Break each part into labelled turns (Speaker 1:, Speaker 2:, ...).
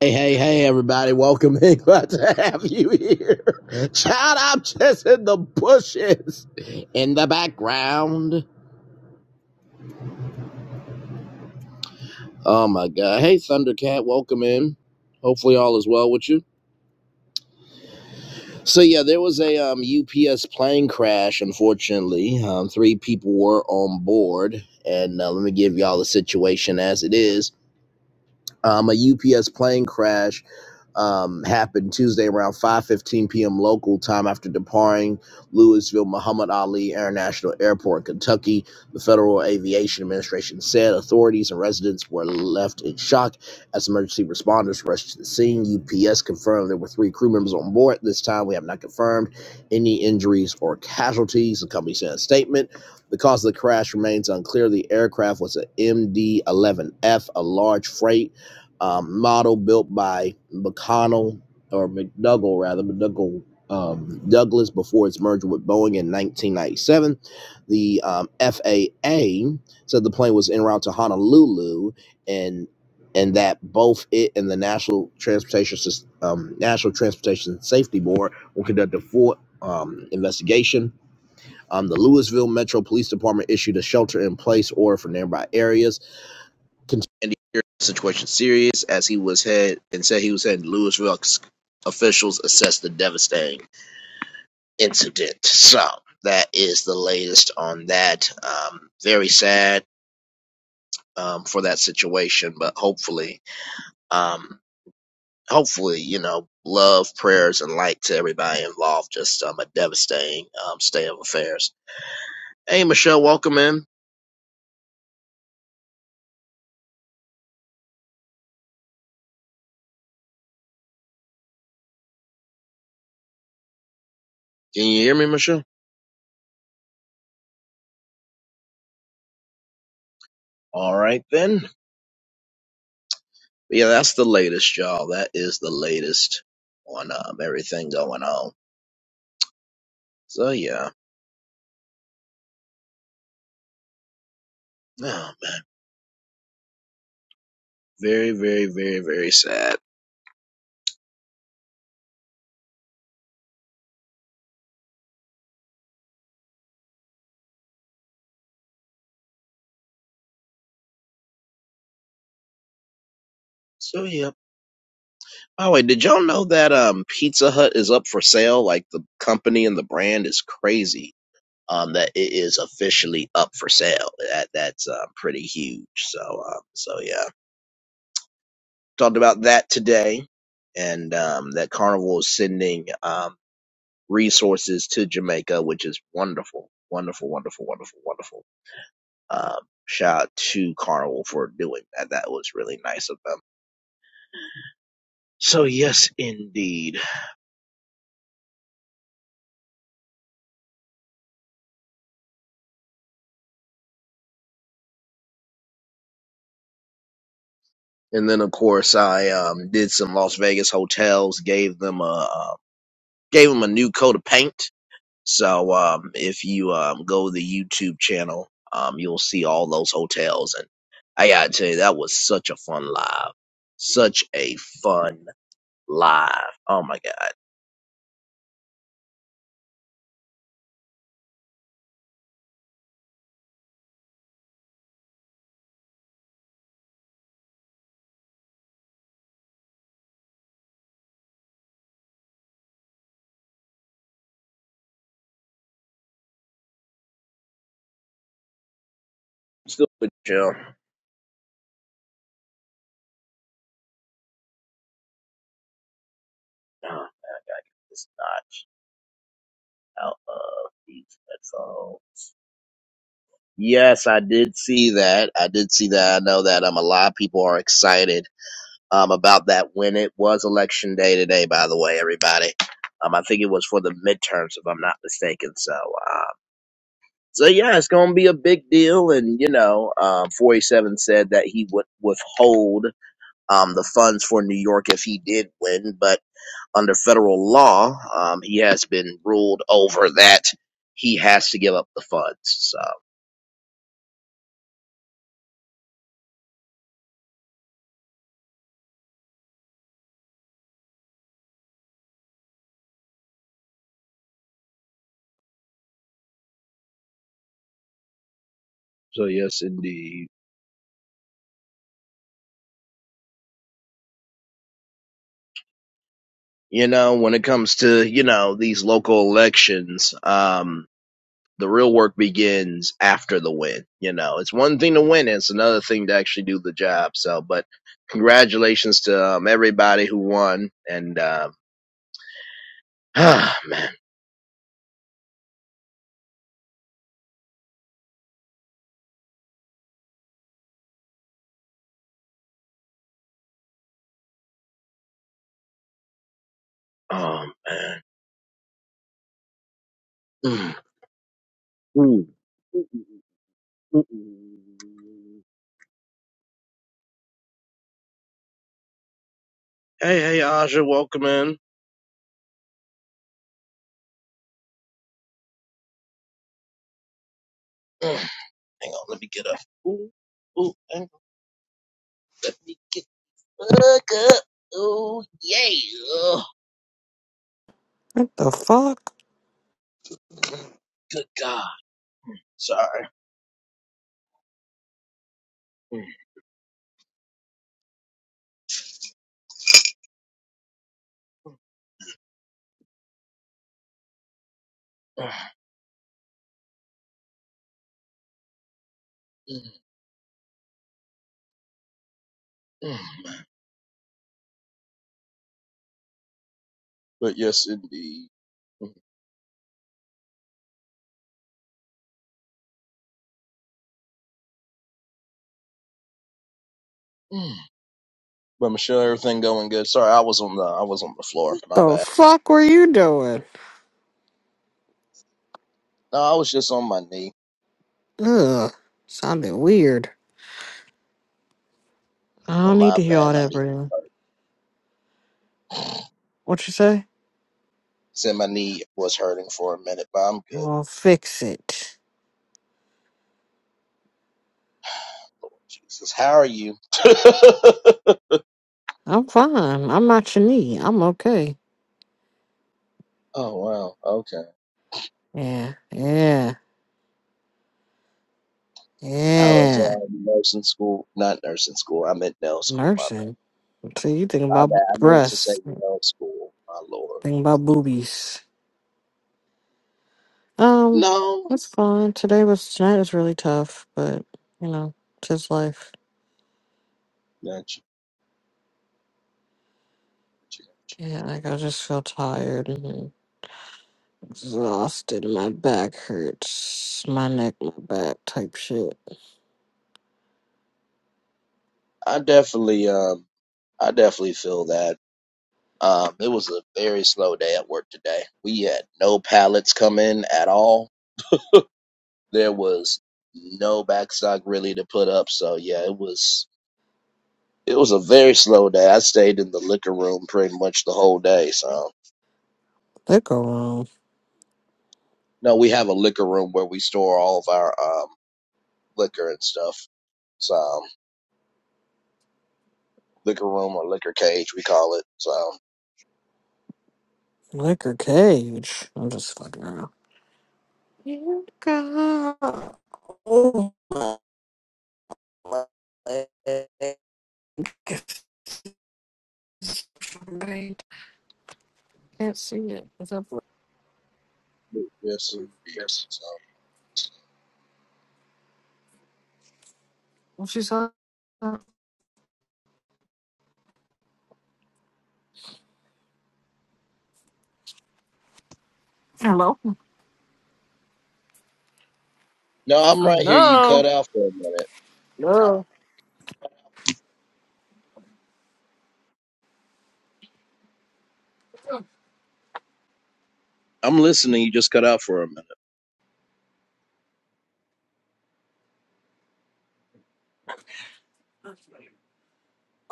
Speaker 1: Hey, hey, hey, everybody. Welcome in. Glad to have you here. Child, I'm just in the bushes in the background. Oh, my God. Hey, Thundercat. Welcome in. Hopefully, all is well with you. So, yeah, there was a um, UPS plane crash, unfortunately. Um, three people were on board. And uh, let me give y'all the situation as it is. Um, a UPS plane crash um, happened Tuesday around 5:15 p.m. local time after departing Louisville Muhammad Ali International Airport, Kentucky. The Federal Aviation Administration said authorities and residents were left in shock as emergency responders rushed to the scene. UPS confirmed there were three crew members on board. This time, we have not confirmed any injuries or casualties. The company sent a statement. The cause of the crash remains unclear. The aircraft was an MD-11F, a large freight um, model built by McConnell or McDougall rather McDougall um, Douglas before its merger with Boeing in 1997. The um, FAA said the plane was en route to Honolulu and and that both it and the National Transportation Sys- um, National Transportation Safety Board will conduct a full um, investigation. Um, the Louisville Metro Police Department issued a shelter in place order for nearby areas and the situation serious as he was head and said he was heading to Louisville. Officials assessed the devastating incident. So that is the latest on that. Um, very sad um, for that situation, but hopefully, um, hopefully, you know, love, prayers, and light to everybody involved. Just um, a devastating um, state of affairs. Hey, Michelle, welcome in. Can you hear me, Michelle? All right, then. But yeah, that's the latest, y'all. That is the latest on um, everything going on. So yeah, oh man, very, very, very, very sad. So yeah. By the way, did y'all know that um Pizza Hut is up for sale? Like the company and the brand is crazy. Um, that it is officially up for sale. That that's um, pretty huge. So um, so yeah, talked about that today, and um, that Carnival is sending um resources to Jamaica, which is wonderful, wonderful, wonderful, wonderful, wonderful. Um, shout out to Carnival for doing that. That was really nice of them. So yes, indeed. And then of course I um, did some Las Vegas hotels, gave them a uh, gave them a new coat of paint. So um, if you um, go to the YouTube channel, um, you'll see all those hotels. And I gotta tell you, that was such a fun live, such a fun live. Oh my god Still with Jill. Oh, man, I gotta get this notch out of these headphones. Yes, I did see that. I did see that. I know that um a lot of people are excited um about that when it was election day today, by the way, everybody. Um I think it was for the midterms if I'm not mistaken. So um so yeah, it's gonna be a big deal and you know, um forty seven said that he would withhold um the funds for New York if he did win, but under federal law, um, he has been ruled over that he has to give up the funds. So, So yes, indeed. you know, when it comes to, you know, these local elections, um, the real work begins after the win. You know, it's one thing to win, it's another thing to actually do the job. So, but congratulations to um, everybody who won. And, um, ah, man, oh, man. Mm, ooh. Hey, hey, Aja, welcome in. Mm, hang on, let me get up. Ooh, ooh, hang on, let me get back up. Oh, yeah. Ugh.
Speaker 2: What the fuck?
Speaker 1: Mm, Good God. Sorry. Mm, mm, mm, mm. But yes, indeed. Mm, mm. But Michelle, everything going good? Sorry, I was on the I was on the floor. My
Speaker 2: The
Speaker 1: bad.
Speaker 2: fuck were you doing?
Speaker 1: No, I was just on my knee.
Speaker 2: Ugh, sounded weird. I
Speaker 1: Oh,
Speaker 2: don't need
Speaker 1: my
Speaker 2: to hear
Speaker 1: bad.
Speaker 2: all
Speaker 1: My
Speaker 2: that,
Speaker 1: knee was
Speaker 2: Brittany.
Speaker 1: hurt.
Speaker 2: What you say?
Speaker 1: Said my knee was hurting for a minute, but I'm good.
Speaker 2: Well, fix it.
Speaker 1: Lord Jesus, how are you? oh
Speaker 2: I'm fine. I'm not your knee. I'm okay.
Speaker 1: wow. Okay.
Speaker 2: Yeah, yeah,
Speaker 1: I was
Speaker 2: yeah.
Speaker 1: um, nursing school, not nursing school. i meant nail School. My bad.
Speaker 2: Nursing. So you think
Speaker 1: My
Speaker 2: about
Speaker 1: bad. I meant to say
Speaker 2: breasts?
Speaker 1: nail School. My lord.
Speaker 2: Think about boobies? Um,
Speaker 1: No,
Speaker 2: that's fine. Today was tonight was really tough, but you know, it's just life.
Speaker 1: not you. not you.
Speaker 2: Yeah, like I just feel tired. exhausted. My back hurts. My neck, my back type shit.
Speaker 1: I definitely, um, I definitely feel that. Um, it was a very slow day at work today. We had no pallets come in at all. there was no backstock really to put up. So yeah, it was it was a very slow day. I stayed in the liquor room pretty much the whole day. So
Speaker 2: Liquor room.
Speaker 1: no, we have a liquor room where we store all of our um liquor and stuff. So um, liquor room or liquor cage, we call it. So um,
Speaker 2: Liquor cage. I'm just fucking around. Liquor. Oh my leg. Can't see it. What's up?
Speaker 1: yes, indeed. So
Speaker 2: What she saw? Hello?
Speaker 1: no, I'm right here. You cut
Speaker 2: Hello?
Speaker 1: out for a minute.
Speaker 2: Hello?
Speaker 1: I'm listening. You just cut out for a minute.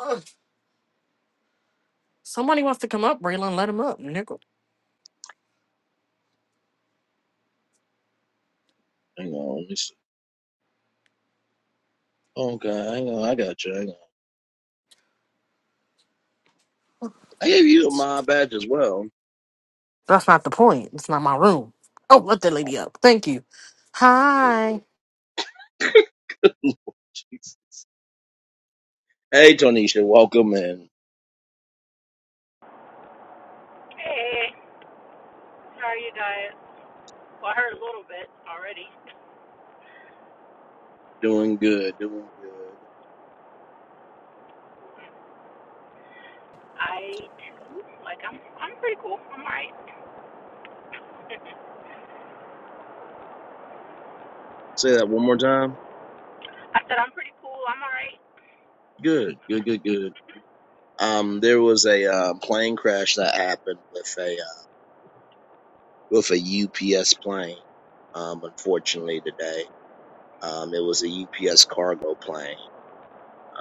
Speaker 2: Ugh. Somebody wants to come up, Braylon. Let him up, nigga.
Speaker 1: Hang on. Let me see. Okay, hang on. I got you. Hang on. I gave you a my badge as well.
Speaker 2: That's not the point. It's not my room. Oh, let that
Speaker 1: Oh,
Speaker 2: lady up. Thank you.
Speaker 1: good
Speaker 2: Hi.
Speaker 1: Lord. Jeez. Hey, Tonisha, welcome in. Doing good, doing good. Say that one more time. Good, good, good, good. Um, there was a uh, plane crash that happened with a with a UPS plane. Um, unfortunately, today um, it was a UPS cargo plane.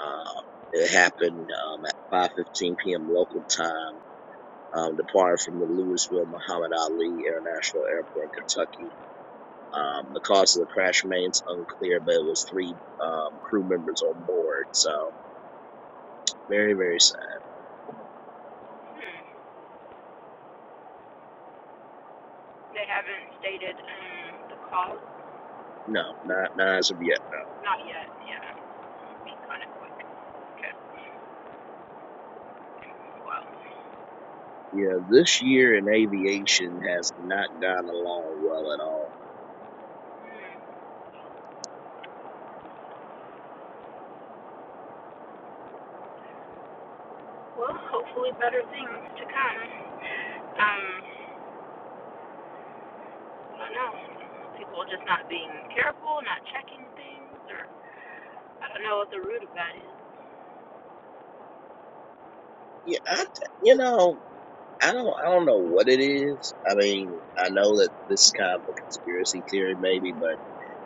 Speaker 1: Um, it happened um, at 5:15 p.m. local time, um, departed from the Louisville Muhammad Ali International Airport, Kentucky. Um, the cause of the crash remains unclear, but it was three um, crew members on board. So very, very sad. No, not not as of yet. Yeah, this year in aviation has not gone along well at all. Yeah, I, you know. I don't I don't know what it is. I mean, I know that this is kind of a conspiracy theory maybe, but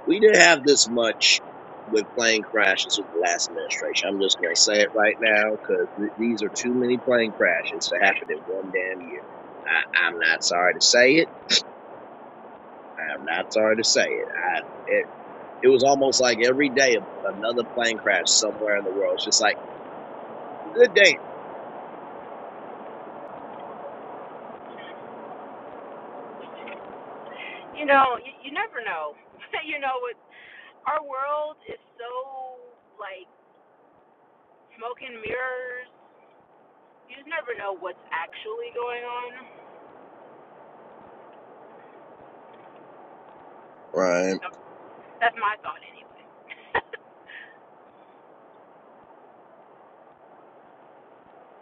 Speaker 1: we didn't have this much with plane crashes with the last administration. I'm just going to say it right now because th- these are too many plane crashes to happen in one damn year. I, I'm not sorry to say it. I'm not sorry to say it. I it, it was almost like every day another plane crash somewhere in the world. It's just like good day. Right.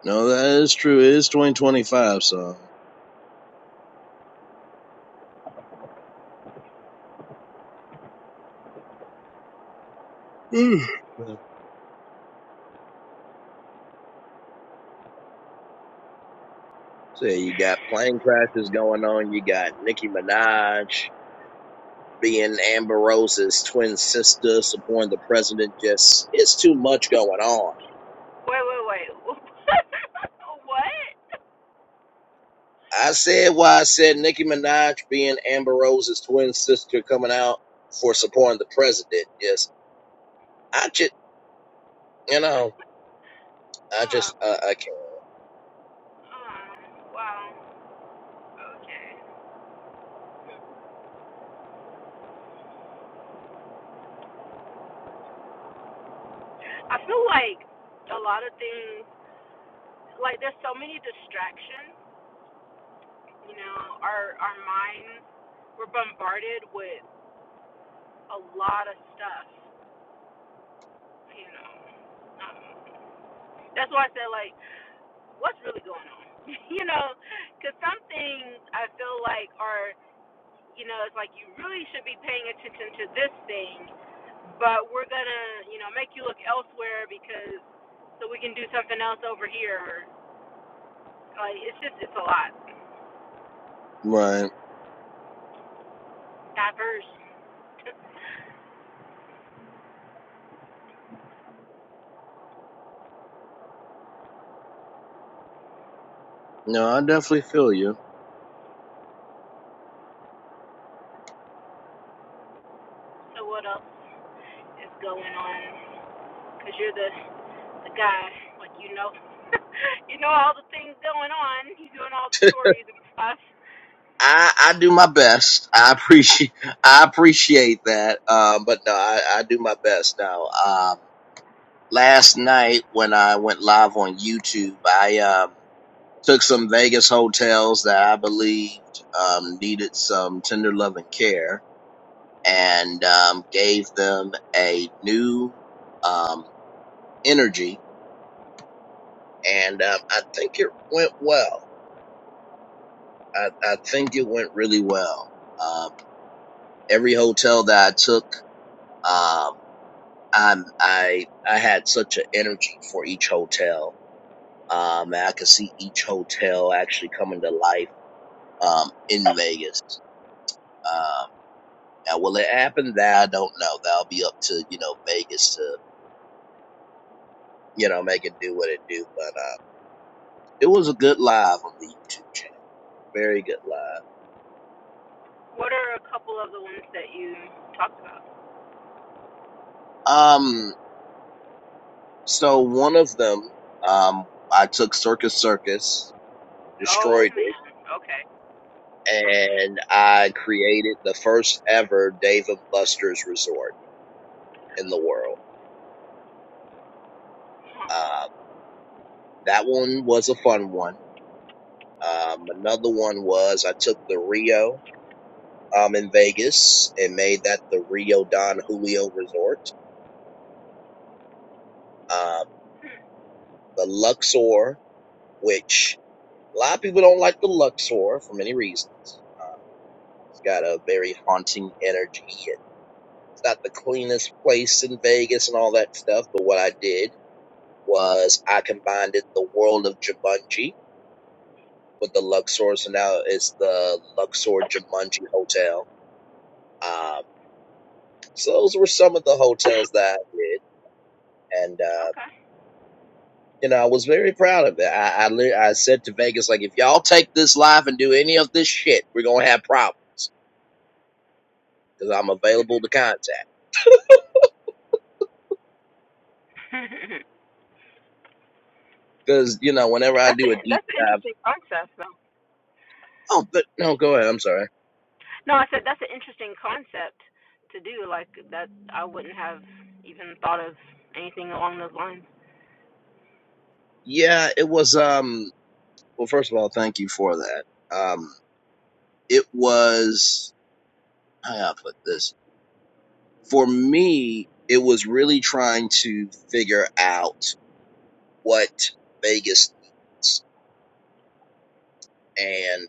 Speaker 1: No, that is true. It is 2025, so. Man, So you got plane crashes going on. You got Nicki Minaj being Amber Rose's twin sister, supporting the president. Just it's too much going on. I said why I said Nicki Minaj being Amber Rose's twin sister coming out for supporting the president. Yes, I just you know I just uh, I can't. Right. No, I definitely feel you. I, I do my best. I appreciate I appreciate that. Um, but no, I, I do my best now. Um, last night when I went live on YouTube, I um, took some Vegas hotels that I believed um, needed some tender love and care and um, gave them a new um, energy. And um, I think it went well. I, I think it went really well. Um, every hotel that I took, um, I'm, I I had such an energy for each hotel um, and I could see each hotel actually coming to life um, in Vegas. Um, now, will it happen? That I don't know. That'll be up to you know Vegas to you know make it do what it do. But uh, it was a good live on the YouTube channel. Very good live. Um, so one of them, um, I took Circus Circus, destroyed it, and I created the first ever Dave and Buster's resort in the world. Uh, that one was a fun one. Um, another one was I took the Rio um, in Vegas and made that the Rio Don Julio Resort. Um, the Luxor, which a lot of people don't like the Luxor for many reasons. It's got a very haunting energy. It's not the cleanest place in Vegas and all that stuff, but what I did was I combined it the world of Jumanji with the Luxor, so now it's the Luxor Jumanji Hotel. Um, so those were some of the hotels that I did. and. uh, you know, I was very proud of it. I, I, li- I said to Vegas, like, if y'all take this life and do any of this shit, we're going to have problems because I'm available to contact. Because, you know, whenever I do a deep dive. Oh, but no, go ahead. I'm sorry. Yeah, it was, um, well, first of all, thank you for that. Um, it was, how do I put this? For me, it was really trying to figure out what Vegas needs and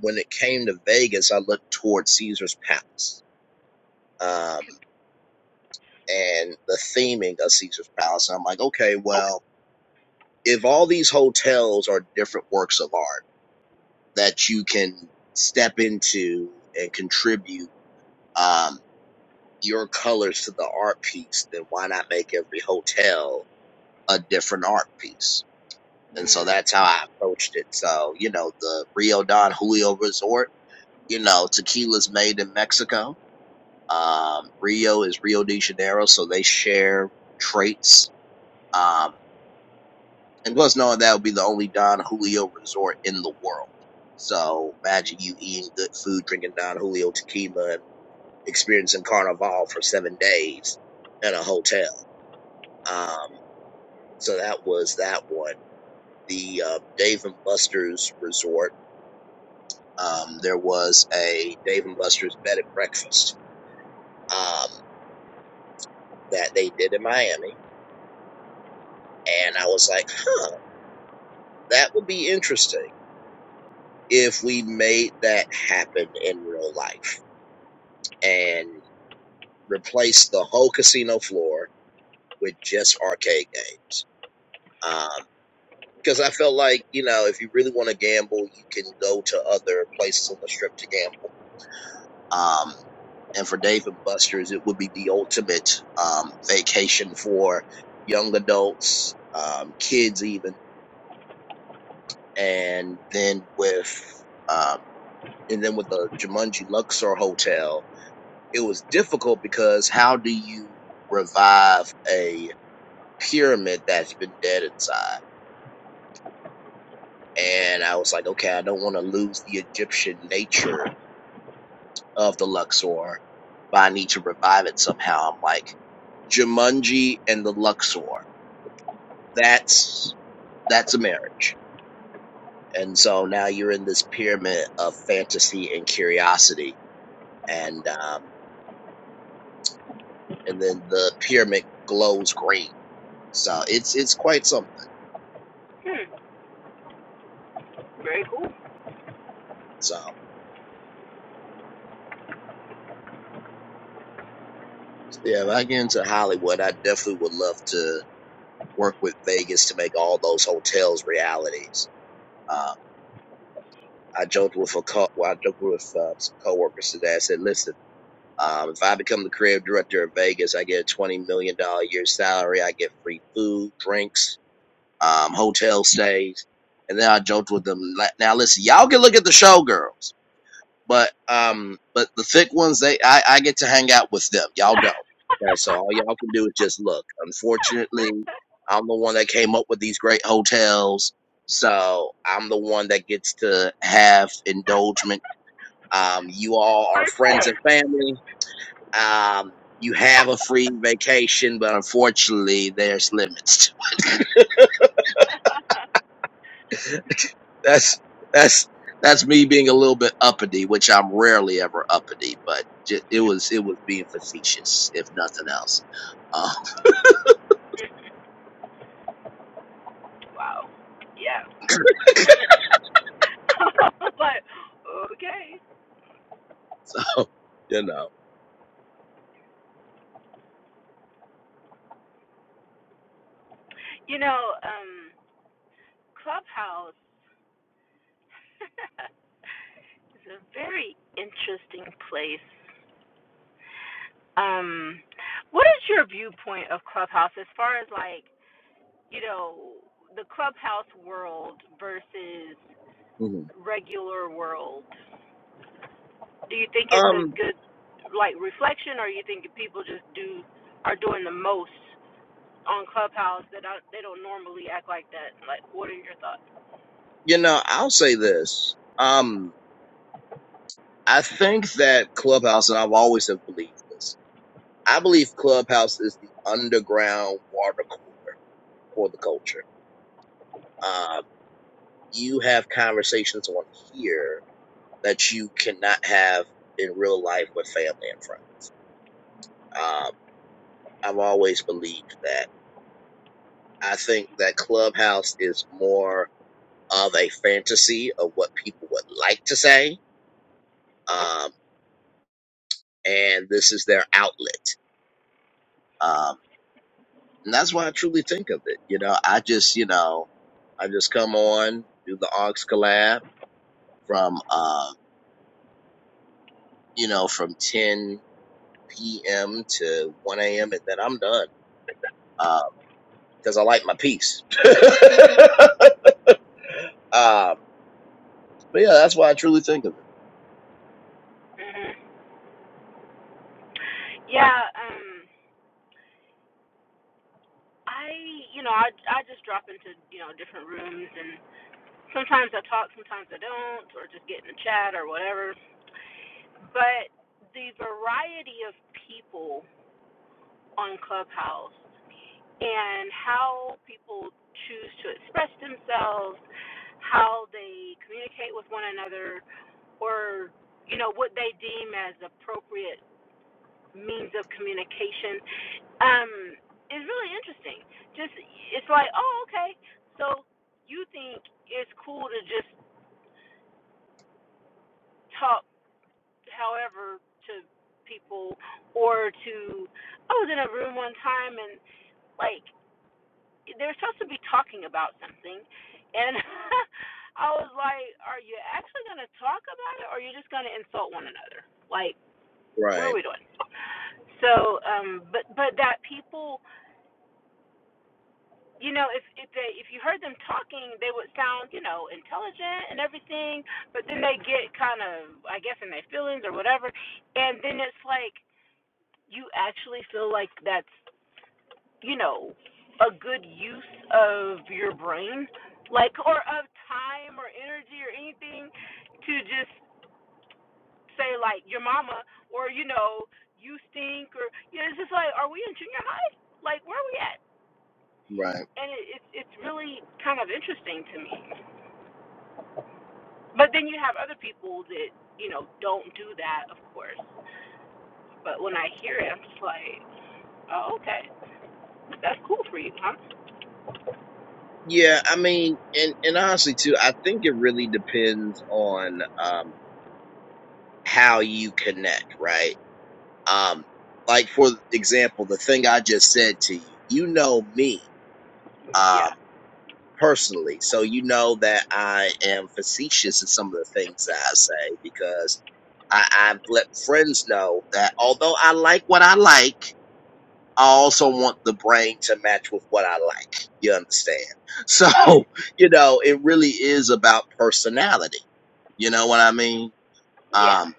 Speaker 1: when it came to Vegas, I looked towards Caesar's Palace um, and the theming of Caesar's Palace. And I'm like, okay, well, if all these hotels are different works of art that you can step into and contribute um, your colors to the art piece, then why not make every hotel a different art piece? And so that's how I approached it. So, you know, the Rio Don Julio Resort, you know, tequila's made in Mexico Um, Rio is Rio de Janeiro, so they share traits. Um, and plus, knowing that would be the only Don Julio resort in the world. So imagine you eating good food, drinking Don Julio tequila, and experiencing Carnival for seven days in a hotel. Um, so that was that one. The uh, Dave and Buster's resort. Um, there was a Dave and Buster's bed and breakfast um, that they did in Miami, and I was like, huh. that would be interesting if we made that happen in real life and replaced the whole casino floor with just arcade games. Um, Because I felt like, you know, if you really want to gamble, you can go to other places on the strip to gamble. Um, and for Dave and Buster's, it would be the ultimate um, vacation for young adults, um, kids even. And then with, um, and then with the Jumanji Luxor Hotel, it was difficult because how do you revive a pyramid that's been dead inside? And I was like, okay, I don't want to lose the Egyptian nature of the Luxor, but I need to revive it somehow. I'm like, Jumanji and the Luxor. That's that's a marriage. And so now you're in this pyramid of fantasy and curiosity, and um, and then the pyramid glows green. So it's it's quite something. So. Yeah, if I get into Hollywood, I definitely would love to work with Vegas to make all those hotels realities. Uh, I joked with a co- well, I joked with uh, some coworkers today. I said, "Listen, um, if I become the creative director of Vegas, I get a twenty million dollar year salary. I get free food, drinks, um, hotel stays." And then I joked with them. like, Now listen, y'all can look at the showgirls. But um, but the thick ones, they I, I get to hang out with them. Y'all don't. Okay, so all y'all can do is just look. Unfortunately, I'm the one that came up with these great hotels, so I'm the one that gets to have indulgement. Um, you all are friends and family. Um, you have a free vacation, but unfortunately, there's limits. That's that's that's me being a little bit uppity, which I'm rarely ever uppity, but ju- it was it was being facetious, if nothing else. Um, so you know, Mhm. um, you know, I'll say this. Um, I think that Clubhouse, and I've always have believed this. I believe Clubhouse is the underground water cooler for the culture. Um, you have conversations on here that you cannot have in real life with family and friends. I've always believed that. I think that Clubhouse is more of a fantasy of what people would like to say, um, and this is their outlet. Um, and that's what I truly think of it. You know, I just, you know, I just come on, do the aux collab from, uh, you know, from 10 p.m. to 1 a.m. and then I'm done. Uh, cause I like my peace. uh, but yeah, that's what I truly think of it. Right. Right. Yeah, I mean, and and honestly too, I think it really depends on um how you connect, right? Um, like for example, the thing I just said to you, you know me, um, personally, so you know that I am facetious in some of the things that I say because I, I've let friends know that although I like what I like. I also want the brain to match with what I like. You understand? So, you know, it really is about personality. You know what I mean? Um,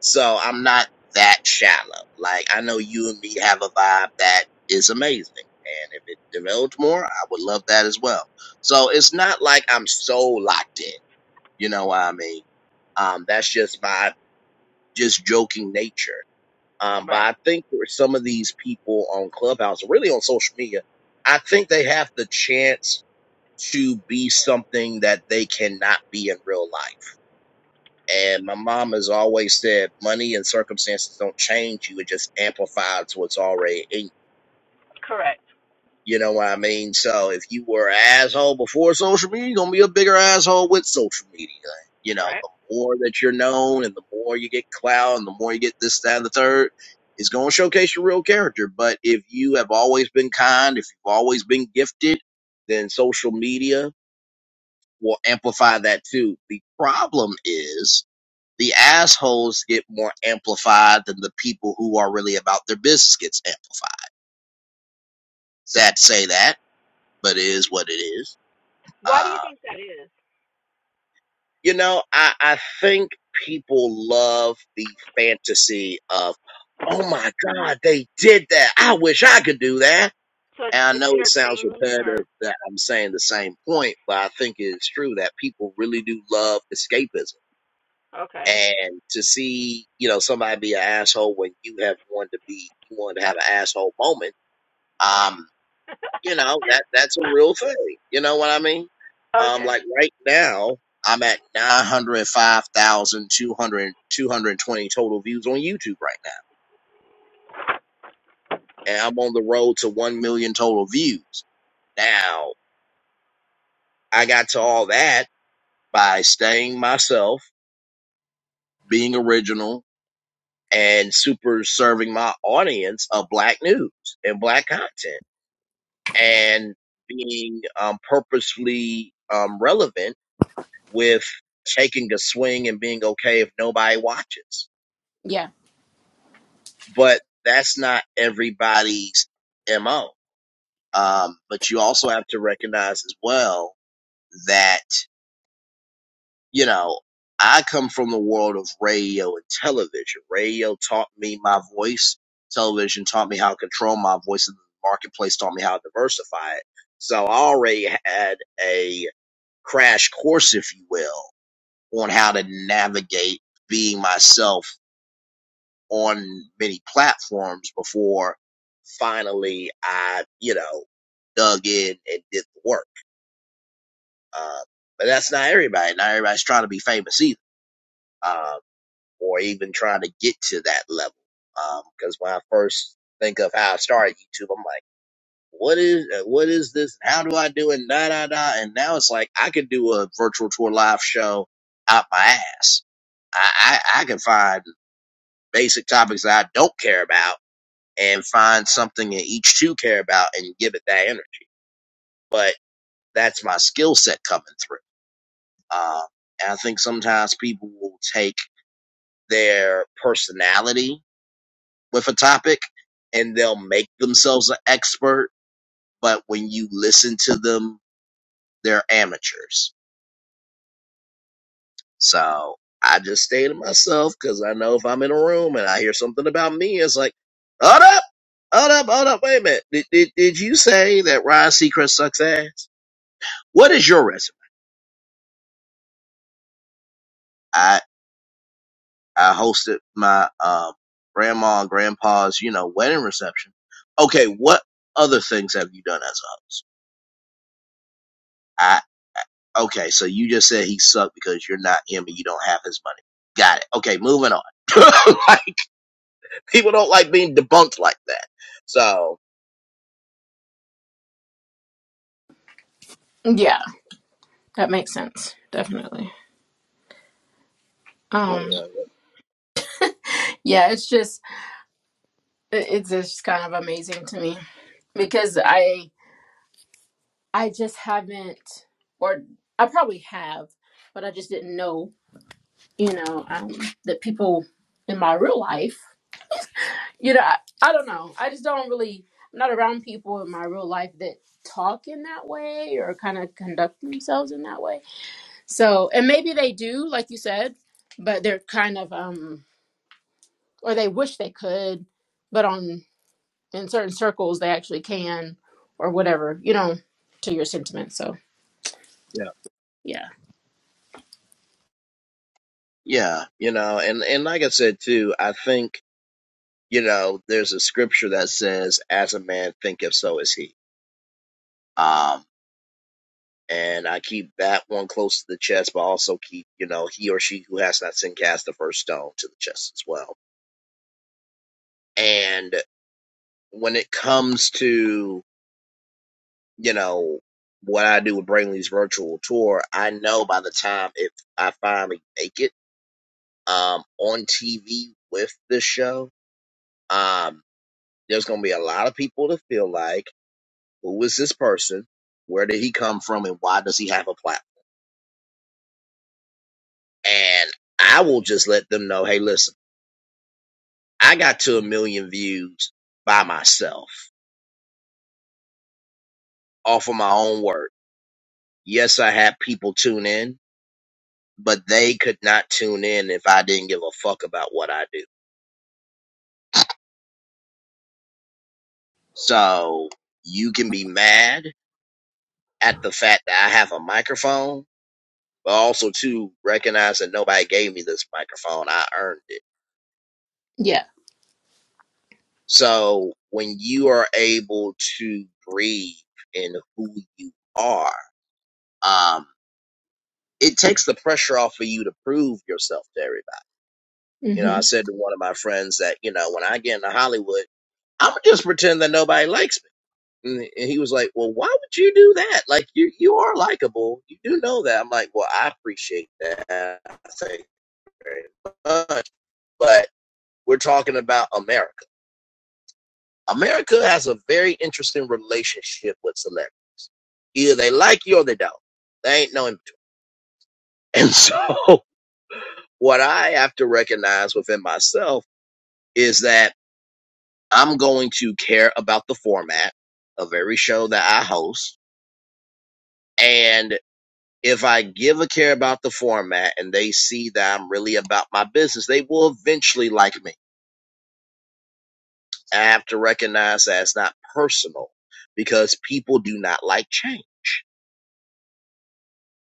Speaker 1: so I'm not that shallow. Like I know you and me have a vibe that is amazing. And if it developed more, I would love that as well. So it's not like I'm so locked in. You know what I mean? Um, that's just my just joking nature. Um, but I think for some of these people on Clubhouse, really on social media, I think they have the chance to be something that they cannot be in real life. And my mom has always said, money and circumstances don't change you; it just amplifies what's already in you. You know what I mean? So if you were an asshole before social media, you're gonna be a bigger asshole with social media. You know, the more that you're known and the more you get clout and the more you get this, that, and the third, it's gonna showcase your real character. But if you have always been kind, if you've always been gifted, then social media will amplify that too. The problem is the assholes get more amplified than the people who are really about their business gets amplified. Sad to say that, but it is what it is Uh, you know, I, I think people love the fantasy of, oh my God, they did that. I wish I could do that. And I know it sounds repetitive that I'm saying the same point, but I think it's true that people really do love escapism. And to see, you know, somebody be an asshole when you have wanted to be, you wanted to have an asshole moment, um. you know that that's a real thing you know what i mean um like right now i'm at 905200 220 total views on youtube right now and i'm on the road to 1 million total views now i got to all that by staying myself being original and super serving my audience of black news and black content and being um, purposely um, relevant with taking a swing and being okay if nobody watches. But that's not everybody's MO. Um, but you also have to recognize as well that, you know, I come from the world of radio and television. Radio taught me my voice. Television taught me how to control my voice and the marketplace taught me how to diversify it. So I already had a crash course, if you will, on how to navigate being myself on many platforms before finally I, you know, dug in and did the work. Uh, but that's not everybody. Not everybody's trying to be famous either, um, or even trying to get to that level. Because um, when I first think of how I started YouTube, I'm like, what is uh, what is this? How do I do it? Da da da. And now it's like I could do a virtual tour live show out my ass. I, I, I can find basic topics that I don't care about and find something that each two care about and give it that energy. But that's my skill set coming through. Um, and I think sometimes people will take their personality with a topic and they'll make themselves an expert. But when you listen to them, they're amateurs. So I just stay to myself because I know if I'm in a room and I hear something about me, it's like, hold up, hold up, hold up, wait a minute. Did, did, did you say that Ryan Seacrest sucks ass? What is your resume? I I hosted my um, grandma and grandpa's you know wedding reception. Okay, what other things have you done as a host? I I- okay, so you just said he sucked because you're not him and you don't have his money. Got it. Okay, moving on. like people don't like being debunked like that. So oh, yeah,
Speaker 3: that people in my real life, you know, I, I don't know. I just don't really, I'm not around people in my real life that talk in that way or kind of conduct themselves in that way. So, and maybe they do, like you said, but they're kind of, um, or they wish they could, but on, in certain circles, they actually can or whatever, you know, to your sentiment. So,
Speaker 1: yeah,
Speaker 3: yeah.
Speaker 1: yeah. You know, and and like I said too, I think you know there's a scripture that says, "As a man thinketh, so is he." Um, and I keep that one close to the chest, but also keep, you know, he or she who has not sin cast the first stone to the chest as well. And when it comes to, you know, what I do with Brainley's virtual tour, I know by the time if I finally make it um, on TV with this show, um, there's going to be a lot of people that feel like, who is this person? Where did he come from? And why does he have a platform? And I will just let them know, hey, listen I got to a million views by myself off of my own work. Yes, I had people tune in, but they could not tune in if I didn't give a fuck about what I do. So you can be mad at the fact that I have a microphone, but also to recognize that nobody gave me this microphone. I earned it.
Speaker 3: Yeah.
Speaker 1: So when you are able to breathe in who you are, um, it takes the pressure off of you to prove yourself to everybody You know,
Speaker 3: hmm
Speaker 1: I said to one of my friends that, you know, when I get into Hollywood, I'm gonna just pretend that nobody likes me. And and he was like, "Well, why would you do that? Like, you you are likable. You do know that." I'm like, "Well, I appreciate that. Thank you very much." But we're talking about America. America has a very interesting relationship with celebrities. Either they like you or they don't. They ain't no in between. And so, what I have to recognize within myself is that. I'm going to care about the format of every show that I host. And if I give a care about the format and they see that I'm really about my business, they will eventually like me. I have to recognize that it's not personal because people do not like change.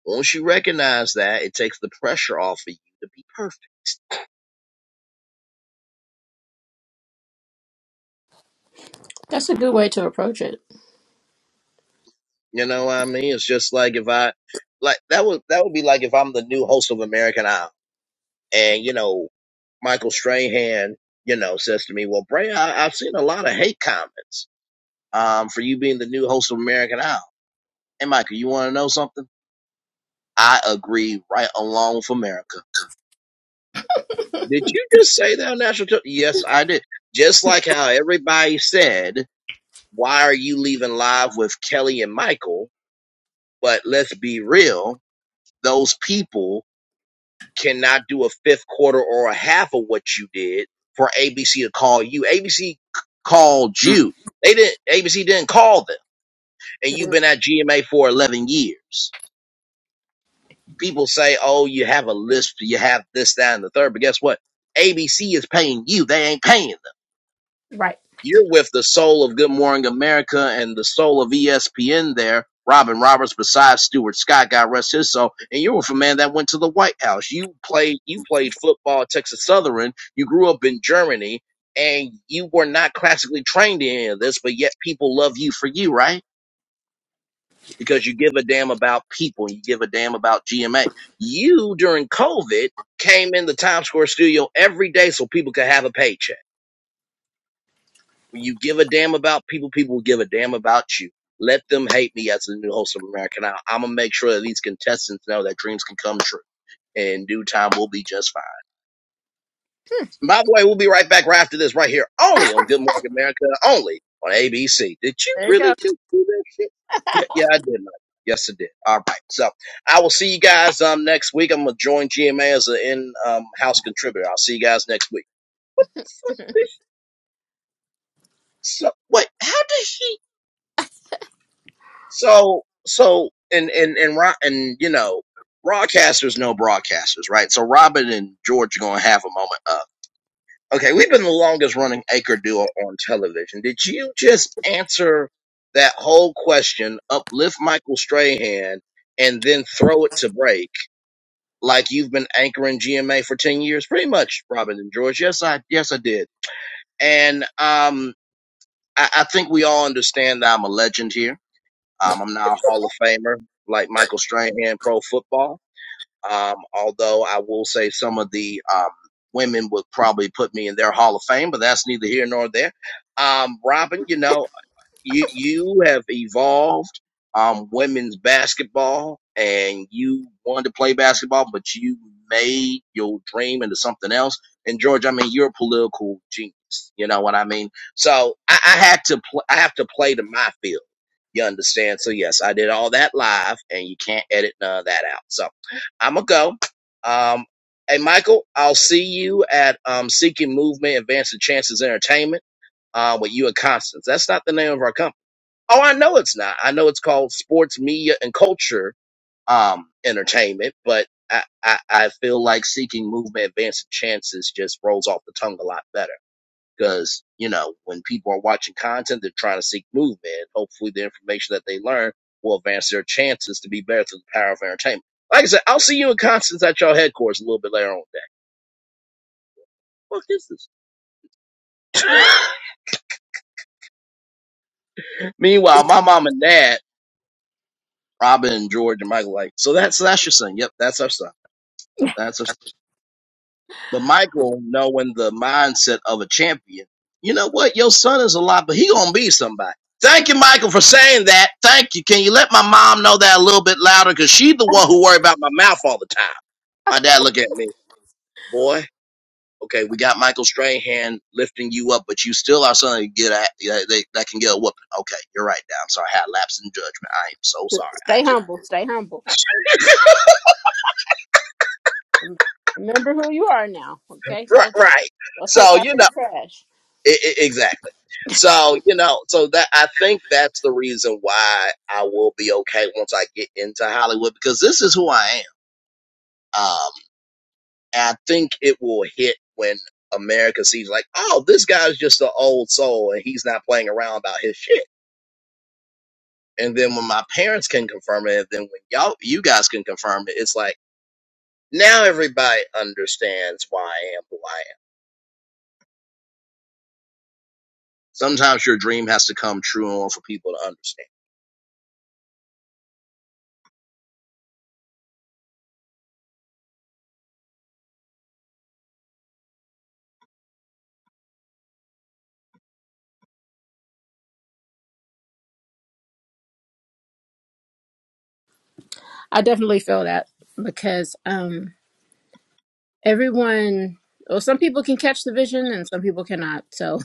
Speaker 1: Once you recognize that, it takes the pressure off of you to be perfect.
Speaker 3: That's a good way to approach it.
Speaker 1: You know what I mean? It's just like if I like that would that would be like if I'm the new host of American Idol and you know Michael Strahan, you know, says to me, "Well, Bray, I, I've seen a lot of hate comments um, for you being the new host of American Idol." And Michael, you want to know something? I agree, right along with America. Did you just say that on national? Te- yes, I did. Just like how everybody said, "Why are you leaving live with Kelly and Michael?" But let's be real; those people cannot do a fifth quarter or a half of what you did for ABC to call you. ABC called you. They didn't, ABC didn't call them. And
Speaker 3: There
Speaker 1: you've been at GMA for 11 years. People say, oh, you have a list, you have this, that, and the third. But guess what? ABC is paying you. They ain't paying them. You're with the soul of Good Morning America and the soul of ESPN there. Robin Roberts, besides Stuart Scott, God rest his soul. And you were with a man that went to the White House. You played you played football at Texas Southern. You grew up in Germany and you were not classically trained in any of this, but yet people love you for you, right? Because you give a damn about people. You give a damn about GMA. You during COVID came in the Times Square studio every day so people could have a paycheck When you give a damn about people, people will give a damn about you. Let them hate me as the new host of American Idol. I'm gonna make sure that these contestants know that dreams can come true. In due time, we'll be just fine. And by the way, we'll be right back right after this, right here, only on Good Morning America, only on ABC. Did you
Speaker 3: you
Speaker 1: really
Speaker 3: go.
Speaker 1: do that shit? Yeah, yeah, I did. Mike. Yes, I did. All right. So I will see you guys um next week. I'm gonna join GMA as an in-house um, contributor. I'll see you guys next week. What the fuck? So, wait, how does she? So so and and and Ro- and you know broadcasters know broadcasters, right? So Robin and George are gonna have a moment up. Okay, we've been the longest running anchor duo on television. Did you just answer that whole question, uplift Michael Strahan, and then throw it to break like you've been anchoring GMA for ten years? Pretty much, Robin and George. Yes, I yes I did. And um I, I think we all understand that I'm a legend here um, I'm now a Hall of Famer, like Michael Strahan, pro football. Um, although I will say some of the um, women would probably put me in their Hall of Fame, but that's neither here nor there. Um, Robin, you know you you have evolved um women's basketball and you wanted to play basketball but you made your dream into something else and george i mean you're a political genius you know what i mean so i, I had to pl- i have to play to my field you understand so yes i did all that live and you can't edit none of that out so i'm gonna go um hey michael i'll see you at um seeking movement advancing chances entertainment uh, with you and Constance. That's not the name of our company Oh, I know it's not. I know it's called sports media and culture um entertainment, but I I, I feel like seeking movement, advancing chances just rolls off the tongue a lot better. Because you know when people are watching content, they're trying to seek movement. Hopefully, the information that they learn will advance their chances to be better through the power of entertainment. Like I said, I'll see you in Constance at your headquarters a little bit later on today. What is this? Meanwhile, my mom and dad, Robin, and George, and Michael, like, so that's so that's your son. Yep, that's our son. That's our But Michael, knowing the mindset of a champion, you know what? Your son is a lot, but he gonna be somebody. Thank you, Michael, for saying that. Thank you. Can you let my mom know that a little bit louder? Cause she's the one who worry about my mouth all the time. My dad look at me, boy. Okay, we got Michael Strahan lifting you up, but you still are something that can Get a, that that can get a whooping. Okay, you're right. Now I'm sorry. I had a lapse in judgment. I am so sorry. I
Speaker 3: Stay
Speaker 1: just
Speaker 3: humble. Stay humble. Remember who you are now. Okay.
Speaker 1: right,
Speaker 3: Go
Speaker 1: right.
Speaker 3: go take
Speaker 1: So
Speaker 3: out
Speaker 1: you know.
Speaker 3: that trash.
Speaker 1: I- I- exactly. So, you know, so that I think that's the reason why I will be okay once I get into Hollywood because this is who I am. Um, and I think it will hit when America sees like, oh, this guy's just an old soul and he's not playing around about his shit. And then when my parents can confirm it, then when y'all, you guys can confirm it, it's like now everybody understands why I am who I am. Sometimes your dream has to come true in order for people to understand.
Speaker 3: I definitely feel that because um everyone well some people can catch the vision and some people cannot. So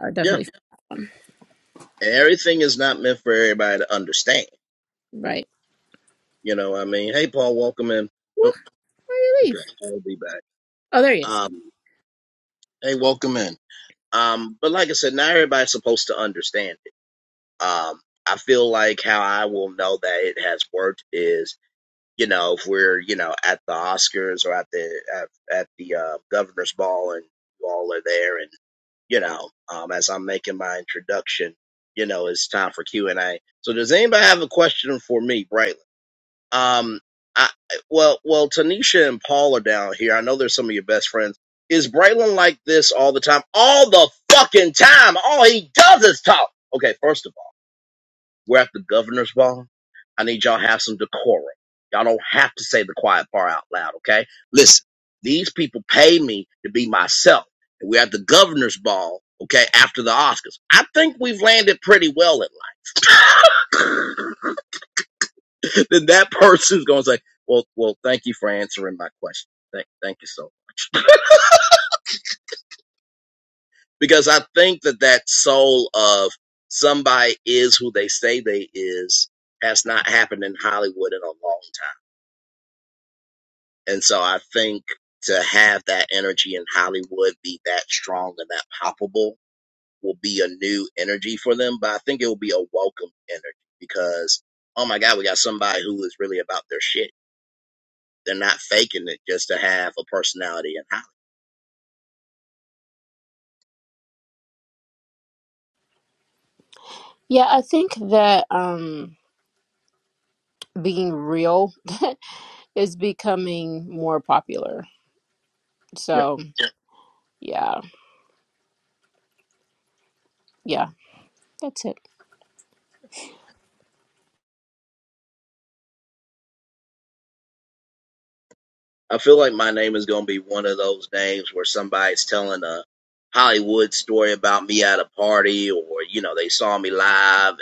Speaker 3: I
Speaker 1: Yeah.
Speaker 3: definitely feel
Speaker 1: everything is not meant for everybody to understand.
Speaker 3: right.
Speaker 1: You know what I mean? Hey, Paul, welcome in.
Speaker 3: Well,
Speaker 1: Oh,
Speaker 3: where you
Speaker 1: okay,
Speaker 3: leave?
Speaker 1: I'll be back.
Speaker 3: Oh there he is.
Speaker 1: Um, hey, welcome in. Um, but like I said, not everybody's supposed to understand it. Um, I feel like how I will know that it has worked is, you know, if we're, you know, at the Oscars or at the at, at the uh, governor's ball and you all are there, and you know, um, as I'm making my introduction, you know, it's time for Q and A. So, does anybody have a question for me, Brightly? Um, I well, well, Tanisha and Paul are down here. I know they're some of your best friends. Is Braylon like this all the time? All the fucking time. All he does is talk. Okay, first of all, we're at the governor's ball. I need y'all to have some decorum. Y'all don't have to say the quiet part out loud. Okay, listen. These people pay me to be myself. And we're at the governor's ball. Okay, after the Oscars, I think we've landed pretty well in life. then that person's going to say, "Well, well, thank you for answering my question. Thank, thank you so." much." Because I think that that soul of somebody is who they say they is has not happened in Hollywood in a long time, and so I think to have that energy in Hollywood be that strong and that palpable will be a new energy for them. But I think it will be a welcome energy because, oh my God, we got somebody who is really about their shit. They're not faking it just to have a personality in Hollywood.
Speaker 3: Yeah, I think that um being real is becoming more popular. So yeah, yeah, that's it.
Speaker 1: I feel like my name is going to be one of those names where somebody's telling a Hollywood story about me at a party or, you know, they saw me live and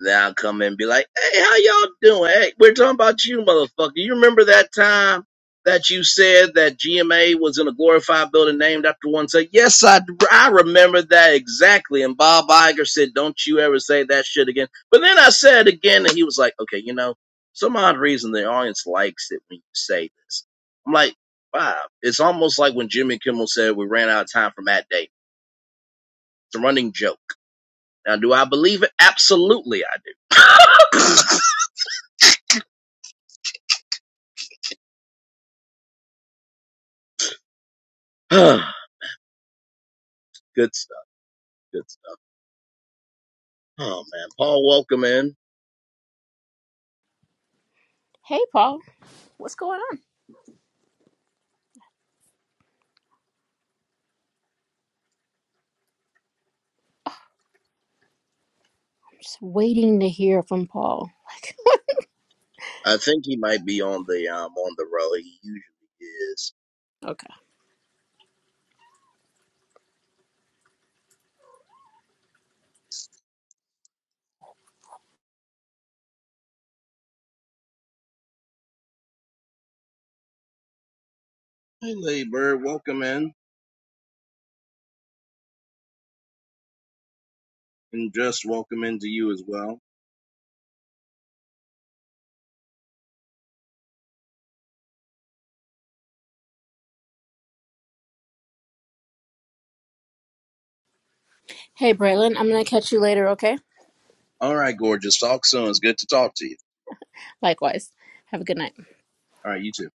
Speaker 1: then I'll come in and be like, hey, how y'all doing? Hey, we're talking about you, motherfucker. You remember that time that you said that GMA was in a glorified building named after one? Say, yes, I, I remember that exactly. And Bob Iger said, don't you ever say that shit again. But then I said it again, and he was like, okay, you know, some odd reason the audience likes it when you say this. I'm like, wow. It's almost like when Jimmy Kimmel said we ran out of time for Matt Day. It's a running joke. Now, do I believe it? Absolutely, I do. good stuff. Good stuff. Oh man, Paul, welcome in.
Speaker 3: Hey Paul, what's going on? Just waiting to hear from Paul.
Speaker 1: I think he might be on the um on the road. He usually is.
Speaker 3: Okay.
Speaker 1: Hey, Lady Bird, welcome in, and just welcome into you as well.
Speaker 3: Hey Braylon, I'm gonna catch you later, okay?
Speaker 1: All right, gorgeous. Talk soon. It's good to talk to you.
Speaker 3: Likewise. Have a good night.
Speaker 1: All right, you too.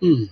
Speaker 1: Hmm.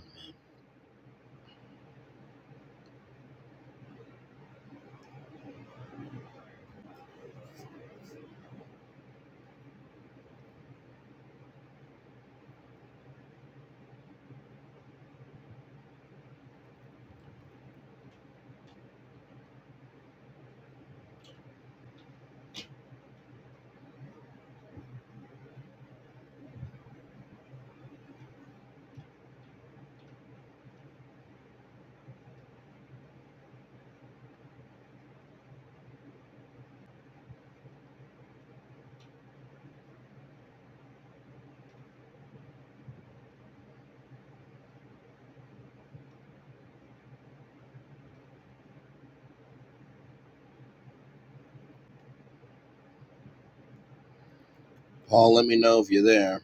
Speaker 1: Paul, let me know if you're there.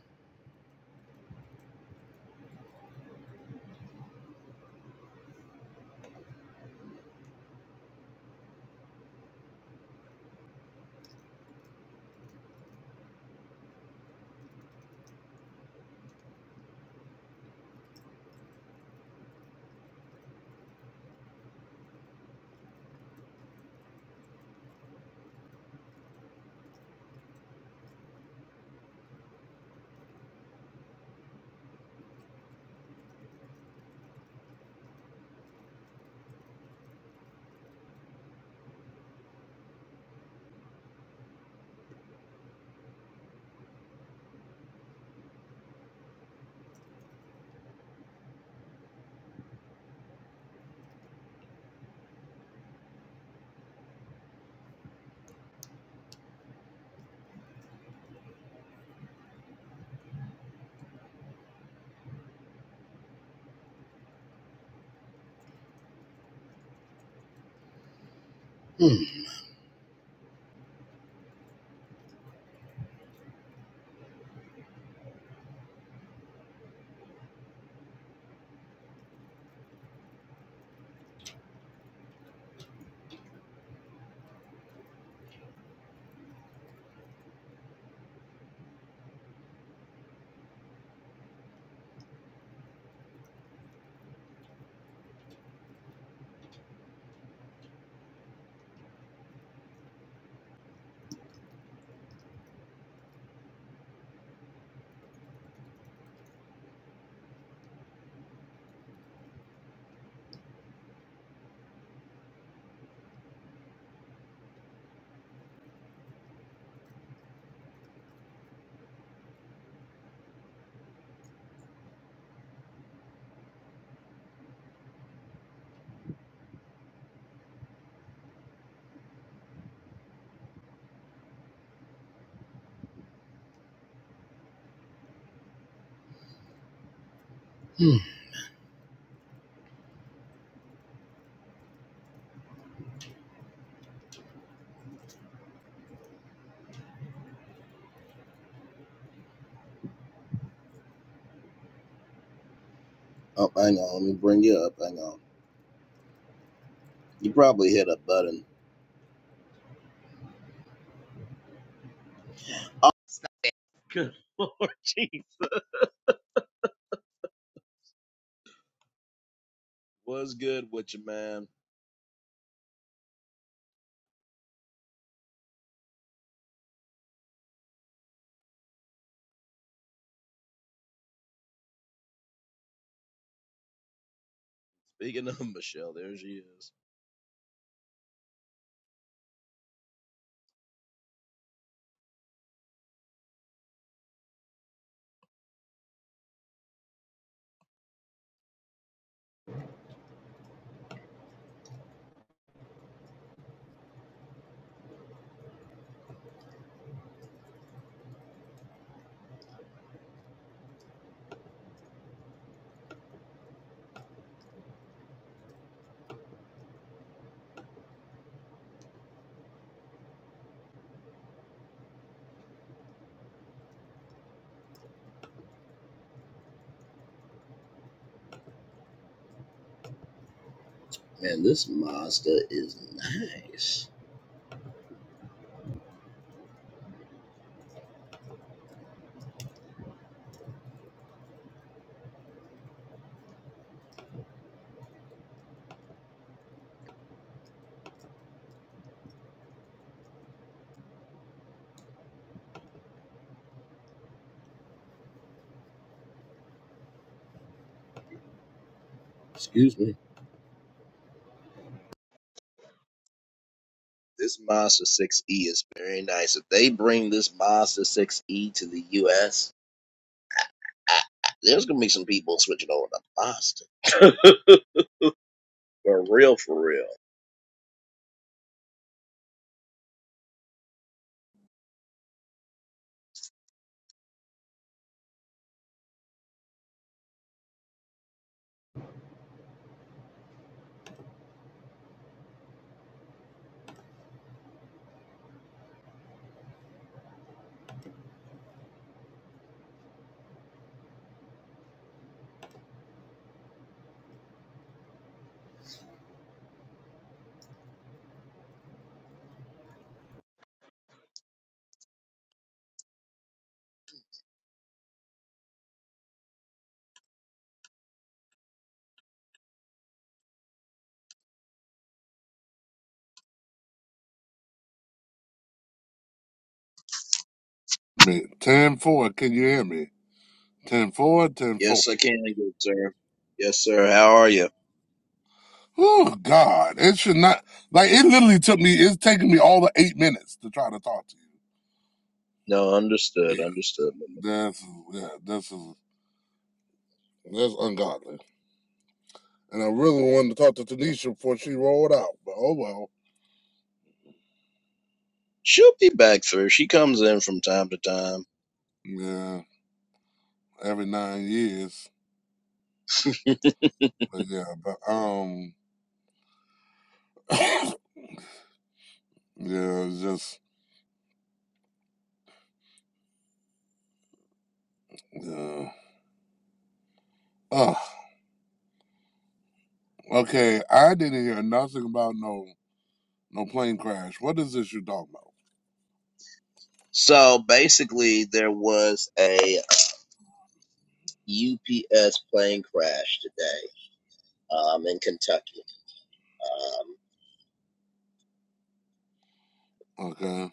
Speaker 1: Hmm. Oh, hang on. Let me bring you up. Hang on. You probably hit a button. Oh, good Lord, jeez. What's good with you, man? Speaking of Michelle, there she is. Man, this Mazda is nice. Excuse me. This Mazda 6E is very nice. If they bring this Mazda 6E to the US, there's going to be some people switching over to Monster. for real, for real.
Speaker 4: me. 10 four. Can you hear me? 10 4, 10 4.
Speaker 1: Yes, I can, good sir. Yes, sir. How are you?
Speaker 4: Oh, God. It should not. Like, it literally took me, it's taking me all the eight minutes to try to talk to you.
Speaker 1: No, understood,
Speaker 4: Yeah.
Speaker 1: understood. Mama.
Speaker 4: That's, yeah, this is, that's ungodly. And I really wanted to talk to Tanisha before she rolled out, but oh well.
Speaker 1: She'll be back through. She comes in from time to time.
Speaker 4: Yeah, every nine years. But yeah, but, um, yeah, it's just, yeah. Ugh. Okay, I didn't hear nothing about no no plane crash. What is this you talking
Speaker 1: So basically, there was a UPS plane crash today um, in Kentucky. Um,
Speaker 4: about? Okay.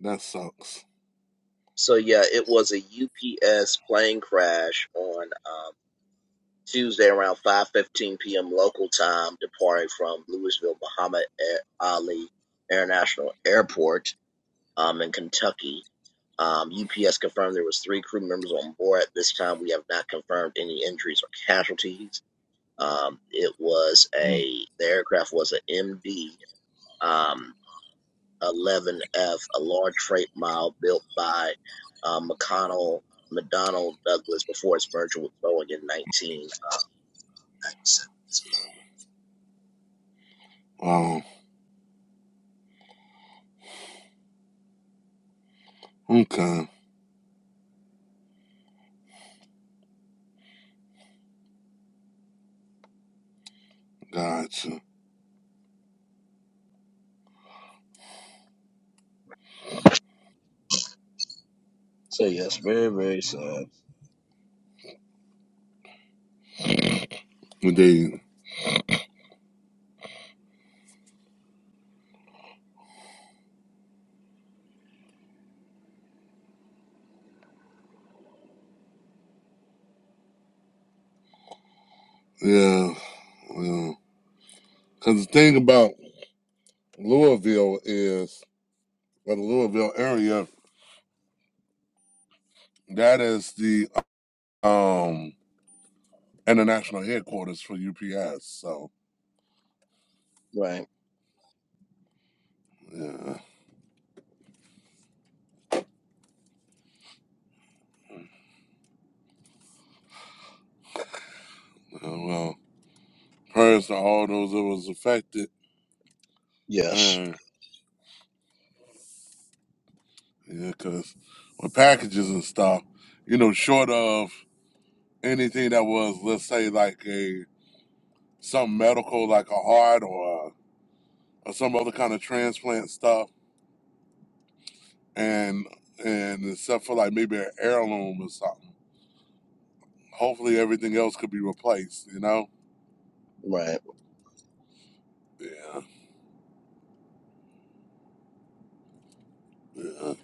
Speaker 4: That sucks.
Speaker 1: So yeah, it was a UPS plane crash on um, Tuesday around 5:15 p.m. local time, departing from Louisville Muhammad Ali International Airport um, in Kentucky. Um, UPS confirmed there was three crew members on board. At this time, we have not confirmed any injuries or casualties. Um, it was
Speaker 4: Mm.
Speaker 1: a the aircraft was an MD 11F, a large freight mile built by uh, McConnell McDonnell Douglas before its merger with Boeing in 19. oh seven.
Speaker 4: Wow. Okay. Gotcha.
Speaker 1: So yes, very very sad.
Speaker 4: But they, yeah, yeah. Because the thing about Louisville is, or the Louisville area, that is the um international headquarters for UPS. So,
Speaker 1: Right.
Speaker 4: yeah. yeah, Well, prayers to all those that was affected.
Speaker 1: Yes.
Speaker 4: And, yeah, because with packages and stuff, you know, short of anything that was, let's say, like a, some medical, like a heart or or some other kind of transplant stuff, and and except for like maybe an heirloom or something. Hopefully, everything else could be replaced. You know?
Speaker 1: Right.
Speaker 4: Yeah, yeah.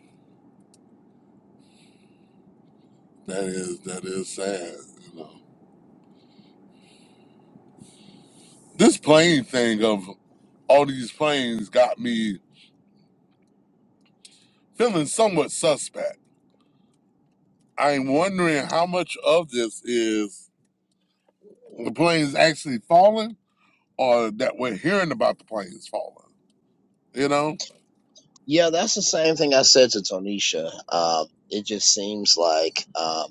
Speaker 4: That is that is sad. You know, this plane thing of all these planes got me feeling somewhat suspect. I'm wondering how much of this is the planes actually falling, or that we're hearing about the planes falling. You know?
Speaker 1: Yeah, that's the same thing I said to Tonisha. Uh, it just seems like um,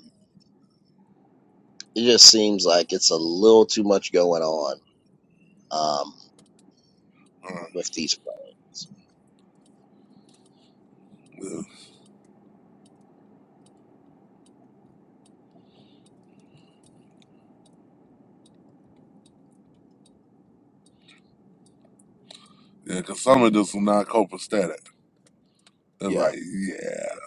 Speaker 1: it just seems like it's a little too much going on um, with these planes.
Speaker 4: Uh, yeah, because some of this is not copacetic. It's
Speaker 1: Yeah.
Speaker 4: like, yeah,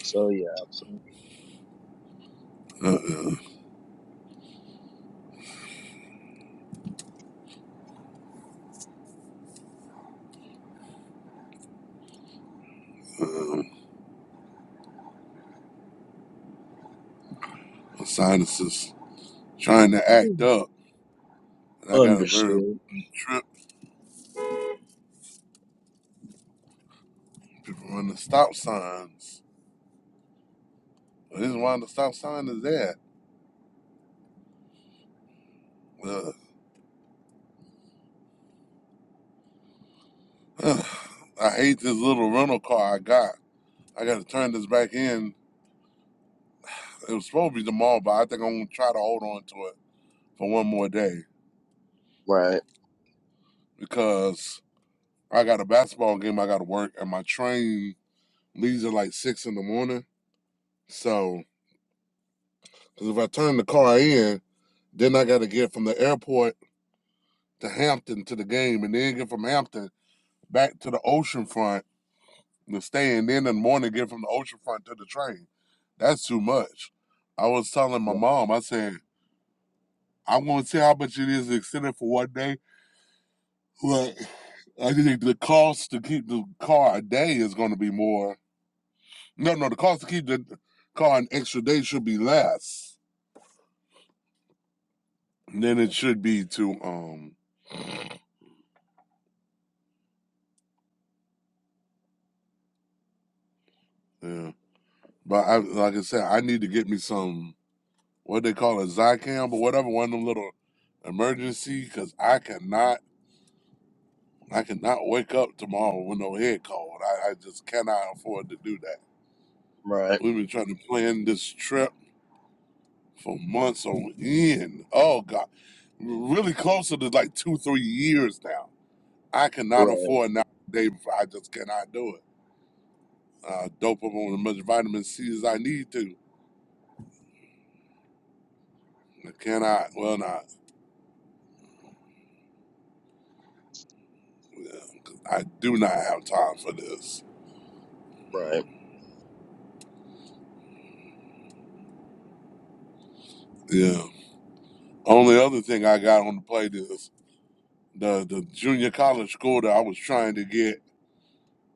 Speaker 1: So yeah.
Speaker 4: uh-uh, uh, my sinuses trying to act
Speaker 1: Mm.
Speaker 4: up. And I got a very
Speaker 1: Understood.
Speaker 4: trip when the stop signs. This is why the stop sign is there. Uh, uh, I hate this little rental car I got. I got to turn this back in. It was supposed to be tomorrow, but I think I'm going to try to hold on to it for one more day
Speaker 1: Right.
Speaker 4: because I got a basketball game I got to work, and my train leaves at like 6 in the morning. So, because if I turn the car in, Then I got to get from the airport to Hampton to the game, and then get from Hampton back to the oceanfront to stay, and then in the morning get from the oceanfront to the train. That's too much. I was telling my
Speaker 1: Right.
Speaker 4: mom, I said, I'm going to see how much it is extended for one day, but I think the cost to keep the car a day is going to be more. No, no, the cost to keep the car an extra day should be less than it should be to um. Yeah, but I like I said, I need to get me some what they call it, Zycam or whatever, one of them little emergency, because I cannot, I cannot wake up tomorrow with no head cold. I, I just cannot afford to do that.
Speaker 1: Right.
Speaker 4: We've been trying to plan this trip for months on end. Oh God, we're really closer to like two, three years now. I cannot
Speaker 1: Right.
Speaker 4: afford now. Day before, I just cannot do it. Uh, dope up on as much vitamin C as I need to. I cannot. Well, not. Yeah, 'cause I do not have time for this.
Speaker 1: Right.
Speaker 4: Yeah. Only other thing I got on the plate is the the junior college school that I was trying to get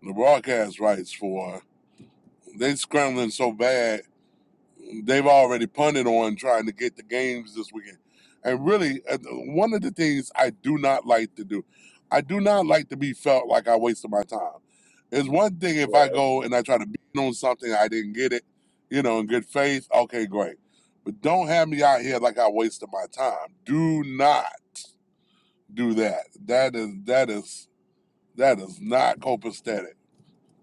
Speaker 4: the broadcast rights for. They scrambling so bad. They've already punted on trying to get the games this weekend. And really, uh, one of the things I do not like to do, I do not like to be felt like I wasted my time. It's one thing if I
Speaker 1: Right.
Speaker 4: go and I try to beat on something I didn't get it, you know, in good faith. Okay, great. But don't have me out here like I wasted my time. Do not. do that. That is that is that is not copacetic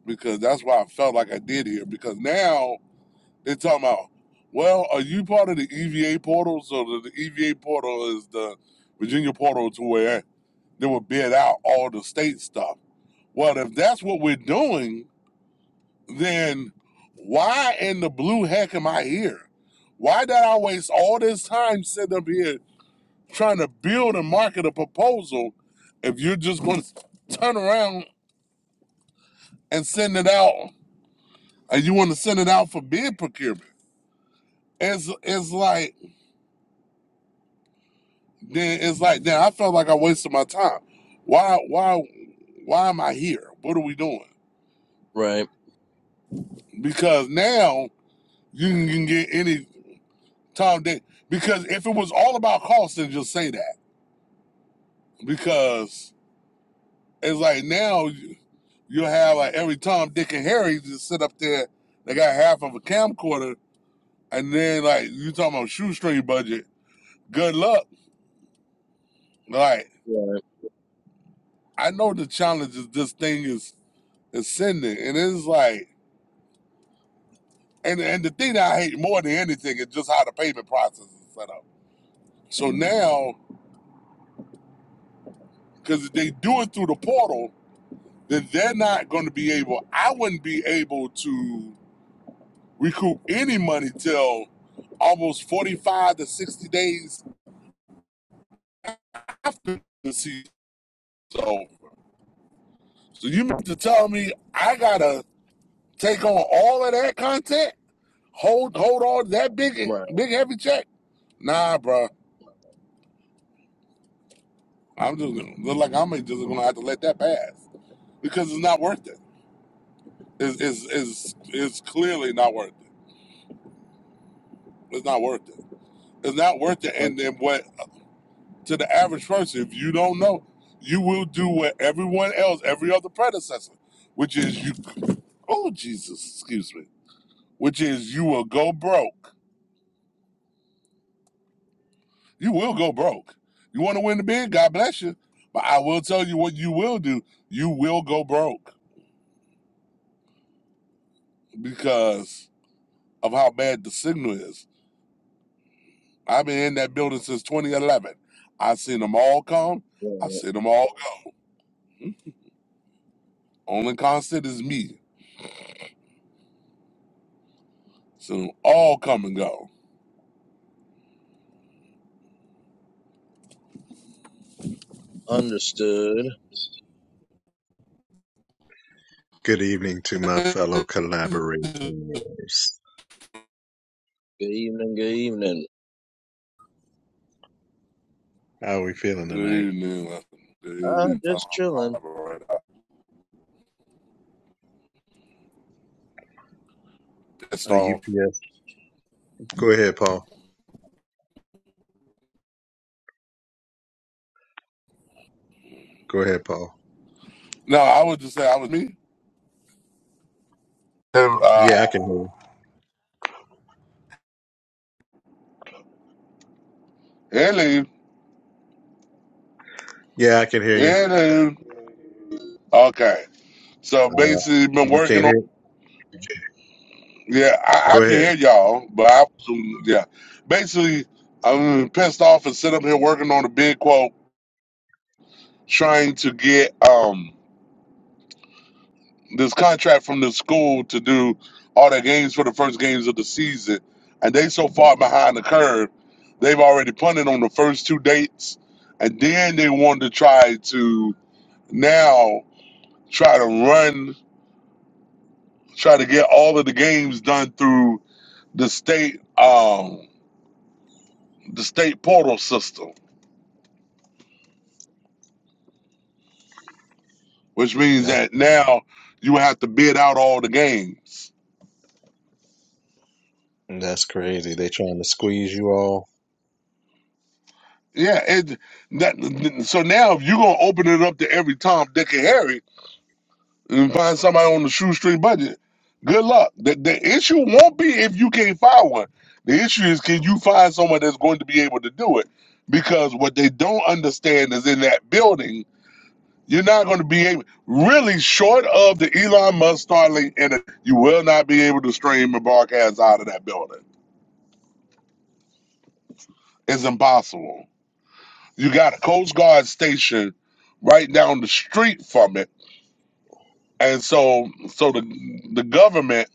Speaker 4: because that's why I felt like I did here. Because now they're talking about, well, are you part of the EVA portal? So the, the EVA portal is the Virginia portal to where they will bid out all the state stuff. Well, if that's what we're doing, then why in the blue heck am I here? Why did I waste all this time sitting up here trying to build and market a proposal if you're just going to turn around and send it out and you want to send it out for bid procurement it's it's like then it's like then i felt like i wasted my time why why why am i here what are we doing
Speaker 1: Right.
Speaker 4: because now you can, you can get any Tom Dick. because if it was all about cost then just say that because it's like now you, you'll have like every Tom, Dick, and Harry just sit up there. They got half of a camcorder And then like you talking about shoestring budget. Good luck. Like
Speaker 1: Right,
Speaker 4: I know the challenges this thing is is sending, and it's like, and and the thing that I hate more than anything is just how the payment process is set up. So now, because if they do it through the portal, then they're not going to be able. I wouldn't be able to recoup any money till almost forty five to sixty days after the season. So, so you mean to tell me I gotta Take on all of that content. Hold hold all that big
Speaker 1: right,
Speaker 4: big heavy check. Nah, bro. I'm just gonna look like I'm just gonna have to let that pass because it's not worth it. It's is is is clearly not worth it. It's not worth it. It's not worth it.
Speaker 1: un-
Speaker 4: And then what to the average person, if you don't know, you will do what everyone else, every other predecessor, which is you. Oh Jesus, excuse me. Which is you will go broke You will go broke. You want to win the bid? God bless you. But I will tell you what you will do. You will go broke because of how bad the signal is. I've been in that building since 2011. I've seen them all come. I've
Speaker 1: right.
Speaker 4: seen them all go. Hmm? Only constant is me. So them all come and go.
Speaker 1: Understood.
Speaker 5: Good evening to my fellow collaborators.
Speaker 1: Good evening, good evening.
Speaker 5: How are we feeling
Speaker 4: Good
Speaker 5: tonight?
Speaker 4: evening. Good
Speaker 1: Uh,
Speaker 4: evening.
Speaker 1: just chilling.
Speaker 5: A
Speaker 4: Pissed off.
Speaker 5: UPS. Go ahead, Paul. Go ahead, Paul.
Speaker 4: No, I would just say I was me. And, uh,
Speaker 5: Yeah, I can hear you.
Speaker 4: Hello.
Speaker 5: Yeah, I can hear you.
Speaker 4: Hello. Okay. So basically,
Speaker 5: Uh,
Speaker 4: been
Speaker 5: you
Speaker 4: working on.
Speaker 5: can't hear?
Speaker 4: Yeah, I, I
Speaker 5: Go
Speaker 4: can
Speaker 5: ahead.
Speaker 4: hear y'all, but I yeah. Basically, I'm pissed off and sit up here working on a big quote, trying to get um this contract from the school to do all their games for the first games of the season, and they so far behind the curve, they've already punted on the first two dates, and then they want to try to now try to run, try to get all of the games done through the state um the state portal system which means
Speaker 5: That's
Speaker 4: that now you have to bid out all the games.
Speaker 5: that's crazy. They trying to squeeze you all.
Speaker 4: Yeah, it, that, so now if you're gonna open it up to every Tom, Dick, and Harry and find somebody on the shoestring budget, good luck. The, the issue won't be if you can't find one. The issue is can you find someone that's going to be able to do it? Because what they don't understand is in that building, you're not going to be able, really short of the Elon Musk Starlink, and you will not be able to stream and broadcast out of that building. It's impossible. You got a Coast Guard station right down the street from it, and so so the the government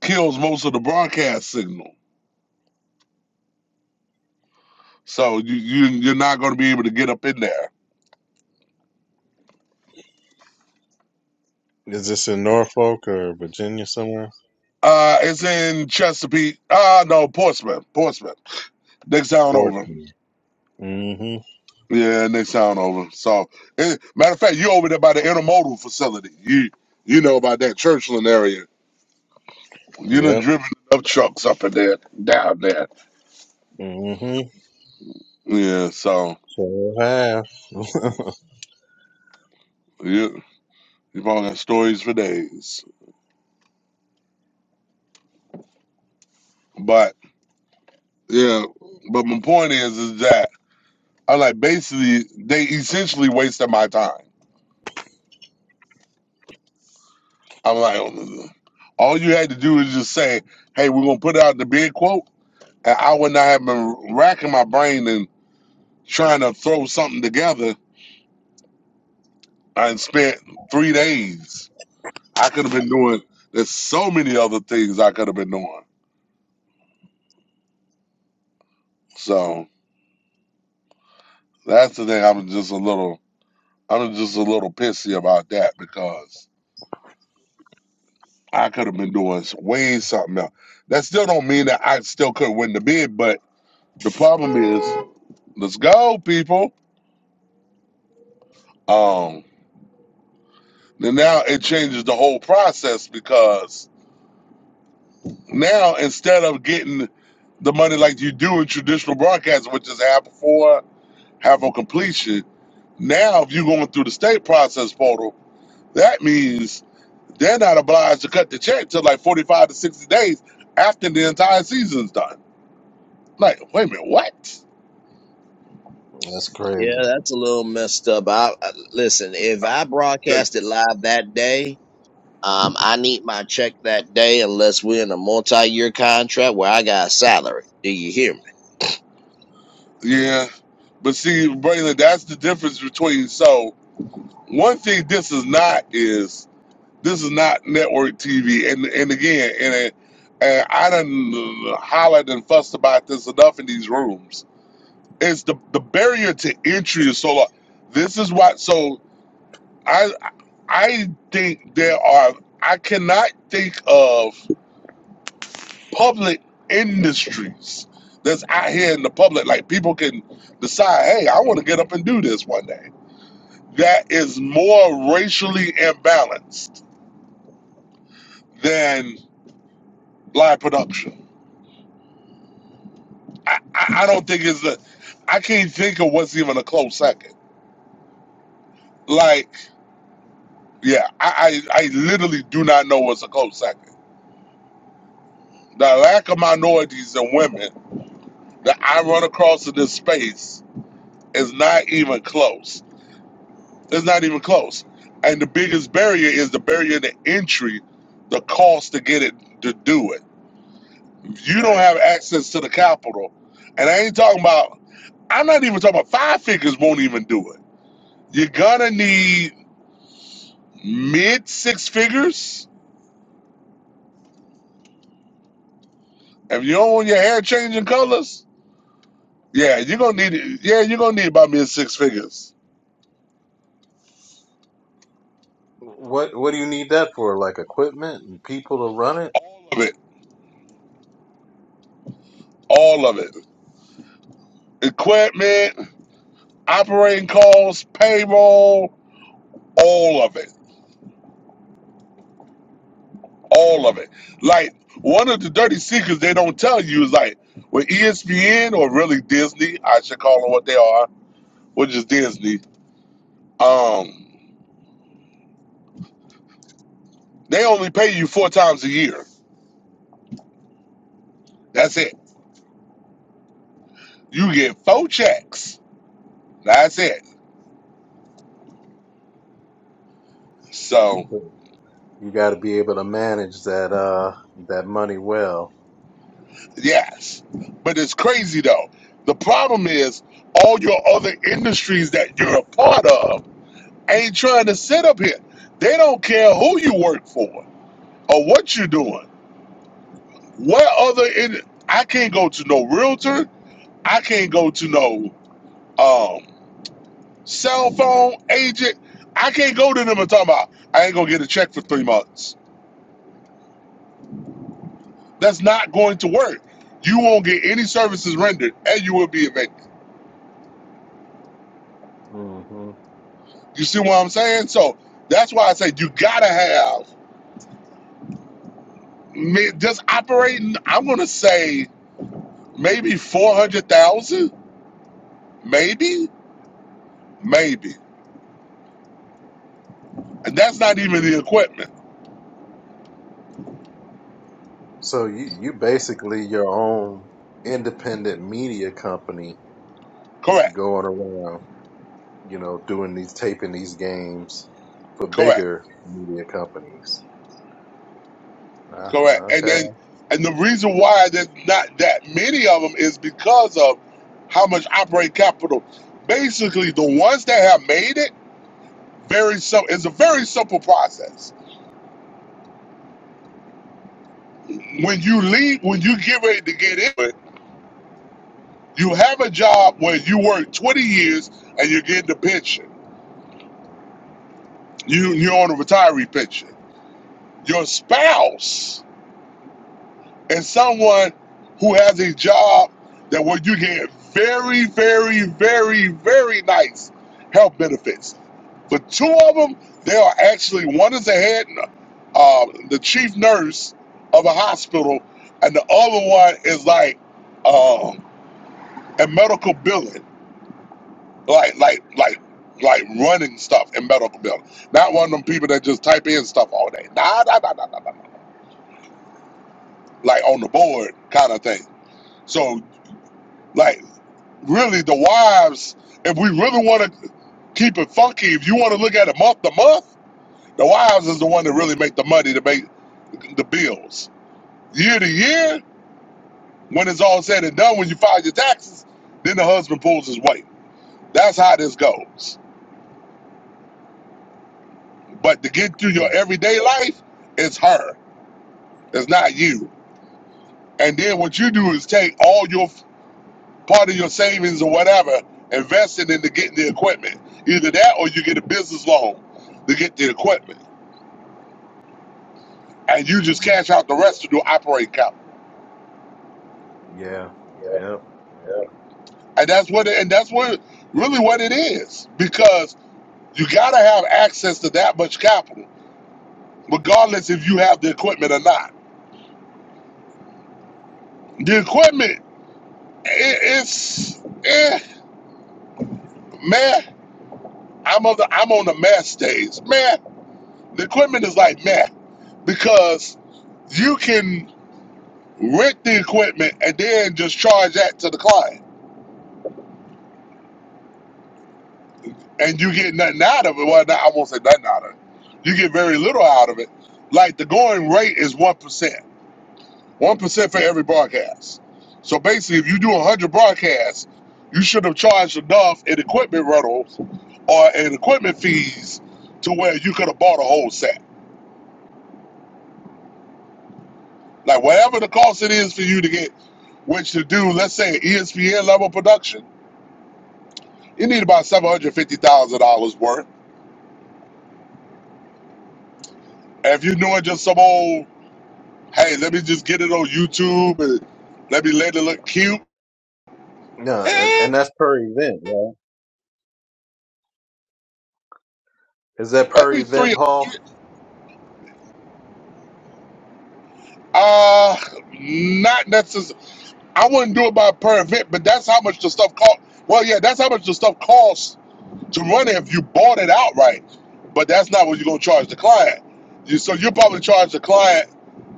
Speaker 4: kills most of the broadcast signal. So you, you you're not going to be able to get up in there.
Speaker 5: Is this in Norfolk or Virginia somewhere?
Speaker 4: Uh, it's in Chesapeake. Ah, no, Portsmouth. Portsmouth. Next town over.
Speaker 5: Portland. Mm-hmm.
Speaker 4: Yeah, next town over. So, eh, matter of fact, you over there by the intermodal facility. You you know about that Churchland area. You done
Speaker 5: Yep.
Speaker 4: driven up trucks up in there, down there.
Speaker 5: Mm-hmm.
Speaker 4: Yeah. So.
Speaker 5: So have.
Speaker 4: you You probably got stories for days. But yeah, but my point is, is that I am like basically they essentially wasted my time. I'm like, "Oh, no, no, no." all you had to do is just say, "Hey, we're gonna put out the bid quote," and I would not have been racking my brain and trying to throw something together. I spent three days. I could have been doing. There's so many other things I could have been doing. So that's the thing. I'm just a little. I'm just a little pissy about that because. I could have been doing way something else. That still don't mean that I still could win the bid, but the problem is, let's go, people. Um, then now it changes the whole process because now instead of getting the money like you do in traditional broadcasting, which is half before, half on completion, now if you're going through the state process portal, that means they're not obliged to cut the check till like 45 to 60 days after the entire season's done. Like, wait a minute, what?
Speaker 5: that's
Speaker 1: Yeah,
Speaker 5: crazy.
Speaker 1: that's a little messed up. I, I listen. If I broadcast it live that day, um, I need my check that day unless we're in a multi-year contract where I got a salary. Do you hear me?
Speaker 4: Yeah, but see, Braylon, that's the difference between. So one thing this is not is this is not network TV, and and again, and, it- and I done hollered and fussed about this enough in these rooms. It's the the barrier to entry is so low. This is why. So I I think there are. I cannot think of public industries that's out here in the public. Like people can decide, hey, I want to get up and do this one day that is more racially imbalanced than live production. I, I, I don't think it's a, I can't think of what's even a close second. Like, yeah, I, I, I literally do not know what's a close second. The lack of minorities and women that I run across in this space is not even close. It's not even close. And the biggest barrier is the barrier to entry, the cost to get it to do it You don't
Speaker 1: Right.
Speaker 4: have access to the capital. And I ain't talking about, I'm not even talking about five figures won't even do it. You're gonna need mid six figures. If you don't want your hair changing colors, yeah, you're gonna need it. Yeah, you're gonna need about mid six figures.
Speaker 5: What What do you need that for? Like equipment and people to run it?
Speaker 4: All of it. All of it. Equipment, operating costs, payroll, all of it. All of
Speaker 5: Yeah.
Speaker 4: it. Like one of the dirty secrets they don't tell you is like with ESPN or really Disney, I should call them what they are. which is Disney, um, they only pay you four times a year. That's it. You get four checks. That's it. So
Speaker 5: You got to be able to manage that uh that money well.
Speaker 4: yes, but it's crazy though. The problem is all your other industries that you're a part of ain't trying to sit up here. They don't care who you work for or what you're doing. What other in I can't go to no realtor. I can't go to no um, cell phone agent. I can't go to them and talk about I ain't gonna get a check for three months. That's not going to work. You won't get any services rendered, and you will be evicted.
Speaker 5: hmm
Speaker 4: You see what I'm saying? So that's why I say you gotta have just operating. I'm gonna say maybe four hundred thousand, maybe, maybe, and that's not even the equipment.
Speaker 5: So you you basically your own independent media company
Speaker 4: Correct,
Speaker 5: going around, you know, doing these taping these games for
Speaker 4: correct.
Speaker 5: bigger media companies. Ah,
Speaker 4: Correct. And
Speaker 5: okay.
Speaker 4: then, and the reason why there's not that many of them is because of how much operating capital. Basically, the ones that have made it, very simple. It's a very simple process. When you leave, when you get ready to get in, you have a job where you work 20 years and you're getting a pension. You you're on a retiree pension. Your spouse and someone who has a job that where you get very, very, very, very nice health benefits. For two of them, they are actually one is the head, uh, the chief nurse of a hospital, and the other one is like um, a medical billing, like like like like running stuff in medical billing. Not one of them people that just type in stuff all day. Nah, nah, nah, nah, nah, nah. nah. Like on the board kind of thing. So like. really the wives, if we really want to keep it funky, if you want to look at it month to month, the wives is the one that really make the money to make the bills. Year to year, when it's all said and done, when you file your taxes, then the husband pulls his weight. That's how this goes. But to get through your everyday life, it's her. It's not you. And then what you do is take all your part of your savings or whatever, invest it into getting the equipment. Either that or you get a business loan to get the equipment and you just
Speaker 5: Yeah.
Speaker 4: cash out the rest of your operating account.
Speaker 5: Yeah. Yep.
Speaker 4: And that's what it, and that's what really what it is because you got to have access to that much capital, regardless if you have the equipment or not. The equipment, i it's eh, man. I'm on the I'm on the math stage, man. The equipment is like math because you can rent the equipment and then just charge that to the client and you get nothing out of it. Well, not, I won't say nothing out of it. You get very little out of it. Like the going rate is one percent, one percent for every broadcast. So basically, if you do hundred broadcasts, you should have charged enough in equipment rentals or in equipment fees to where you could have bought a whole set. Like whatever the cost it is for you to get, which to do, let's say an ESPN level production, you need about seven hundred fifty thousand dollars worth. And if you're doing just some old Hey, let me just get it on YouTube and let me let it look cute.
Speaker 5: No, and
Speaker 4: Eh,
Speaker 5: and that's per event, right? Is that per
Speaker 4: maybe three.
Speaker 5: event, Paul?
Speaker 4: Uh, not necessarily. I wouldn't do it by per event, but that's how much the stuff cost. Well, yeah, that's how much the stuff costs to run it if you bought it outright. But that's not what you're gonna charge the client. You, so you probably charge the client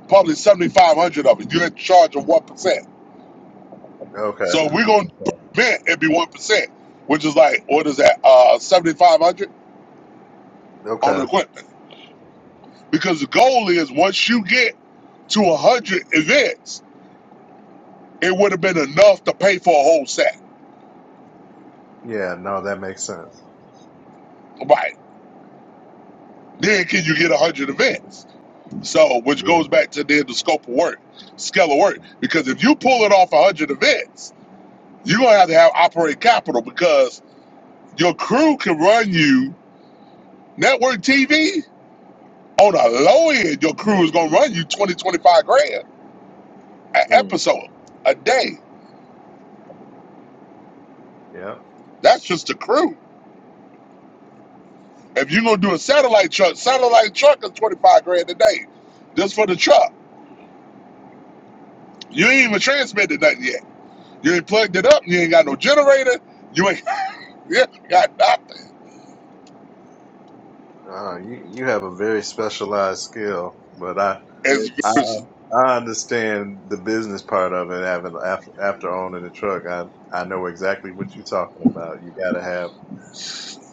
Speaker 4: probably seventy five hundred of it. You're in charge of one percent.
Speaker 5: Okay.
Speaker 4: So we're gonna
Speaker 5: Okay.
Speaker 4: prevent it be one percent, which is like what is that? Uh, seventy five hundred on the
Speaker 5: Okay.
Speaker 4: equipment. Because the goal is once you get to 100 events, it would have been enough to pay for a whole set.
Speaker 5: Yeah. No, that makes sense.
Speaker 4: Right. Then can you get 100 events? So, which
Speaker 5: Yeah.
Speaker 4: goes back to then the scope of work, scale of work. Because if you pull it off 100 events, you're going to have to have operating capital because your crew can run you network TV. On a low end, your crew is going to run you 20 25 grand an
Speaker 1: Mm,
Speaker 4: episode a day.
Speaker 5: Yeah.
Speaker 4: That's just the crew. If you're gonna do a satellite truck, satellite truck is 25 grand a day. Just for the truck. You ain't even transmitted nothing yet. You ain't plugged it up, you ain't got no generator, you ain't you ain't got nothing.
Speaker 5: Uh, you you have a very specialized skill, but I
Speaker 4: As
Speaker 5: I,
Speaker 1: yes.
Speaker 5: I understand the business part of it. Having after, after owning a truck, I I know exactly what you're talking about. You got to have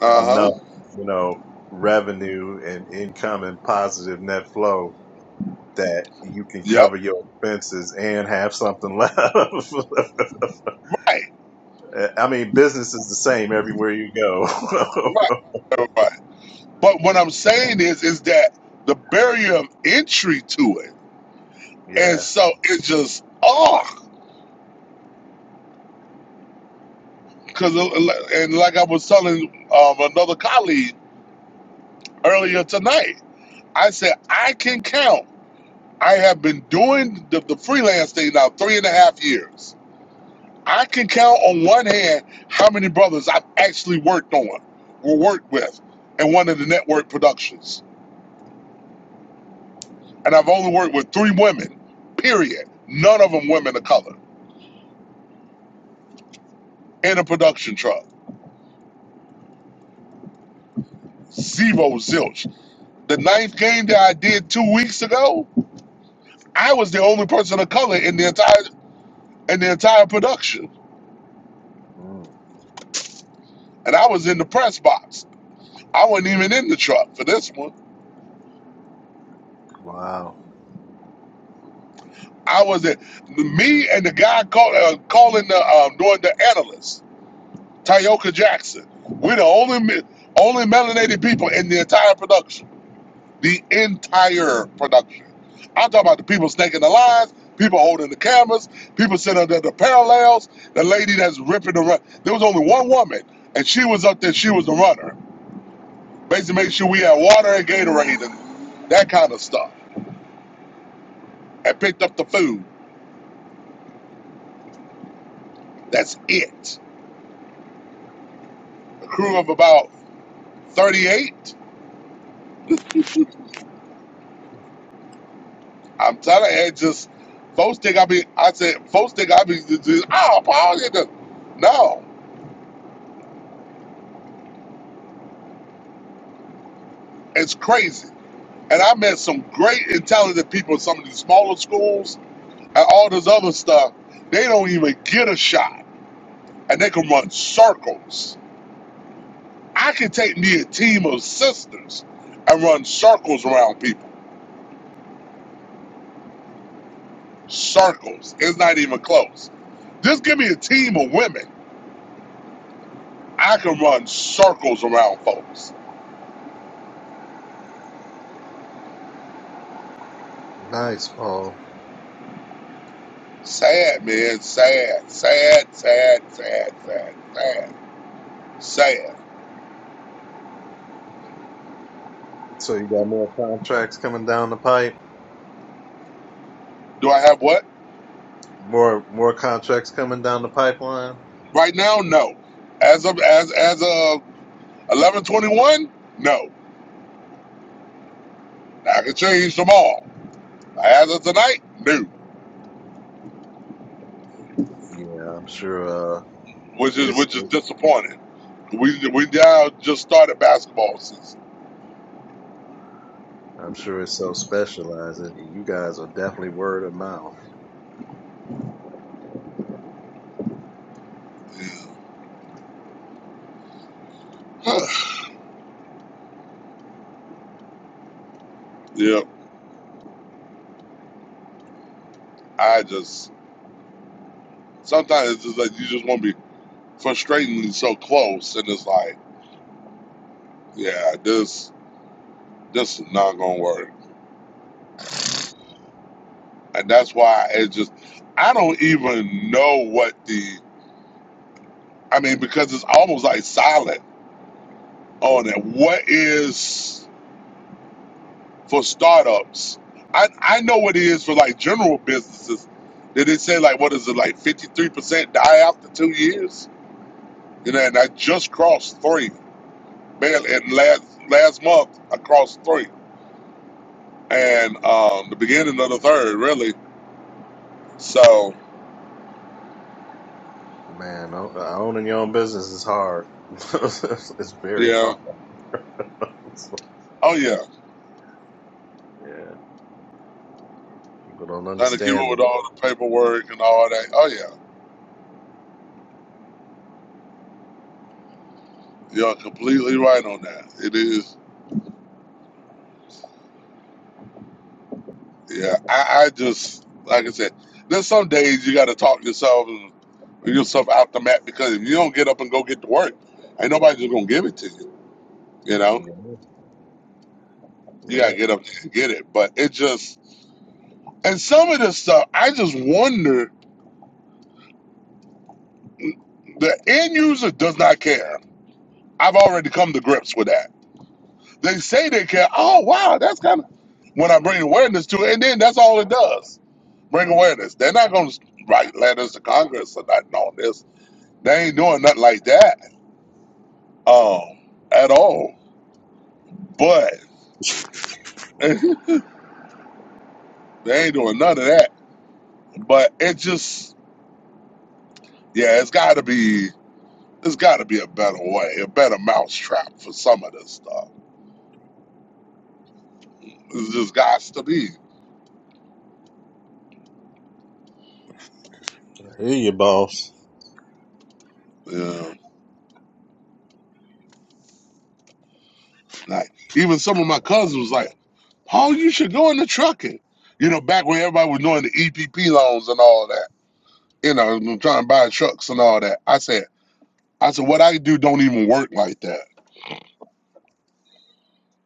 Speaker 4: uh-huh.
Speaker 5: enough, you know, revenue and income and positive net flow that you can
Speaker 4: Yep.
Speaker 5: cover your expenses and have something left.
Speaker 4: Right.
Speaker 5: I mean, business is the same everywhere you go.
Speaker 4: Right. Right. right. But what I'm saying is is that the barrier of entry to it.
Speaker 5: yeah.
Speaker 4: And so it just oh because and like I was telling um, another colleague earlier tonight, I said I can count. I have been doing the, the freelance thing now three and a half years. I can count on one hand how many brothers I've actually worked on or worked with in one of the network productions. And I've only worked with three women, period. None of them women of color in a production truck. Zero zilch. The ninth game that I did two weeks ago, I was the only person of color in the entire in the entire production.
Speaker 5: Mm.
Speaker 4: And I was in the press box. I wasn't even in the truck for this one.
Speaker 5: Wow.
Speaker 4: I was at me and the guy call, uh, calling the um, doing the analyst, Tyoka Jackson. We're the only me- only melanated people in the entire production, the entire production. I'm talking about the people snaking the lines, people holding the cameras, people sitting under the parallels. The lady that's ripping the run. There was only one woman, and she was up there. She was the runner. Basically, made sure we had water and Gatorade and that kind of stuff, and picked up the food. That's it. A crew of about 38. I'm telling you, it just folks think I be. I said folks think I be. just- Oh, Paul, you know." no, it's crazy. And I met some great, intelligent people in some of these smaller schools and all this other stuff. They don't even get a shot, and they can run circles. I can take me a team of sisters and run circles around people. Circles. It's not even close. Just give me a team of women. I can run circles around folks
Speaker 5: Nice, Paul.
Speaker 4: Sad, man. Sad, sad, sad, sad, sad, sad, sad.
Speaker 5: So you got more contracts coming down the pipe,
Speaker 4: Do I have what
Speaker 5: more more contracts coming down the pipeline.
Speaker 4: right now? No. As of as as of eleven twenty one, no. I can change tomorrow. As of tonight, no.
Speaker 5: Yeah, I'm sure. Uh,
Speaker 4: Which is
Speaker 5: it's
Speaker 4: which is disappointing. We we now just started basketball season.
Speaker 5: I'm sure it's so specialized. that You guys are definitely word of mouth.
Speaker 4: yeah, I just sometimes it's just like you just want to be frustratingly so close, and it's like, yeah, this this is not gonna work. And that's why it's just, I don't even know what the, I mean, because it's almost like silent on it. What is for startups? I, I know what it is for like general businesses. Did it say like, what is it, like 53% die after two years? You know, and I just crossed three. Man, and last, last month, I crossed three. And um, the beginning of the third, really. So,
Speaker 5: Man, o- owning your own business is hard. it's very
Speaker 4: yeah.
Speaker 5: hard.
Speaker 4: Oh, yeah.
Speaker 5: Yeah, people don't
Speaker 4: Trying to keep
Speaker 5: understand
Speaker 4: up
Speaker 5: it.
Speaker 4: with all the paperwork and all that. Oh, yeah. You're completely right on that. It is. Yeah, I, I just like I said. There's some days you got to talk yourself and yourself out the mat because if you don't get up and go get to work, ain't nobody just gonna give it to you. You know,
Speaker 5: Yeah,
Speaker 4: you
Speaker 5: yeah.
Speaker 4: gotta get up and get it. But it just and some of this stuff, I just wonder. The end user does not care. I've already come to grips with that. They say they care. Oh wow, that's kind of when I bring awareness to it, and then that's all it does. bring awareness. They're not going to write letters to Congress or nothing on this. They ain't doing nothing like that um, at all. But they ain't doing none of that. But it just, yeah, it's got to be, it's got to be a better way, a better mousetrap for some of this stuff. It's just got to be.
Speaker 5: I hear you, boss.
Speaker 4: Yeah. Like even some of my cousins was like, Paul, you should go into trucking. You know, back when everybody was doing the EPP loans and all that. You know, trying to buy trucks and all that. I said. I said, what I do don't even work like that.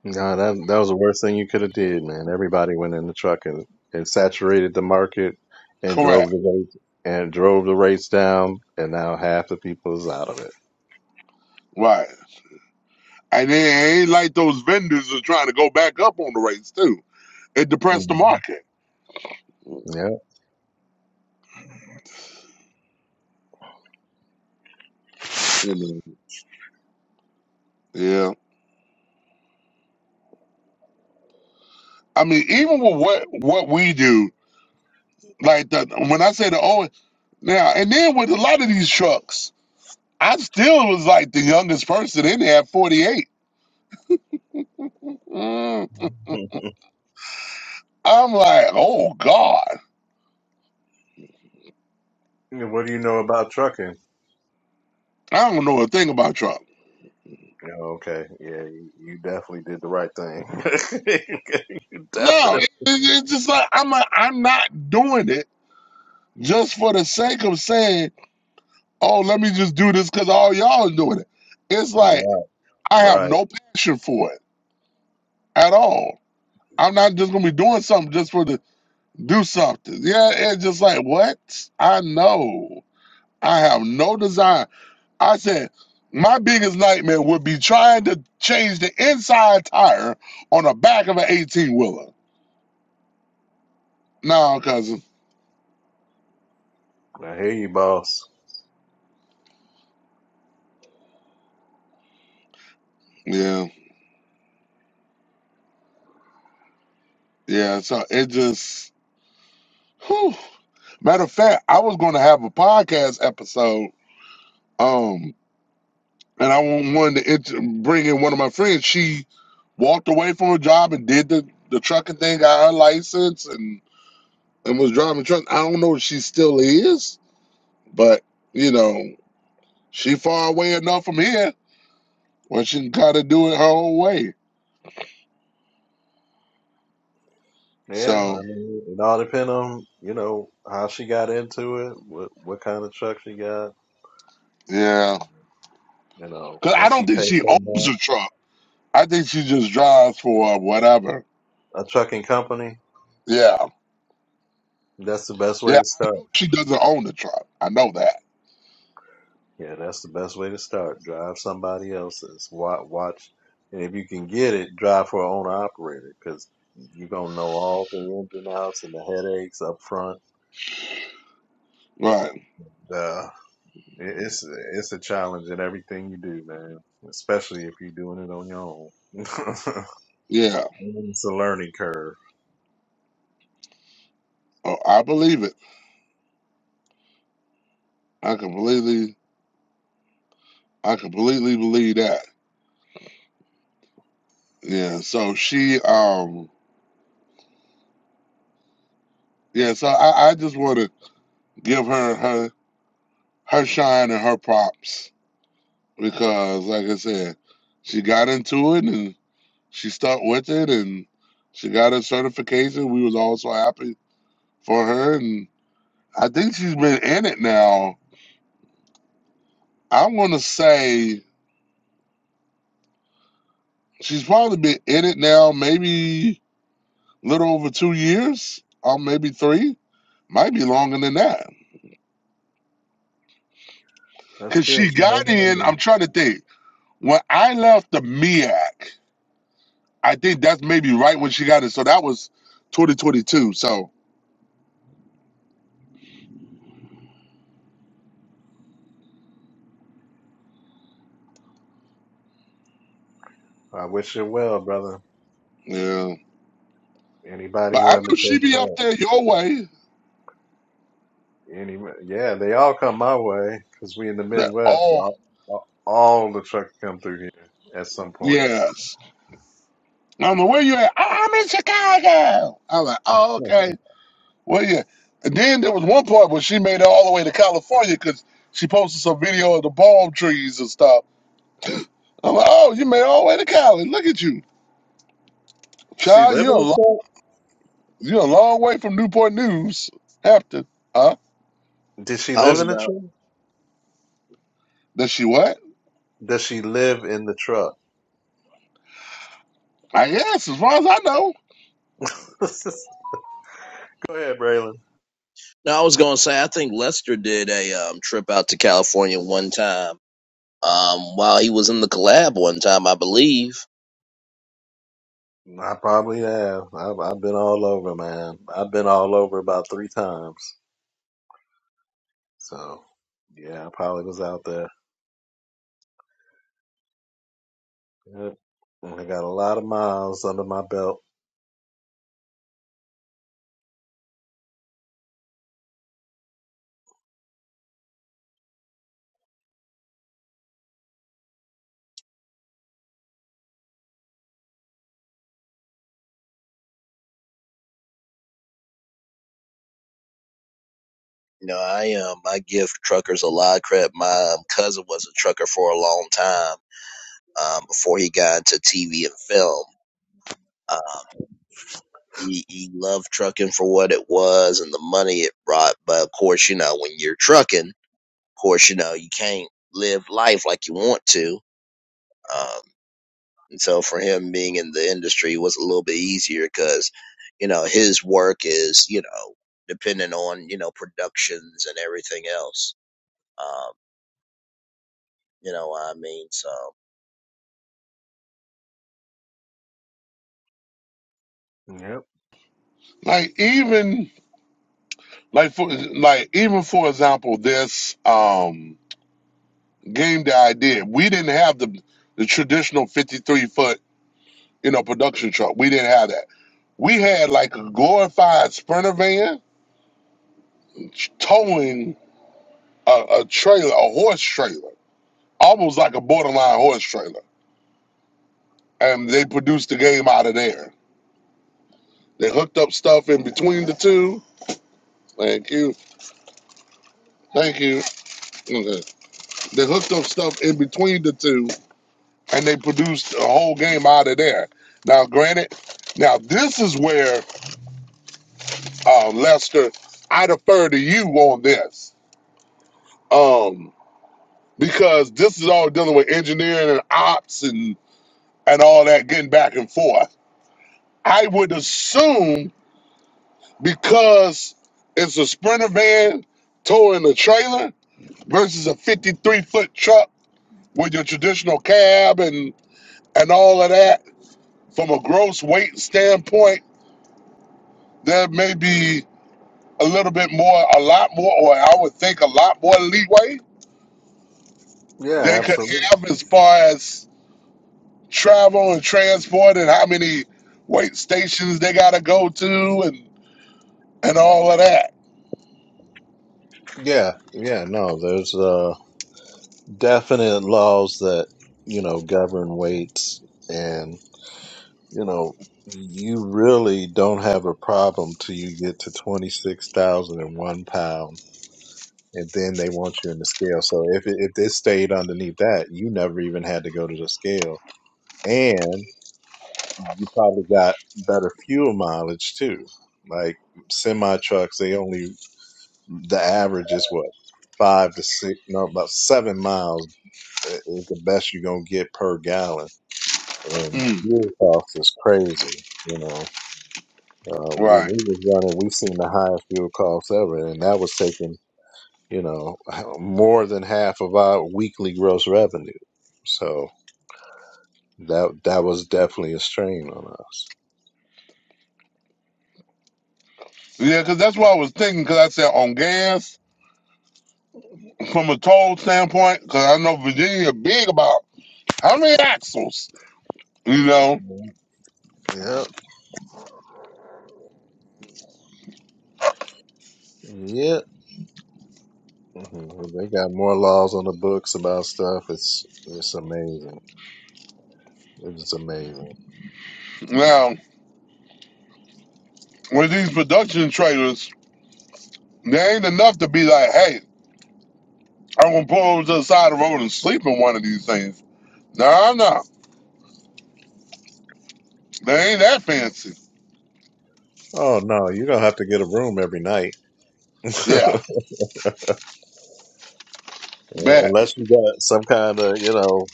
Speaker 5: No, that that was the worst thing you could have did, man. Everybody went in the truck and, and saturated the market and drove
Speaker 4: Correct.
Speaker 5: the rates and drove the rates down, and now half the people is out of it.
Speaker 4: Right. And it ain't like those vendors are trying to go back up on the rates too. It depressed the
Speaker 5: hmm
Speaker 4: market. You Yeah. I mean, even with what what we do, like the when I say the oh now and then with a lot of these trucks, I still was like the youngest person in there at 48. Mm,
Speaker 5: Yeah.
Speaker 4: I'm like, oh God,
Speaker 5: And what do you know about trucking?
Speaker 4: I don't know a thing about truck.
Speaker 5: Oh, Okay, yeah, you, you definitely did the right thing. you
Speaker 4: No,
Speaker 5: definitely
Speaker 4: it, it- it's just like I'm like, I'm not doing it just for the sake of saying, oh, let me just do this because all y'all are doing it. It's
Speaker 5: right,
Speaker 4: like I have
Speaker 5: right.
Speaker 4: no passion for it at all. I'm not just gonna be doing something just for the do something. Yeah, it's just like what? I know. I have no desire. I said my biggest nightmare would be trying to change the inside tire on the back of an 18 wheeler. No, cousin.
Speaker 5: I hear you, boss.
Speaker 4: Yeah, yeah. So it just, whew. Matter of fact, I was going to have a podcast episode, um, and I wanted to int- bring in one of my friends. She walked away from her job and did the, the trucking thing, got her license, and and was driving truck. I don't know if she still is, but you know, she far away enough from here where she can kind of do it her own way.
Speaker 5: Yeah,
Speaker 4: So
Speaker 5: I mean, it all depends on you know how she got into it, what what kind of truck she got.
Speaker 4: yeah,
Speaker 5: You know,
Speaker 4: because I
Speaker 5: what
Speaker 4: don't
Speaker 5: she
Speaker 4: think
Speaker 5: paid
Speaker 4: she
Speaker 5: for
Speaker 4: owns
Speaker 5: now,
Speaker 4: a truck. I think she just drives for whatever.
Speaker 5: a trucking company,
Speaker 4: Yeah,
Speaker 5: that's the best way
Speaker 4: yeah.
Speaker 5: to start.
Speaker 4: I know she doesn't own the truck. I know that.
Speaker 5: Yeah, that's the best way to start. Drive somebody else's. Watch, watch and if you can get it, drive for an owner operator because you're gonna know all the ins and outs and the headaches up front.
Speaker 4: Right.
Speaker 5: The it- it's it's a challenge in everything you do, man. Especially if you're doing it on your own.
Speaker 4: Yeah,
Speaker 5: And it's a learning curve.
Speaker 4: oh, I believe it. I completely, I completely believe that. Yeah. So she, um, yeah. So I, I just want to give her her her shine and her props because, like I said, she got into it and she stuck with it and she got her certification. We was all so happy for her, and I think she's been in it now. I want to say she's probably been in it now, maybe a little over two years, or maybe three Might be longer than that.
Speaker 5: That's
Speaker 4: Cause
Speaker 5: good.
Speaker 4: she
Speaker 5: You know,
Speaker 4: got
Speaker 5: what I
Speaker 4: in,
Speaker 5: mean?
Speaker 4: I'm trying to think. When I left the MIAC, I think that's maybe right when she got in. So that was 2022. So
Speaker 5: I wish you well, brother.
Speaker 4: yeah.
Speaker 5: Anybody
Speaker 4: But
Speaker 5: who
Speaker 4: I know she
Speaker 5: undertakes
Speaker 4: be up
Speaker 5: that.
Speaker 4: there your way.
Speaker 5: Any, yeah, they all come my way because we in the
Speaker 4: That
Speaker 5: Midwest.
Speaker 4: oh
Speaker 5: All, all all the trucks come through here at some point.
Speaker 4: yes. I am not know where you at. "Oh, I'm in Chicago. I'm like, oh okay. Well yeah. And then there was one part where she made it all the way to California because she posted some video of the palm trees and stuff. I'm like, oh, you made it all the way to Cali. Look at you.
Speaker 5: she
Speaker 4: Child,
Speaker 5: live in
Speaker 4: you're
Speaker 5: the
Speaker 4: a
Speaker 5: truck?
Speaker 4: You're a long way from Newport News, Hampton. Huh?
Speaker 5: Did she
Speaker 1: I
Speaker 5: live
Speaker 1: was
Speaker 5: in the
Speaker 1: about.
Speaker 5: truck?
Speaker 4: Does she what?
Speaker 5: Does she live in the truck?
Speaker 4: I guess, as far as I know.
Speaker 5: Go ahead, Braylon.
Speaker 1: No, I was gonna say. I think Lester did a um trip out to California one time. Um, while he was in the collab one time, I believe.
Speaker 5: I probably have. I've, I've been all over, man. I've been all over about three times. So, yeah, I probably was out there. Yep. And I got a lot of miles under my belt.
Speaker 1: You know, I um I give truckers a lot of credit. My um, cousin was a trucker for a long time um, before he got into TV and film. Uh, he, he loved trucking for what it was and the money it brought. But of course, you know, when you're trucking, of course, you know, you can't live life like you want to. Um, and so for him being in the industry was a little bit easier because, you know, his work is, you know, dependent on, you know, productions and everything else. Um, you know what I mean? So.
Speaker 5: Yep.
Speaker 4: Like even like for like even for example, this um game that I did, we didn't have the the traditional fifty three foot, you know, production truck. We didn't have that. We had like a glorified sprinter van towing a, a trailer, a horse trailer, almost like a borderline horse trailer. And they produced the game out of there. They hooked up stuff in between the two Thank you. Thank you. Okay. They hooked up stuff in between the two and they produced a whole game out of there. Now, granted, now this is where, uh, Lester, I defer to you on this. Um, because this is all dealing with engineering and ops and, and all that getting back and forth. I would assume because it's a sprinter van towing a trailer versus a 53 foot truck with your traditional cab and and all of that from a gross weight standpoint, there may be a little bit more, a lot more, or I would think a lot more leeway
Speaker 5: Yeah,
Speaker 4: they could
Speaker 5: absolutely.
Speaker 4: have as far as travel and transport and how many weight stations they got to go to and and all of that.
Speaker 5: Yeah, yeah. No, there's uh definite laws that you know govern weights and you know you really don't have a problem till you get to 26,001 pound and then they want you in the scale so if it, if this stayed underneath that you never even had to go to the scale and you probably got better fuel mileage too like semi trucks they only the average is what five to six no about seven miles eh, is the best you're gonna get per gallon And
Speaker 4: Mm,
Speaker 5: fuel costs is crazy. You know, uh, when
Speaker 4: right.
Speaker 5: we was running, we've seen the highest fuel costs ever, and that was taking, you know, more than half of our weekly gross revenue. So that that was definitely a strain on us.
Speaker 4: Yeah, because that's what I was thinking. Because I said on gas from a toll standpoint, because I know Virginia big about how many axles, you know.
Speaker 5: Yep, yep. Mhm. They got more laws on the books about stuff. It's it's amazing. It's amazing.
Speaker 4: Now with these production trailers, There ain't enough to be like, hey, I'm gonna pull over to the side of the road and sleep in one of these things. Nah, nah, they ain't that fancy.
Speaker 5: Oh no, you're gonna have to get a room every night,
Speaker 4: Yeah, bet.
Speaker 5: unless you got some kind of you know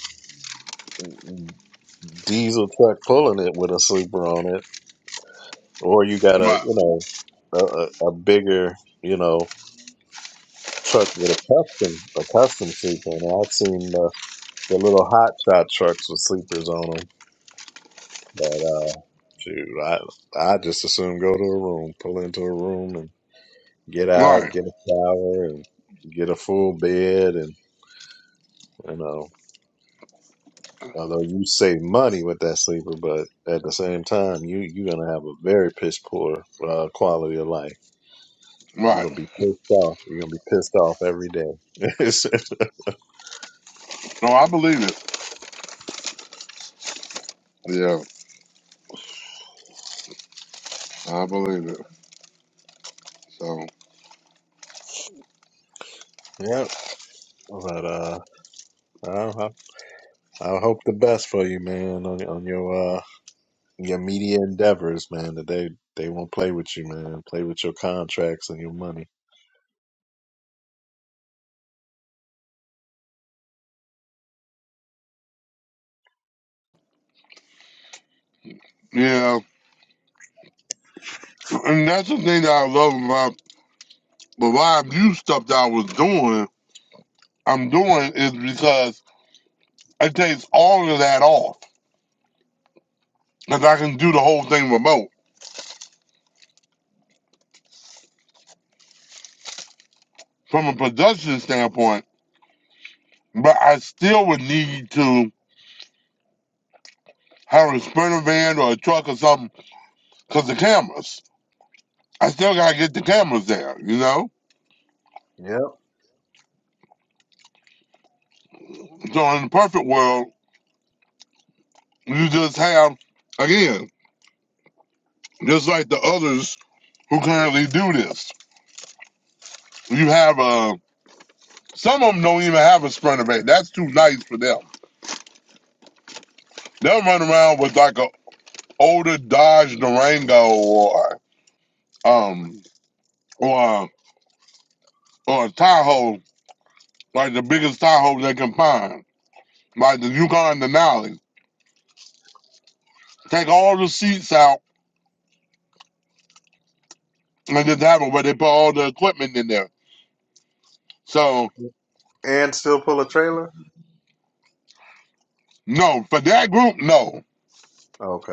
Speaker 5: diesel truck pulling it with a sleeper on it, or you got a
Speaker 4: Right,
Speaker 5: you know a, a a bigger you know truck with a custom a custom sleeper. And I've seen the the little hot shot trucks with sleepers on them, but uh, shoot, I I just assume go to a room, pull into a room, and get out,
Speaker 4: right,
Speaker 5: get a shower, and get a full bed, and you know. Although you save money with that sleeper, but at the same time, you you're gonna have a very piss poor uh, quality of life. You're
Speaker 4: right.
Speaker 5: gonna be pissed off. You're gonna be pissed off every day. yep.
Speaker 4: No, I believe it. Yeah, I believe it. So
Speaker 5: But uh, I, I I hope the best for you, man. On, on your uh your media endeavors, man. That they they won't play with you, man. Play with your contracts and your money.
Speaker 4: yeah, and that's the thing that I love about the live view stuff that I was doing. I'm doing is because it takes all of that off, because I can do the whole thing remote from a production standpoint. But I still would need to. hire a sprinter van or a truck or something because the cameras. I still gotta get the cameras there, you know.
Speaker 5: Yep.
Speaker 4: So in the perfect world, you just have again, just like the others who currently do this, you have uh some of them don't even have a sprinter van. That's too nice for them. They'll run around with like a older Dodge Durango or um or or a Tahoe, like the biggest Tahoe they can find, like the Yukon Denali. Take all the seats out and this album where they put all the equipment in there. So
Speaker 5: And still pull a trailer.
Speaker 4: no, for that group, no,
Speaker 5: Okay.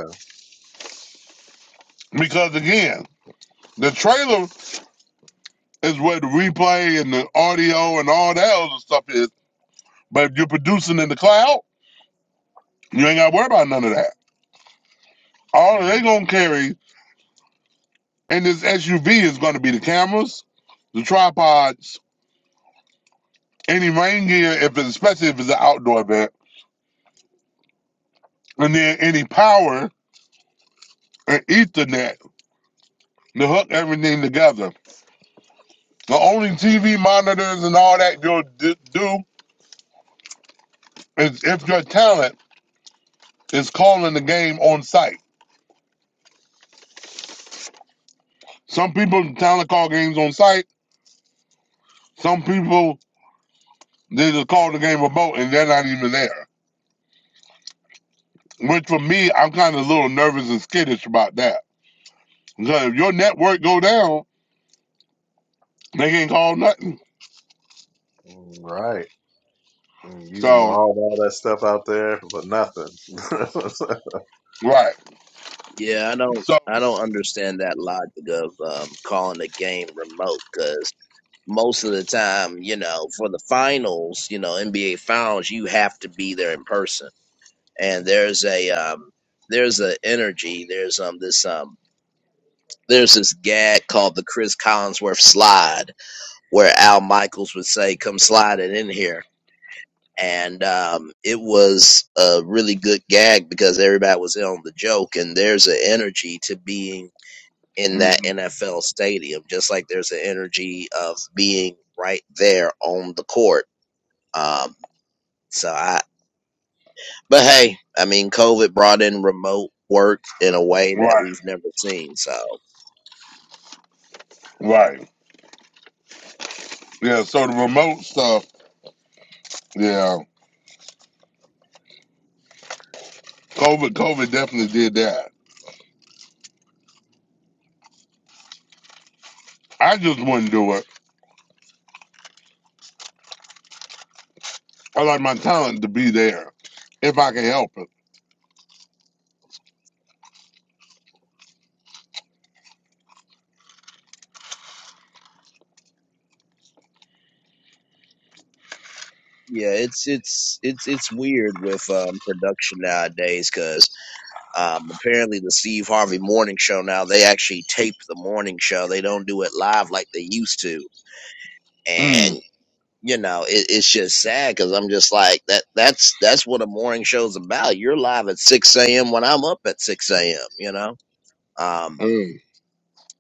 Speaker 4: because again, the trailer is where the replay and the audio and all that other stuff is. But if you're producing in the cloud, you ain't got to worry about none of that. All
Speaker 5: Mm,
Speaker 4: they gonna carry in this SUV is gonna be the cameras, the tripods, any rain gear, if it's, especially if it's an outdoor event, and then any power and Ethernet to hook everything together. The only TV monitors and all that you'll d- do is if your talent is calling the game on site. Some people talent call games on site. Some people they just call the game remote and they're not even there. Which for me, I'm kind of a little nervous and skittish about that because if your network go down, they can't call nothing.
Speaker 5: Right. Mm, You can
Speaker 4: So
Speaker 5: haul all that stuff out there for nothing.
Speaker 4: right,
Speaker 1: Yeah, I don't
Speaker 4: so
Speaker 1: I don't understand that logic of um, calling a game remote because most of the time, you know, for the finals, you know, NBA finals, you have to be there in person, and there's a um, there's a energy, there's um this um there's this gag called the Chris Collinsworth slide where Al Michaels would say, "Come slide it in here." And um, it was a really good gag because everybody was in on the joke, and there's an energy to being in
Speaker 4: mm,
Speaker 1: that NFL stadium, just like there's an energy of being right there on the court. Um, so I, but hey, I mean, COVID brought in remote work in a way that
Speaker 4: right,
Speaker 1: we've never seen. So
Speaker 4: right, yeah. So the remote stuff, yeah. COVID, COVID definitely did that. I just wouldn't do it. I like my talent to be there if I can help it.
Speaker 1: yeah, it's, it's, it's, it's weird with, um, production nowadays because, um, apparently the Steve Harvey morning show now, they actually tape the morning show. They don't do it live like they used to.
Speaker 4: Mm.
Speaker 1: and you know, it, it's just sad because I'm just like that. That's that's what a morning show's about. You're live at 6 a.m. when I'm up at 6 a.m. You know, um,
Speaker 4: Mm.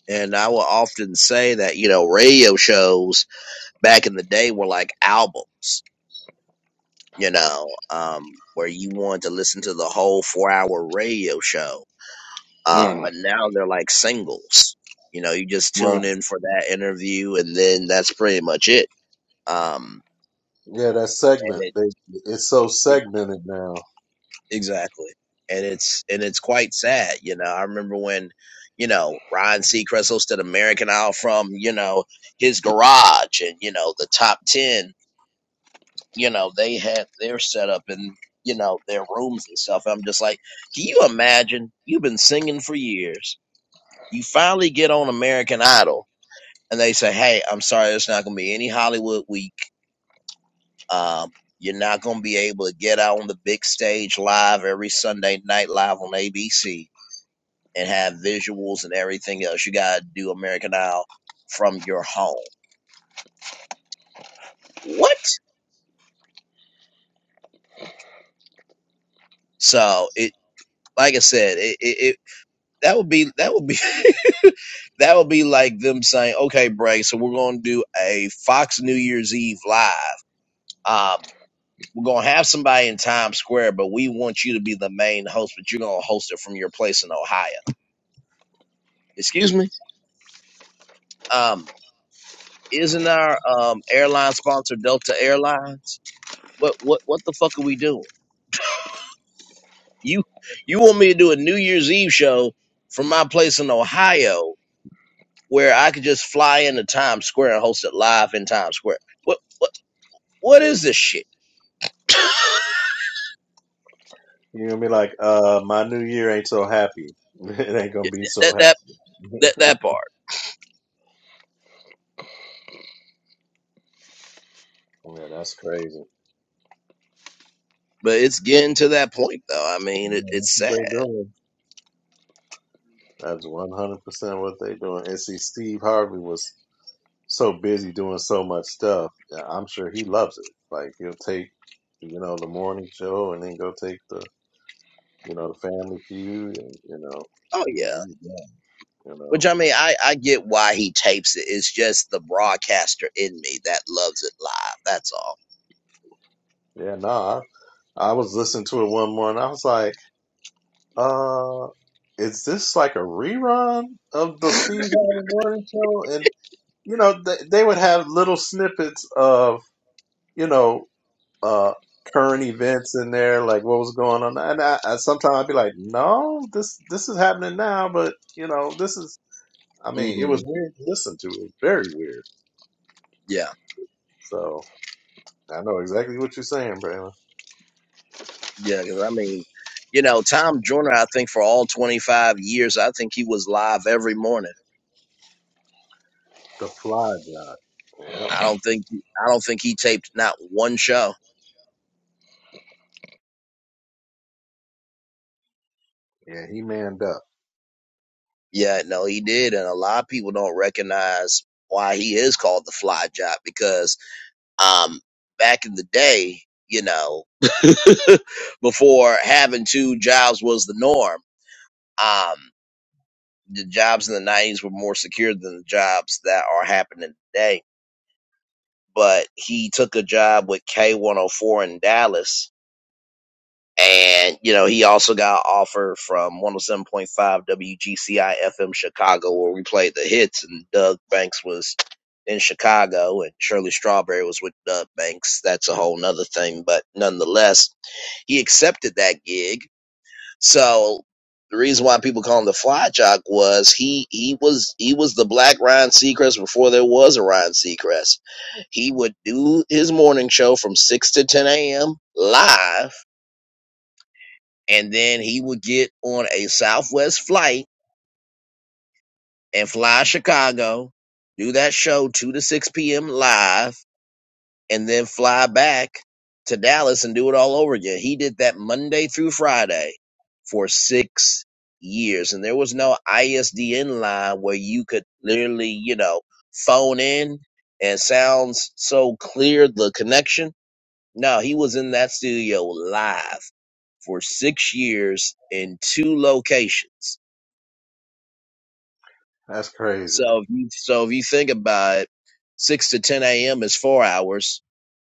Speaker 1: and I will often say that you know radio shows back in the day were like albums. You know, um, where you wanted to listen to the whole four hour radio show. Um,
Speaker 4: Well,
Speaker 1: but now they're like singles. You know, you just tune
Speaker 4: well,
Speaker 1: in for that interview and then that's pretty much it. Um,
Speaker 5: yeah, that
Speaker 1: and
Speaker 5: segment.
Speaker 1: it
Speaker 5: They it's so segmented now.
Speaker 1: Exactly. And it's and it's quite sad, you know. I remember when, you know, Ryan Seacrest hosted American Idol from, you know, his garage and, you know, the top ten, you know, they had their setup and, you know, their rooms and stuff. I'm just like, Can you imagine? You've been singing for years. You finally get on American Idol and they say, Hey, I'm sorry, it's not gonna be any Hollywood week. Um, you're not gonna be able to get out on the big stage live every Sunday night live on ABC and have visuals and everything else. You gotta do American Idol from your home. What? So it, like I said, it, it, it that would be that would be that would be like them saying, okay, Bray, so we're gonna do a Fox New Year's Eve live. Um, we're gonna have somebody in Times Square, but we want you to be the main host, but you're gonna host it from your place in Ohio. Excuse me. Um, isn't our um airline sponsor Delta Airlines? What what what the fuck are we doing? You you want me to do a New Year's Eve show from my place in Ohio where I could just fly into Times Square and host it live in Times Square. What what what is this shit?
Speaker 5: You're gonna be like, uh, my new year ain't so happy. It ain't gonna be so
Speaker 1: that
Speaker 5: happy.
Speaker 1: that that that part.
Speaker 5: yeah, that's crazy.
Speaker 1: But it's getting to that point though. I mean, it,
Speaker 5: Yeah, that's
Speaker 1: it's sad.
Speaker 5: what they doing. That's one hundred percent what they doing. And see, Steve Harvey was so busy doing so much stuff. yeah, I'm sure he loves it. Like he'll take, you know, the morning show and then go take the, you know, the Family Feud, and you know,
Speaker 1: Oh yeah.
Speaker 5: he, he's done. You
Speaker 1: Which
Speaker 5: know,
Speaker 1: I mean, I I get why he tapes it. It's just the broadcaster in me that loves it live. That's all.
Speaker 5: yeah. No, I, I was listening to it one morning. I was like. Uh, is this like a rerun of the Steve Harvey Morning Show? And you know, they, they would have little snippets of you know uh current events in there, like what was going on. And I, I sometimes I'd be like, no, this this is happening now, but you know, this is. I mean, it
Speaker 1: hmm
Speaker 5: was weird to listen to. It was very weird.
Speaker 1: Yeah.
Speaker 5: So I know exactly what you're saying, Braylon.
Speaker 1: Yeah, because I mean, you know, Tom Joyner. I think for all 25 years, I think he was live every morning.
Speaker 5: The fly guy. Yep.
Speaker 1: I don't think I don't think he taped not one show.
Speaker 5: Yeah, he manned up.
Speaker 1: Yeah, no, he did, and a lot of people don't recognize why he is called the Fly Job because um back in the day, you know, before having two jobs was the norm. Um, the jobs in the 90s were more secure than the jobs that are happening today but he took a job with K104 in Dallas. And, you know, he also got an offer from 107.5 WGCI FM Chicago, where we played the hits, and Doug Banks was in Chicago, and Shirley Strawberry was with Doug Banks. That's a whole nother thing. But nonetheless, he accepted that gig so the reason why people call him the Fly Jock was he he was he was the Black Ryan Seacrest before there was a Ryan Seacrest. He would do his morning show from six to ten a.m. live, and then he would get on a Southwest flight and fly Chicago, do that show two to six p.m. live and then fly back to Dallas and do it all over again. He did that Monday through Friday for six years. And there was no ISDN line where you could literally, you know, phone in and sounds so clear the connection. No, he was in that studio live for six years in two locations.
Speaker 5: That's crazy.
Speaker 1: So if you so if you think about it, six to ten AM is four hours,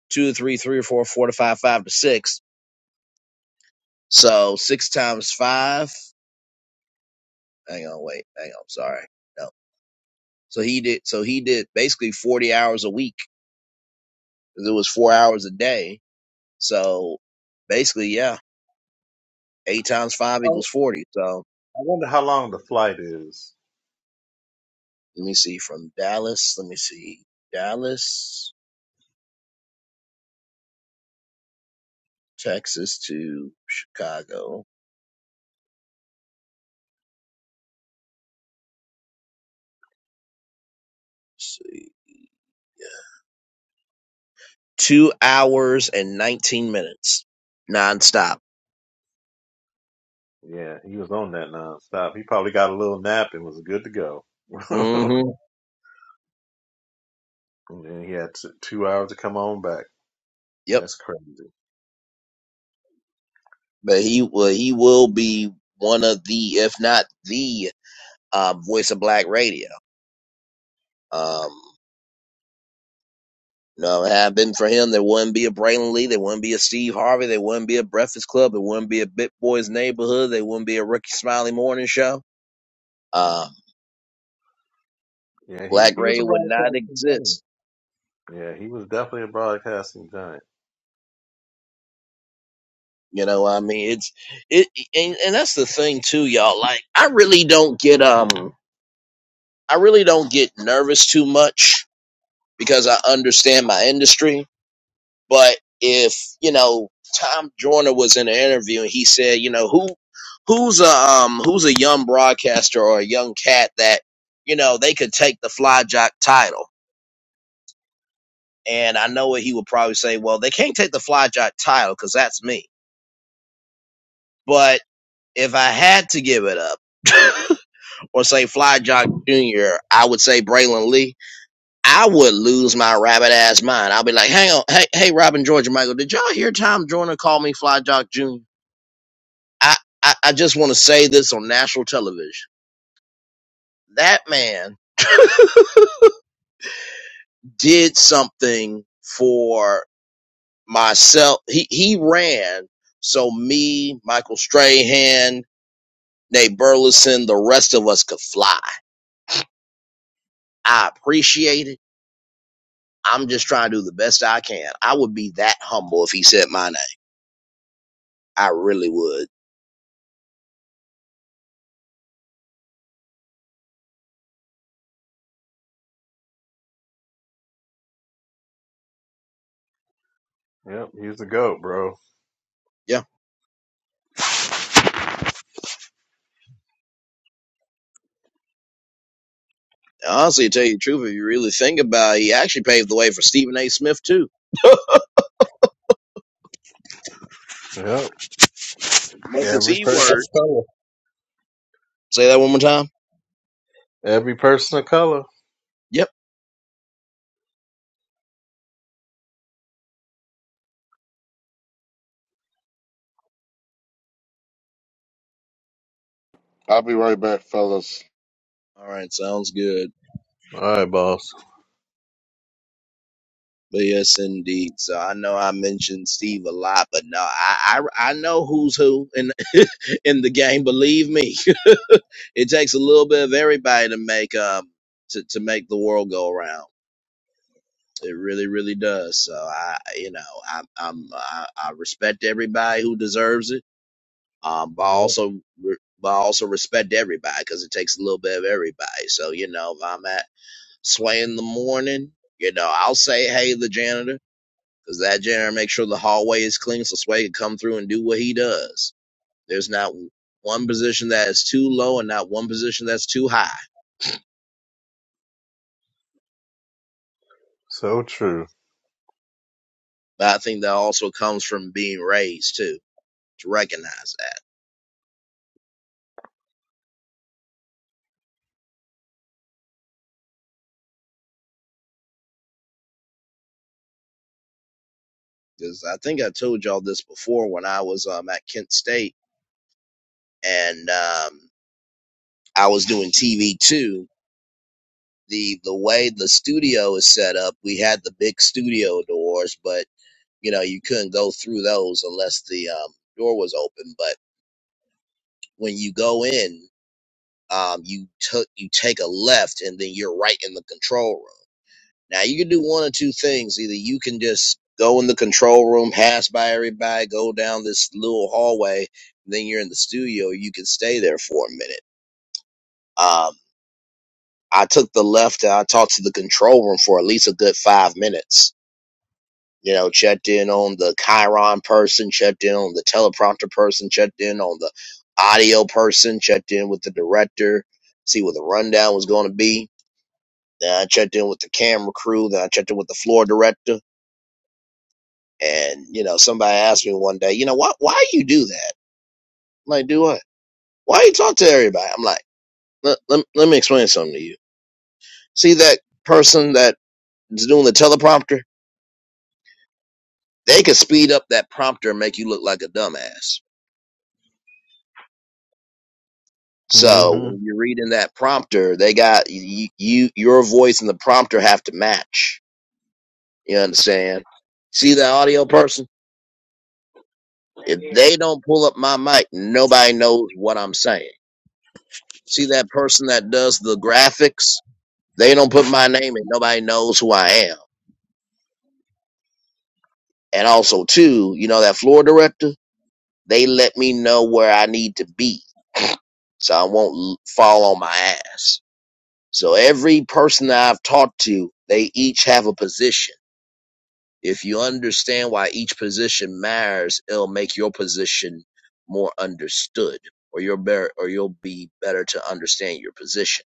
Speaker 1: two to three, three or four, four to five, five to six So six times five. Hang on, wait, hang on. Sorry, no. So he did. So he did basically forty hours a week. 'cause It was four hours a day. So basically, yeah, eight times five
Speaker 5: I I
Speaker 1: equals forty. So
Speaker 5: wonder how long the flight is.
Speaker 1: let me see from Dallas. Let me see Dallas, Texas to Chicago. Let's see, yeah, two hours and nineteen minutes nonstop.
Speaker 5: Yeah, he was on that nonstop. He probably got a little nap and was good to go.
Speaker 1: Mm-hmm.
Speaker 5: and then he had t- two hours to come on back.
Speaker 1: Yep.
Speaker 5: That's crazy.
Speaker 1: But he will. He will be one of the, if not the uh, Voice of Black Radio. Um, you know, it had been for him, there wouldn't be a Braylon Lee, there wouldn't be a Steve Harvey, there wouldn't be a Breakfast Club, there wouldn't be a Bit Boys Neighborhood, there wouldn't be a Ricky Smiley Morning Show. Um,
Speaker 5: Yeah, he,
Speaker 1: Black
Speaker 5: he was a
Speaker 1: Radio would not
Speaker 5: broadcasting giant.
Speaker 1: exist.
Speaker 5: Yeah, he was definitely a broadcasting giant.
Speaker 1: You know, I mean, it's it, and, and that's the thing too, y'all. Like, I really don't get um, I really don't get nervous too much because I understand my industry But if you know Tom Joyner was in an interview and he said, you know, who who's a um who's a young broadcaster or a young cat that you know they could take the fly jock title, and I know what he would probably say. Well, they can't take the fly jock title because that's me. But if I had to give it up or say Fly Jock Jr., I would say Braylon Lee. I would lose my rabbit ass mind. I'll be like, hang on, hey, hey, Robin George and Michael, did y'all hear Tom Joyner call me Fly Jock Jr.? I, I, I just want to say this on national television. That man did something for myself. He he ran so me, Michael Strahan, Nate Burleson, the rest of us could fly. I appreciate it. I'm just trying to do the best I can. I would be that humble if he said my name. I really would.
Speaker 5: Yep, he was the goat, bro.
Speaker 1: Yeah. Honestly, to tell you the truth, if you really think about it, he actually paved the way for Stephen A. Smith too.
Speaker 5: Yep,
Speaker 1: As much as
Speaker 5: every
Speaker 1: he
Speaker 5: person of
Speaker 1: worked.
Speaker 5: color.
Speaker 1: Say that one more time.
Speaker 5: Every person of color.
Speaker 1: Yeah.
Speaker 4: I'll be right back, fellas.
Speaker 1: All right, sounds good.
Speaker 5: All right, boss.
Speaker 1: But yes, indeed. So I know I mentioned Steve a lot, but no, I I, I know who's who in in the game. Believe me, it takes a little bit of everybody to make um to, to make the world go around. It really, really does. So I, you know, I, I'm I, I respect everybody who deserves it. Um, but I
Speaker 5: Yep,
Speaker 1: also re- but I also respect everybody because it takes a little bit of everybody. So you know, if I'm at Sway in the morning, you know, I'll say hey the janitor because that janitor makes sure the hallway is clean so Sway can come through and do what he does. There's not one position that is too low and not one position that's too high.
Speaker 5: so true.
Speaker 1: But I think that also comes from being raised too, to recognize that. Because I think I told y'all this before when I was um, at Kent State and um, I was doing TV too. The the way the studio is set up, we had the big studio doors, but you know you couldn't go through those unless the um, door was open. But when you go in. um, you took you take a left and then you're right in the control room. Now you can do one of two things. Either you can just go in the control room, pass by everybody, go down this little hallway, and then you're in the studio. Or You can stay there for a minute. Um, I took the left and I talked to the control room for at least a good five minutes. You know, checked in on the Chiron person, checked in on the teleprompter person, checked in on the audio person, checked in with the director, see what the rundown was going to be Then I checked in with the camera crew. Then I checked in with the floor director. And, you know, somebody asked me one day, you know, why, why you do that? I'm like, do what? Why you talk to everybody? I'm like, let, let, let me explain something to you. See that person that is doing the teleprompter? They could speed up that prompter and make you look like a dumbass. So
Speaker 5: hmm
Speaker 1: when you're reading that prompter, they got you, you your voice and the prompter have to match. You understand? See that audio person? If they don't pull up my mic, nobody knows what I'm saying. See that person that does the graphics? They don't put my name in. Nobody knows who I am. And also, too, you know that floor director? They let me know where I need to be, so I won't l- fall on my ass. So every person that I've talked to, they each have a position. If you understand why each position matters, it'll make your position more understood, or you'll better, or you'll be better to understand your position.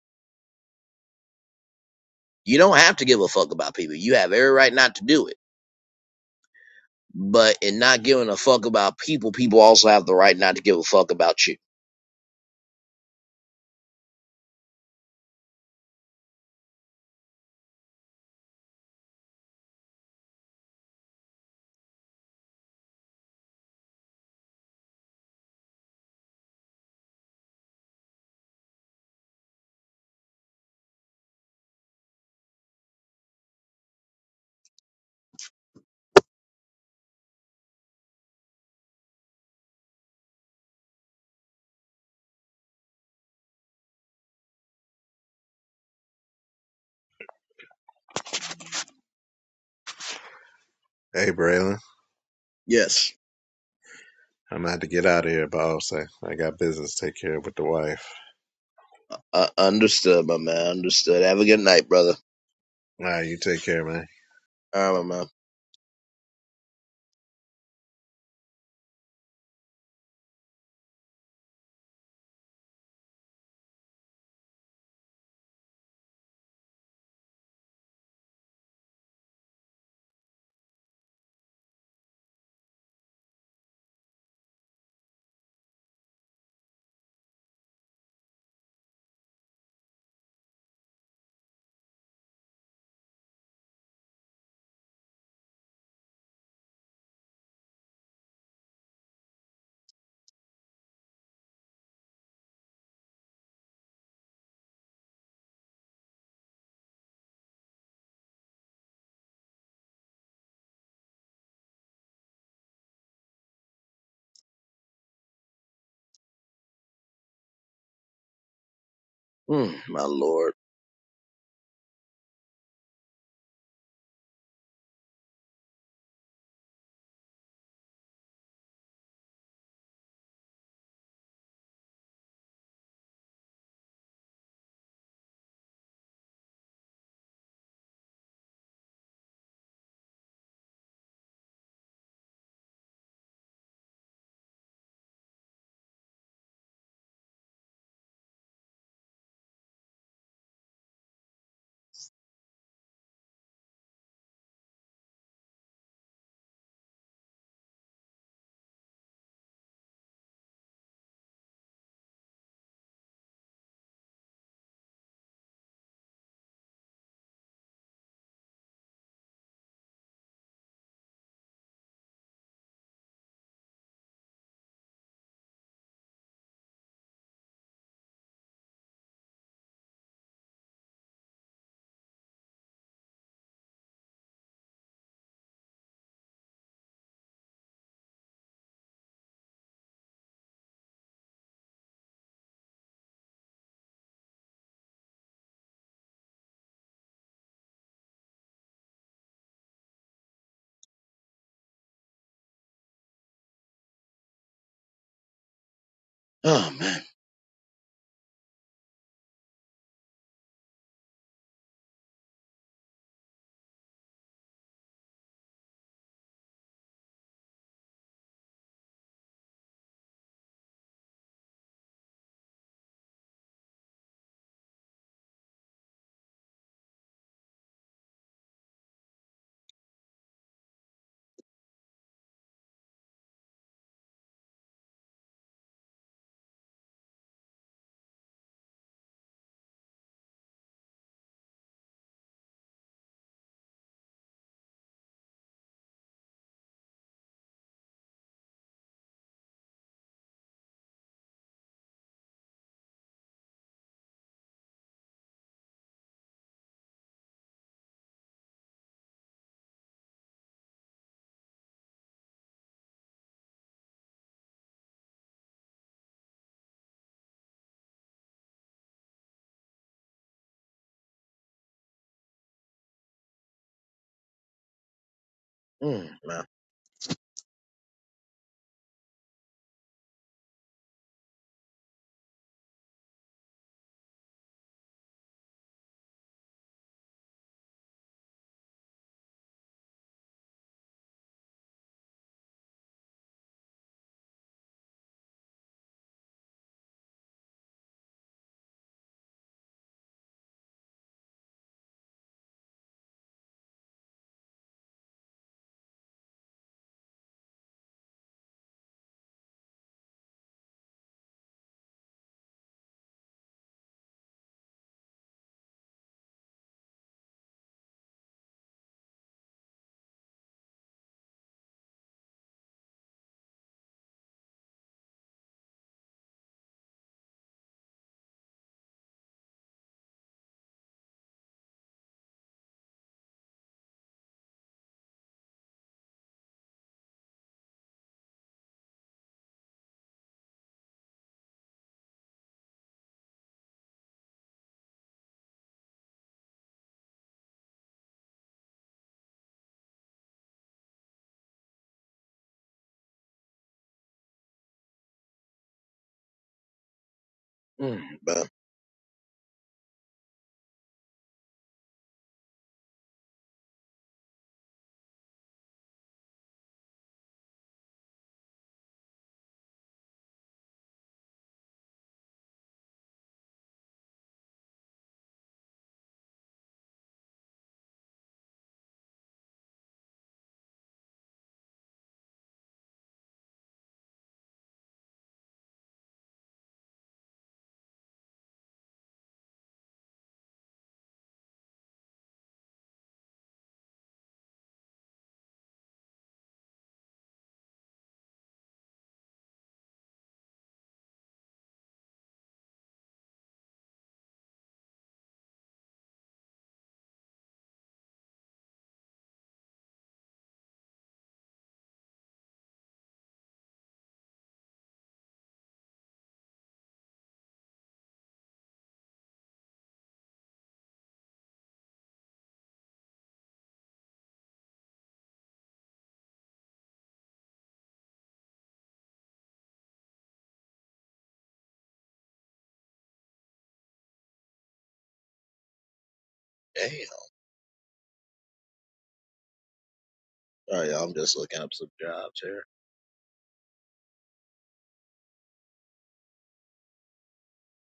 Speaker 1: You don't have to give a fuck about people. You have every right not to do it But in not giving a fuck about people, people also have the right not to give a fuck about you.
Speaker 5: Hey, Braylon,
Speaker 1: Yes.
Speaker 5: I'm gonna have to get out of here, boss. I, I got business to take care of with the wife.
Speaker 1: Uh, understood, my man. Understood. Have a good night, brother.
Speaker 5: All right, you take care, man.
Speaker 1: All right, my man. Mm, my lord. Oh, man. Mm, man. Mm, man. Damn. All right, y'all. I'm just looking up some jobs here.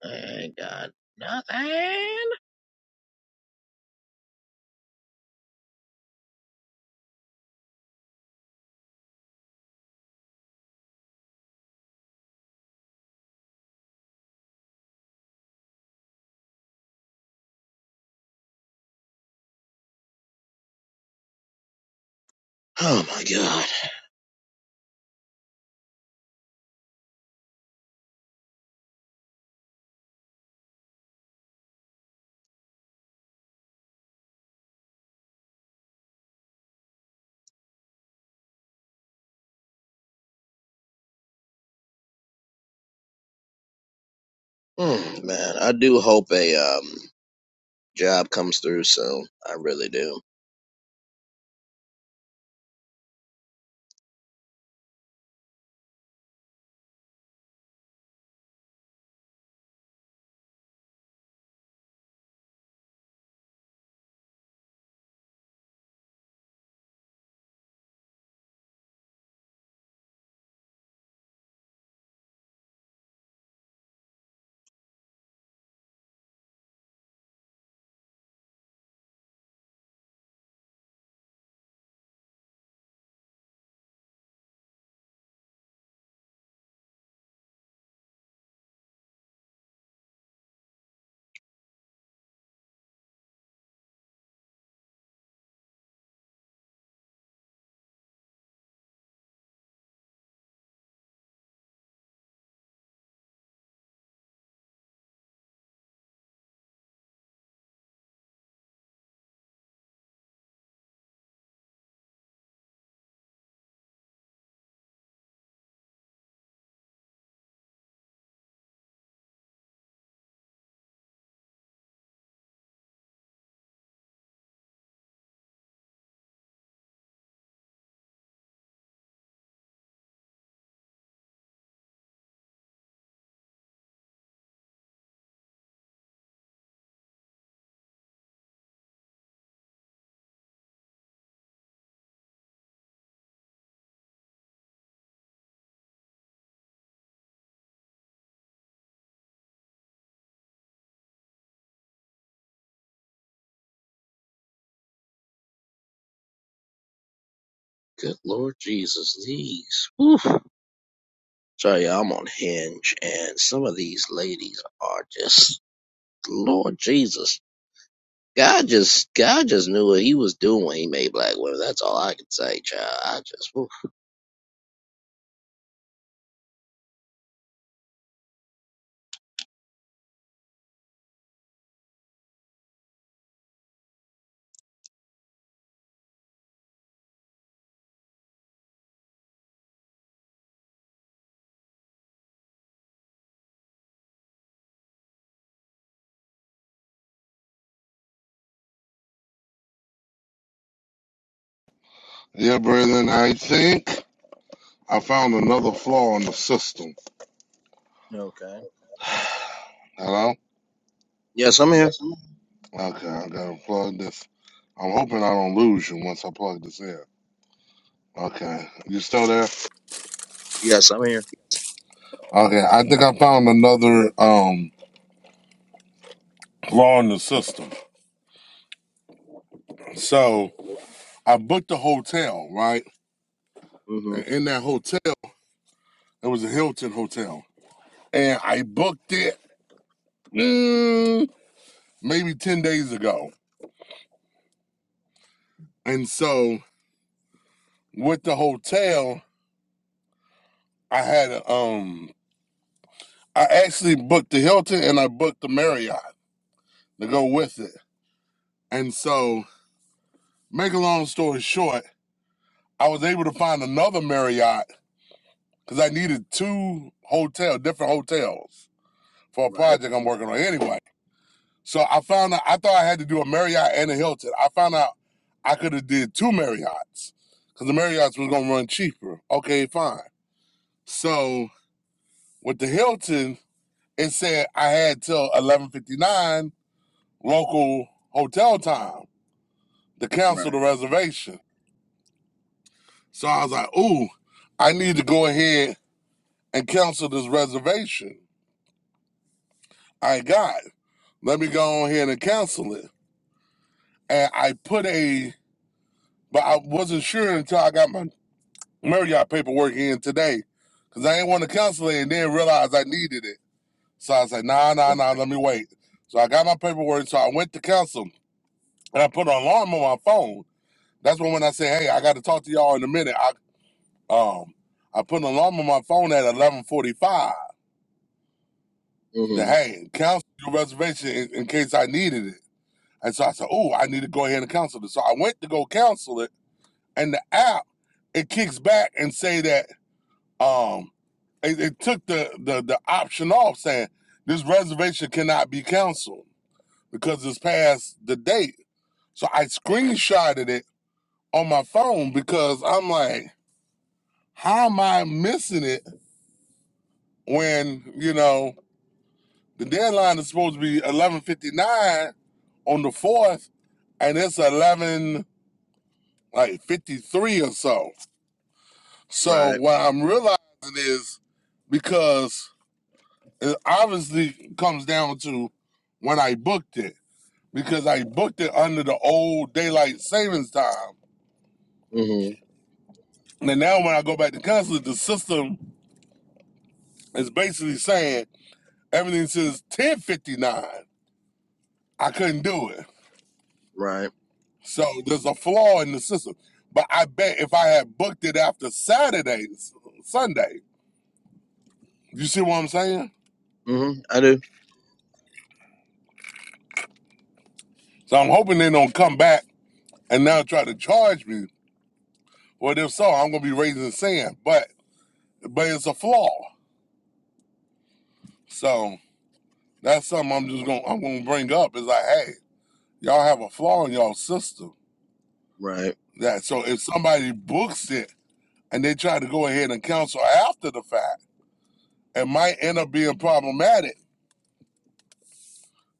Speaker 1: I ain't got nothing. Oh, my God. Mm, man, I do hope a um, job comes through soon. I really do. Good Lord Jesus, these. Oof. So yeah, I'm on Hinge, and some of these ladies are just Lord Jesus. God just, God just knew what He was doing when He made black women. That's all I can say, child. I just, whew.
Speaker 4: Yeah, brethren, I think I found another flaw in the system.
Speaker 1: okay.
Speaker 4: Hello?
Speaker 1: Yes, I'm here.
Speaker 4: Okay, I gotta plug this. I'm hoping I don't lose you once I plug this in. Okay, you still there?
Speaker 1: Yes, I'm here.
Speaker 4: Okay, I think I found another um flaw in the system. So I booked a hotel, right?
Speaker 1: hmm
Speaker 4: And in that hotel, it was a Hilton hotel, and I booked it mm, maybe 10 days ago. And so with the hotel, I had a, um I actually booked the Hilton and I booked the Marriott to go with it. And so, make a long story short, I was able to find another Marriott cuz I needed two hotel different hotels for a
Speaker 1: Right,
Speaker 4: project I'm working on anyway. So I found out I thought I had to do a Marriott and a Hilton. I found out I could have did two Marriotts cuz the Marriotts was going to run cheaper. Okay, fine. So with the Hilton, it said I had till 11:59 local hotel time to cancel
Speaker 1: right,
Speaker 4: the reservation. So I was like, "Ooh, I need to go ahead and cancel this reservation I got. Let me go on ahead and cancel it." And I put a, but I wasn't sure until I got my Marriott paperwork in today, cause I didn't want to cancel it and then realize I needed it. So I was like, "Nah, nah, nah, let me wait." So I got my paperwork. So I went to cancel. and I put an alarm on my phone. That's when when I say, "Hey, I got to talk to y'all in a minute," I um I put an alarm on my phone at eleven forty five. That
Speaker 1: hmm
Speaker 4: hey, cancel your reservation in, in case I needed it. And so I said, "Oh, I need to go ahead and cancel it." So I went to go cancel it, and the app it kicks back and say that um it, it took the, the the option off saying this reservation cannot be canceled because it's past the date. So I screenshotted it on my phone because I'm like. How am I missing it when, you know, the deadline is supposed to be 11:59 on the 4th and it's 11 like 53 or so. So
Speaker 1: right,
Speaker 4: what I'm realizing is because it obviously comes down to when I booked it because I booked it under the old daylight savings time.
Speaker 1: hmm
Speaker 4: And now when I go back to cancel it, the system is basically saying everything says 10:59. I couldn't do it.
Speaker 1: right,
Speaker 4: So there's a flaw in the system. But I bet if I had booked it after Saturday, S- Sunday, you see what I'm saying?
Speaker 1: hmm I do.
Speaker 4: So I'm hoping they don't come back and now try to charge me. Well, if so, I'm gonna be raising sand. But but it's a flaw. So that's something I'm just gonna I'm gonna bring up is like, hey, y'all have a flaw in y'all system.
Speaker 1: Right,
Speaker 4: That so if somebody books it and they try to go ahead and cancel after the fact, it might end up being problematic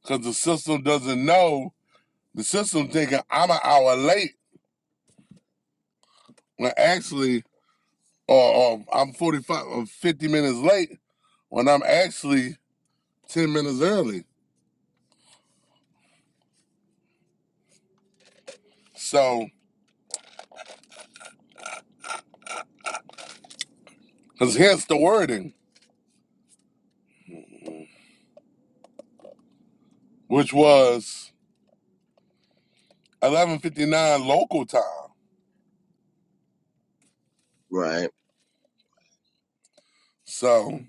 Speaker 4: because the system doesn't know The system thinking I'm an hour late when actually, or, or I'm 45 or 50 minutes late when I'm actually 10 minutes early. So, because hence the wording, which was 11:59 local time.
Speaker 1: right,
Speaker 4: So,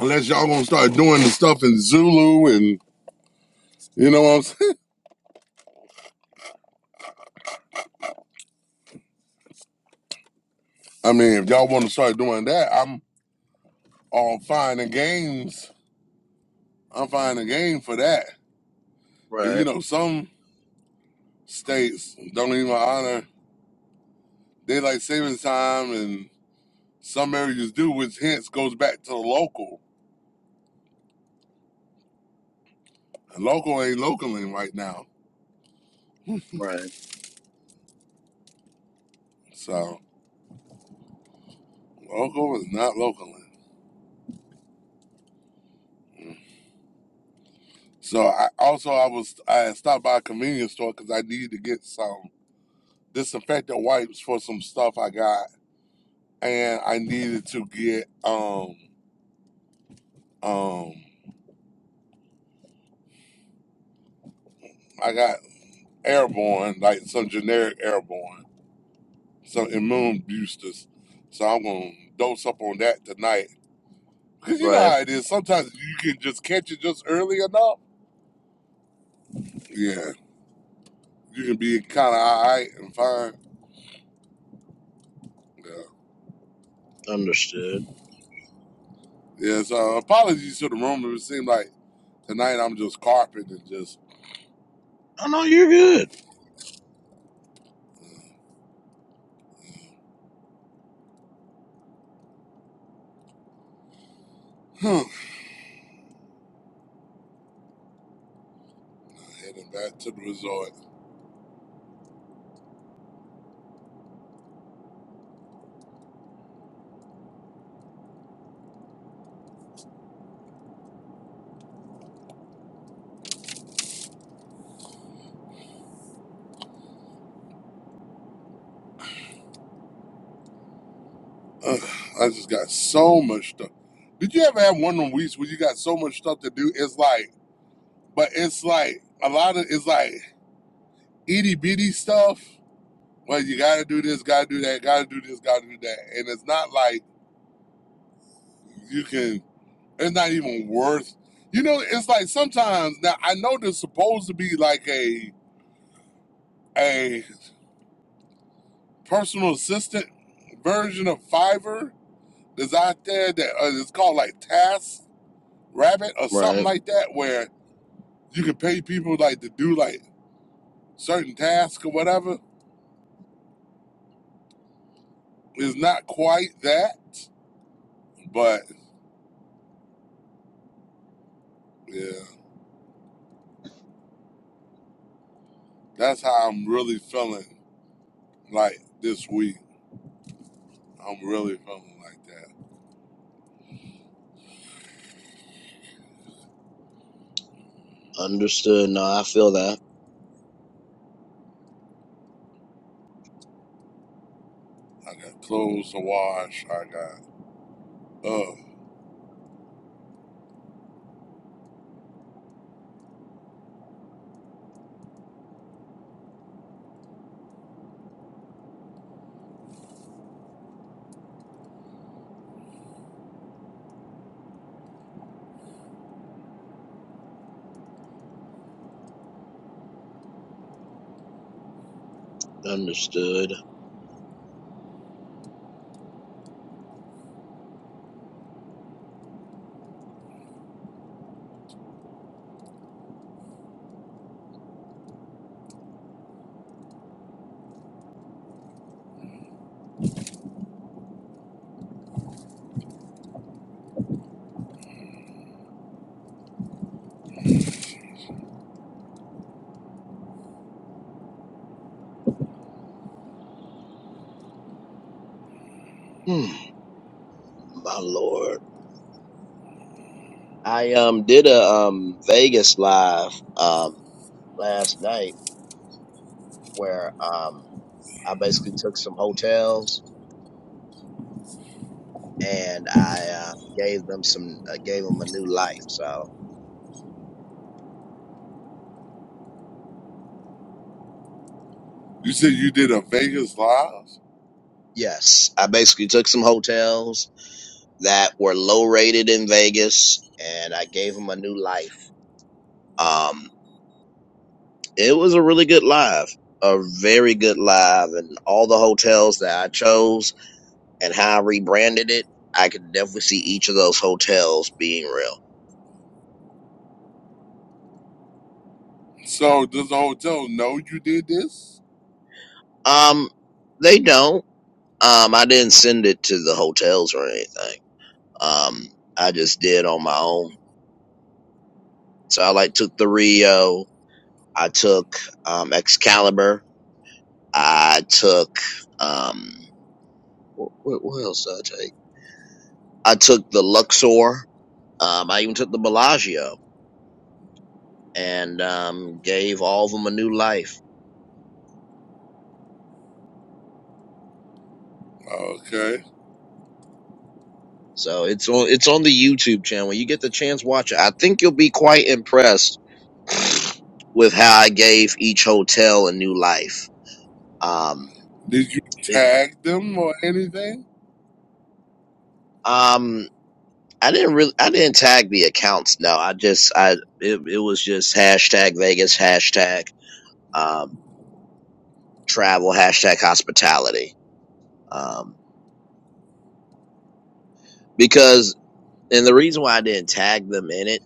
Speaker 4: unless y'all gonna start doing the stuff in Zulu and you know what I'm saying. I mean, if y'all want to start doing that, I'm all fine and games. I'm fine and game for that. Cause you
Speaker 1: right,
Speaker 4: know some states don't even honor. daylight savings time and some areas do, which hence goes back to the local. And local ain't localing right now.
Speaker 1: right,
Speaker 4: So local is not localing. So I also I was I stopped by a convenience store because I needed to get some disinfectant wipes for some stuff I got, and I needed to get um um I got airborne like some generic airborne some immune boosters. So I'm gonna dose up on that tonight Cause you know
Speaker 1: right.
Speaker 4: how it is. Sometimes you can just catch it just early enough. Yeah, you can be kind of all right and fine. Yeah.
Speaker 1: Understood.
Speaker 4: Yeah. So apologies to the room. It seemed like tonight I'm just carpet and just
Speaker 1: I know you're good.
Speaker 4: heading back to the resort. Ugh, I just got so much stuff. Did you ever have one of them weeks where you got so much stuff to do? It's like, but it's like a lot of it's like itty bitty stuff. Well, you gotta do this, gotta do that, gotta do this, gotta do that, and it's not like you can. It's not even worth. You know, it's like sometimes now I know there's supposed to be like a a personal assistant version of Fiverr that's out there that uh, it's called like Task Rabbit or something
Speaker 1: Right,
Speaker 4: like that, where you can pay people like to do like certain tasks or whatever. It's not quite that, but yeah, that's how I'm really feeling like this week. I'm really feeling like that.
Speaker 1: understood. No, I feel that.
Speaker 4: I got clothes to wash. I got. uh
Speaker 1: Understood. Hmm. My lord. I um did a um Vegas live um last night where um I basically took some hotels and I uh, gave them some uh, gave them a new life. So
Speaker 4: You said you did a Vegas live?
Speaker 1: yes, I basically took some hotels that were low rated in Vegas and I gave them a new life. Um, it was a really good live, a very good live, and all the hotels that I chose and how I rebranded it. I could definitely see each of those hotels being real.
Speaker 4: So does the hotel know you did this?
Speaker 1: Um, they don't. Um, I didn't send it to the hotels or anything. Um, I just did on my own. So I like took the Rio. I took um Excalibur. I took um what, what else did I take? I took the Luxor. Um, I even took the Bellagio and um gave all of them a new life.
Speaker 4: Okay.
Speaker 1: So it's on it's on the YouTube channel. When you get the chance, watch it. I think you'll be quite impressed with how I gave each hotel a new life. Um,
Speaker 4: Did you
Speaker 1: it,
Speaker 4: tag them or anything?
Speaker 1: um, I didn't really, I didn't tag the accounts. No, I just, I, it, it was just hashtag Vegas, hashtag, um, travel, hashtag hospitality. Um, because, and the reason why I didn't tag them in it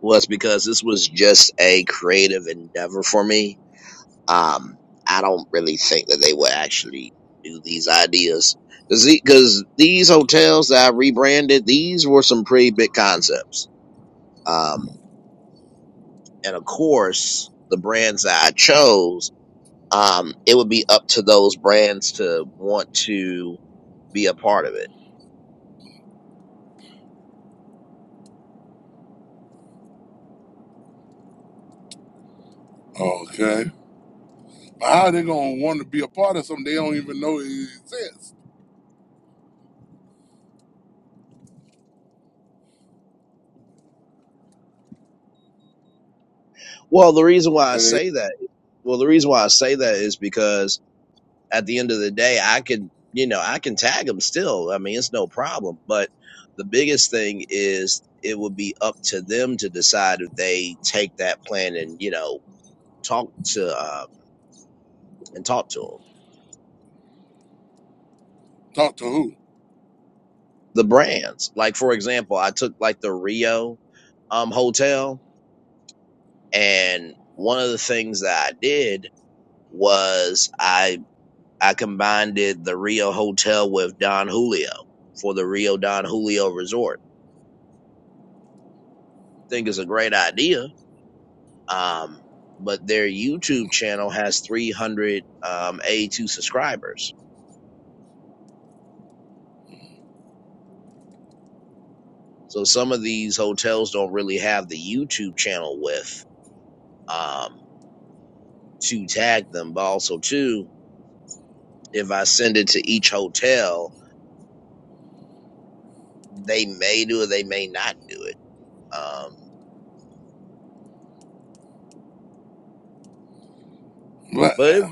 Speaker 1: was because this was just a creative endeavor for me Um, I don't really think that they would actually do these ideas because these hotels that I rebranded, these were some pretty big concepts. Um, and of course, the brands that I chose, um, it would be up to those brands to want to be a part of it.
Speaker 4: Okay. How they gonna want to be a part of something they don't even know it exists?
Speaker 1: Well, the reason why I
Speaker 4: And they
Speaker 1: say that, well, the reason why I say that is because at the end of the day, I can, you know, I can tag them still. I mean, it's no problem. But the biggest thing is it would be up to them to decide if they take that plan and, you know, talk to, uh, and talk to them.
Speaker 4: talk to who?
Speaker 1: The brands, like, for example, I took like the Rio, um, hotel and one of the things that I did was I, I combined it, the Rio hotel with Don Julio for the Rio Don Julio resort. Think it's a great idea Um, but their YouTube channel has 300 um, A2 subscribers. So some of these hotels don't really have the YouTube channel with um, to tag them. But also, too, if I send it to each hotel, they may do it, they may not do it. Um,
Speaker 4: But
Speaker 1: but it,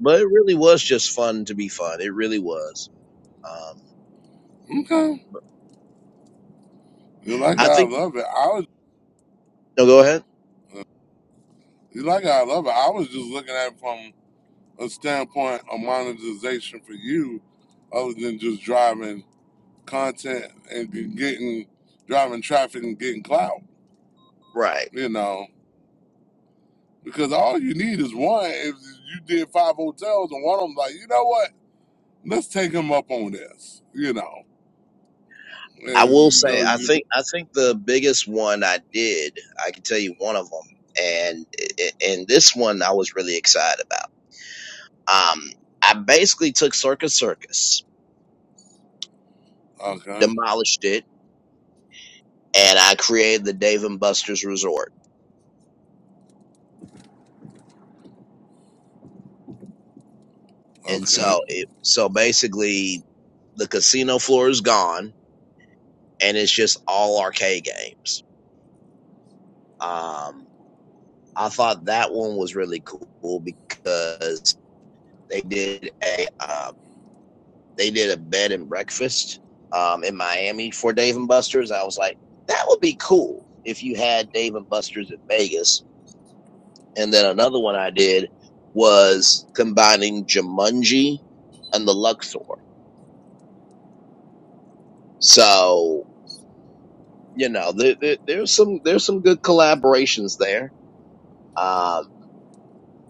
Speaker 1: but it really was just fun to be fun. It really was. Um,
Speaker 4: okay. You like how
Speaker 1: I
Speaker 4: I
Speaker 1: think.
Speaker 4: love it. I was
Speaker 1: No, go ahead.
Speaker 4: you like how I love it. I was just looking at it from a standpoint of monetization for you, other than just driving content and getting driving traffic and getting clout.
Speaker 1: Right.
Speaker 4: you know, because all you need is one. If you did five hotels and one of them's like, you know what, let's take him up on this, you know,
Speaker 1: I
Speaker 4: and
Speaker 1: will
Speaker 4: you
Speaker 1: say,
Speaker 4: know,
Speaker 1: I
Speaker 4: you do.
Speaker 1: think I think the biggest one I did, I can tell you one of them, and and this one I was really excited about. Um, I basically took Circus Circus,
Speaker 4: okay,
Speaker 1: demolished it, and I created the Dave and Buster's Resort. And so,
Speaker 4: okay,
Speaker 1: it, so basically, the casino floor is gone, and it's just all arcade games. Um, I thought that one was really cool because they did a. uh, they did a bed and breakfast um, in Miami for Dave and Buster's. I was like, that would be cool if you had Dave and Buster's in Vegas. And then another one I did was combining Jumanji and the Luxor. So you know, there, there, there's some there's some good collaborations there um,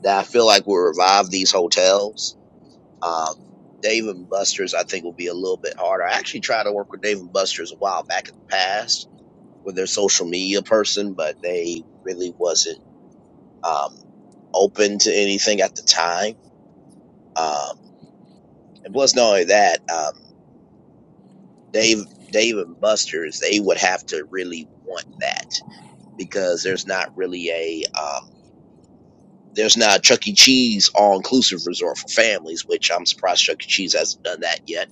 Speaker 1: that I feel like will revive these hotels. Um, Dave and Buster's, I think, will be a little bit harder. I actually tried to work with Dave and Buster's a while back in the past with their social media person, but they really wasn't um, open to anything at the time. Um, and plus, not only that, um, Dave, Dave and Buster's, they would have to really want that because there's not really a um, there's not a Chuck E. Cheese all inclusive resort for families, which I'm surprised Chuck E. Cheese hasn't done that yet.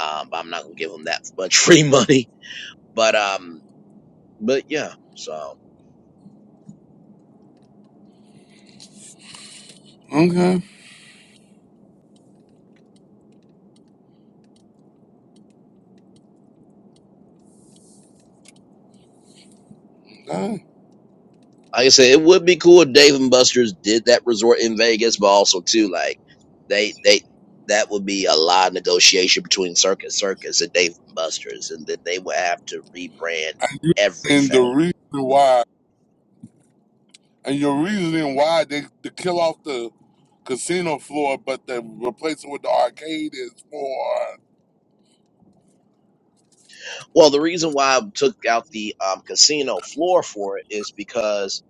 Speaker 1: Um, but I'm not gonna give them that much free money. But um, but yeah, so.
Speaker 4: okay, okay.
Speaker 1: like I said, it would be cool if Dave and Buster's did that resort in Vegas, but also too, like they they that would be a lot of negotiation between Circus Circus and Dave and Buster's, and then they would have to rebrand
Speaker 4: and
Speaker 1: everything.
Speaker 4: the reason why, and your reasoning why they to kill off the casino floor, but they replace it with the arcade is for
Speaker 1: Well, the reason why I took out the um, casino floor for it is because,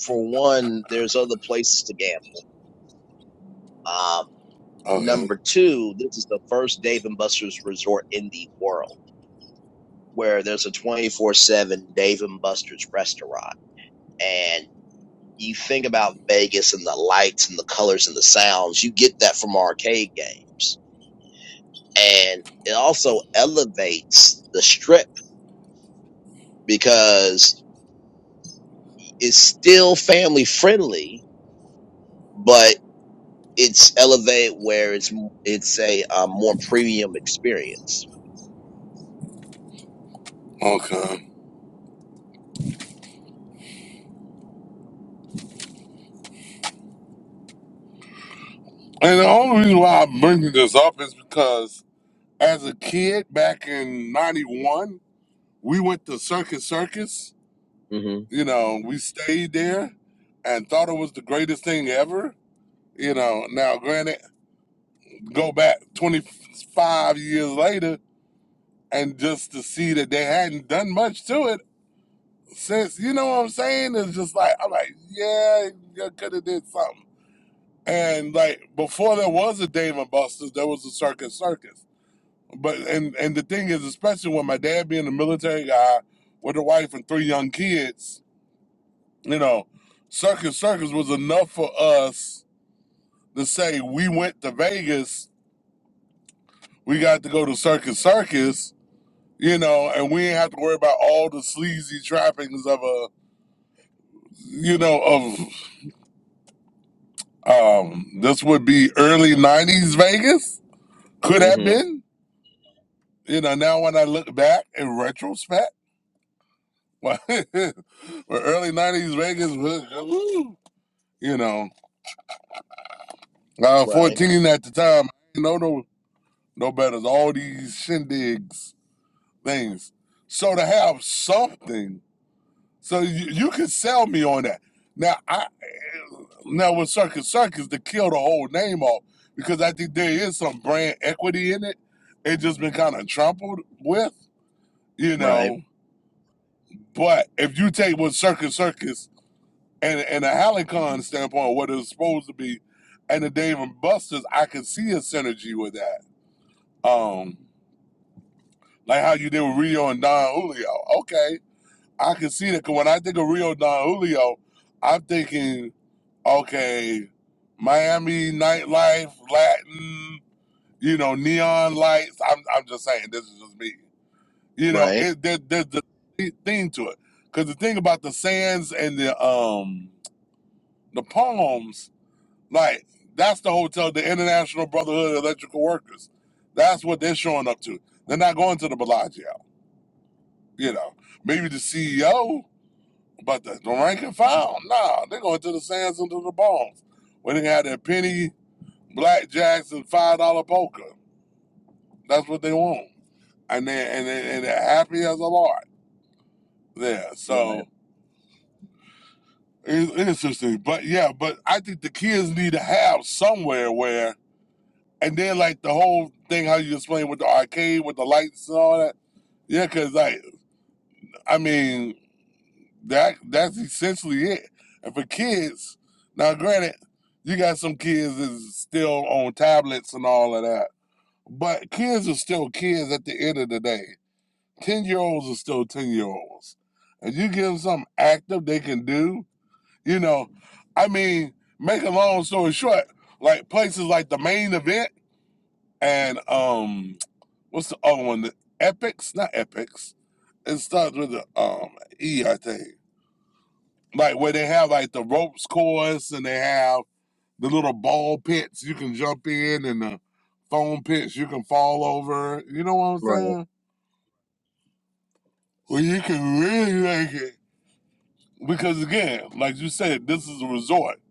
Speaker 1: for one, there's other places to gamble. Um,
Speaker 4: okay,
Speaker 1: number two, this is the first Dave and Buster's resort in the world where there's a 24/7 Dave and Buster's restaurant and You think about Vegas and the lights and the colors and the sounds. You get that from arcade games. And it also elevates the strip because it's still family friendly, but it's elevated where it's it's a um, more premium experience.
Speaker 4: okay, and the only reason why I'm bringing this up is because as a kid back in '91. we went to Circus Circus.
Speaker 1: Mhm.
Speaker 4: You know, we stayed there and thought it was the greatest thing ever. You know, now granted, go back 25 years later and just to see that they hadn't done much to it since, you know what I'm saying? It's just like, I'm like, yeah, you could have did something. And like before there was a Dave and Buster's, there was a Circus Circus. But and and the thing is, especially when my dad being a military guy with a wife and three young kids, You know, Circus Circus was enough for us to say we went to Vegas, we got to go to Circus Circus, you know, and we didn't have to worry about all the sleazy trappings of a, you know, of um this would be early '90s Vegas. Could have
Speaker 1: Mhm.
Speaker 4: been, you know. Now when I look back in retrospect, well, early '90s Vegas, was, woo, you know, I was
Speaker 1: Right.
Speaker 4: 14 at the time. I didn't know no no better. All these shindigs things. So to have something, so you, you could sell me on that. Now I now with Circus Circus to kill the whole name off because I think there is some brand equity in it. It just been kind of trampled with, you
Speaker 1: Right.
Speaker 4: know. But if you take what Circus Circus and and a Halicon standpoint, what it's supposed to be, and the Dave and Buster's, I can see a synergy with that. Um, like how you did with Rio and Don Julio. Okay, I can see that 'cause when I think of Rio Don Julio, I'm thinking, okay, Miami nightlife, Latin, you know, neon lights. I'm, I'm just saying, this is just me. You know,
Speaker 1: Right.
Speaker 4: it, there, there's the theme to it. Because the thing about the sands and the um the palms, like that's the hotel, the International Brotherhood of Electrical Workers. That's what they're showing up to. They're not going to the Bellagio, you know. Maybe the CEO, But the, the rank and file, nah, they're going to the sands and to the bones. When they had their penny blackjacks and five dollar poker, that's what they want, and they and, they, and they're happy as a lord there.
Speaker 1: Right.
Speaker 4: So it's it's interesting, but yeah, but I think the kids need to have somewhere where, and then like the whole thing how you explain with the arcade with the lights and all that. Yeah, cause like I mean That that's essentially it. And for kids, now granted, you got some kids that's still on tablets and all of that, but kids are still kids at the end of the day. Ten year olds are still ten year olds, and you give them something active they can do. You know, I mean, make a long story short, like places like the main event and um, what's the other one? The Epics, not Epics. It starts with the um E, I think like where they have like the ropes course and they have the little ball pits you can jump in and the foam pits you can fall over. You know what I'm
Speaker 1: Right.
Speaker 4: saying? Well, you can really make it because again, like you said, this is a resort.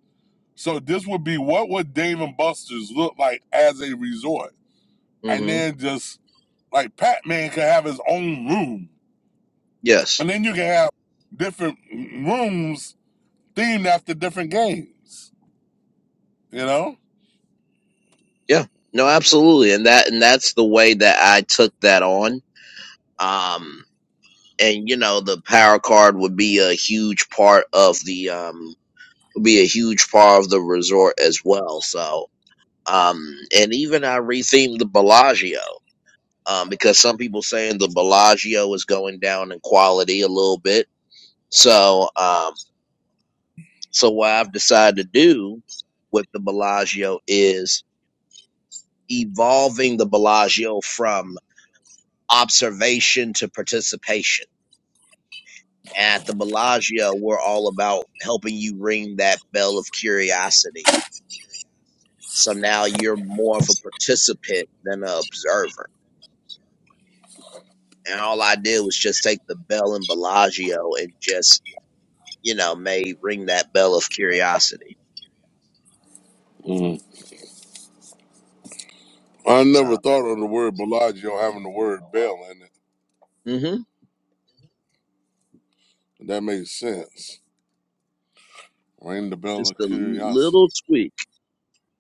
Speaker 4: So this would be what would Dave and Buster's look like as a resort, and
Speaker 1: Mhm.
Speaker 4: then just like Pac Man could have his own room,
Speaker 1: Yes.
Speaker 4: and then you can have different rooms themed after different games. You know?
Speaker 1: Yeah. No, absolutely. And that and that's the way that I took that on. Um and you know the power card would be a huge part of the um would be a huge part of the resort as well so um and even i rethemed the bellagio um because some people saying the bellagio is going down in quality a little bit so um so what i've decided to do with the bellagio is evolving the bellagio from observation to participation at the Bellagio, we're all about helping you ring that bell of curiosity. So now you're more of a participant than an observer. And all I did was just take the bell in Bellagio and just, you know, may ring that bell of curiosity.
Speaker 4: I never
Speaker 1: So,
Speaker 4: thought of the word Bellagio having the word bell in
Speaker 1: hmm
Speaker 4: it. That makes sense. Ring the bell
Speaker 1: just
Speaker 4: of
Speaker 1: a
Speaker 4: curiosity.
Speaker 1: little tweak,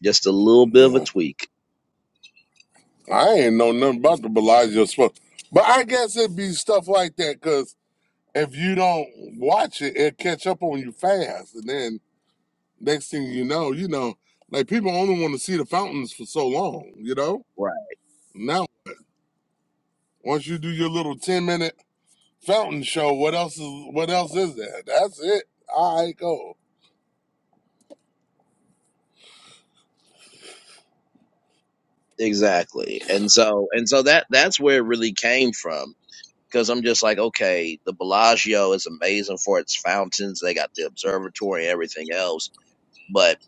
Speaker 1: just a little bit of a
Speaker 4: Yeah.
Speaker 1: tweak.
Speaker 4: I ain't know nothing about the Bellagio stuff, But I guess it'd be stuff like that because if you don't watch it, it'll catch up on you fast. And then next thing you know, you know, like people only want to see the fountains for so long, you know?
Speaker 1: Right.
Speaker 4: Now, once you do your little 10 minute fountain show, what else is what else is there? That's it. All right, go.
Speaker 1: Exactly. And so, and so that, that's where it really came from because I'm just like, okay, the Bellagio is amazing for its fountains. They got the observatory and everything else, but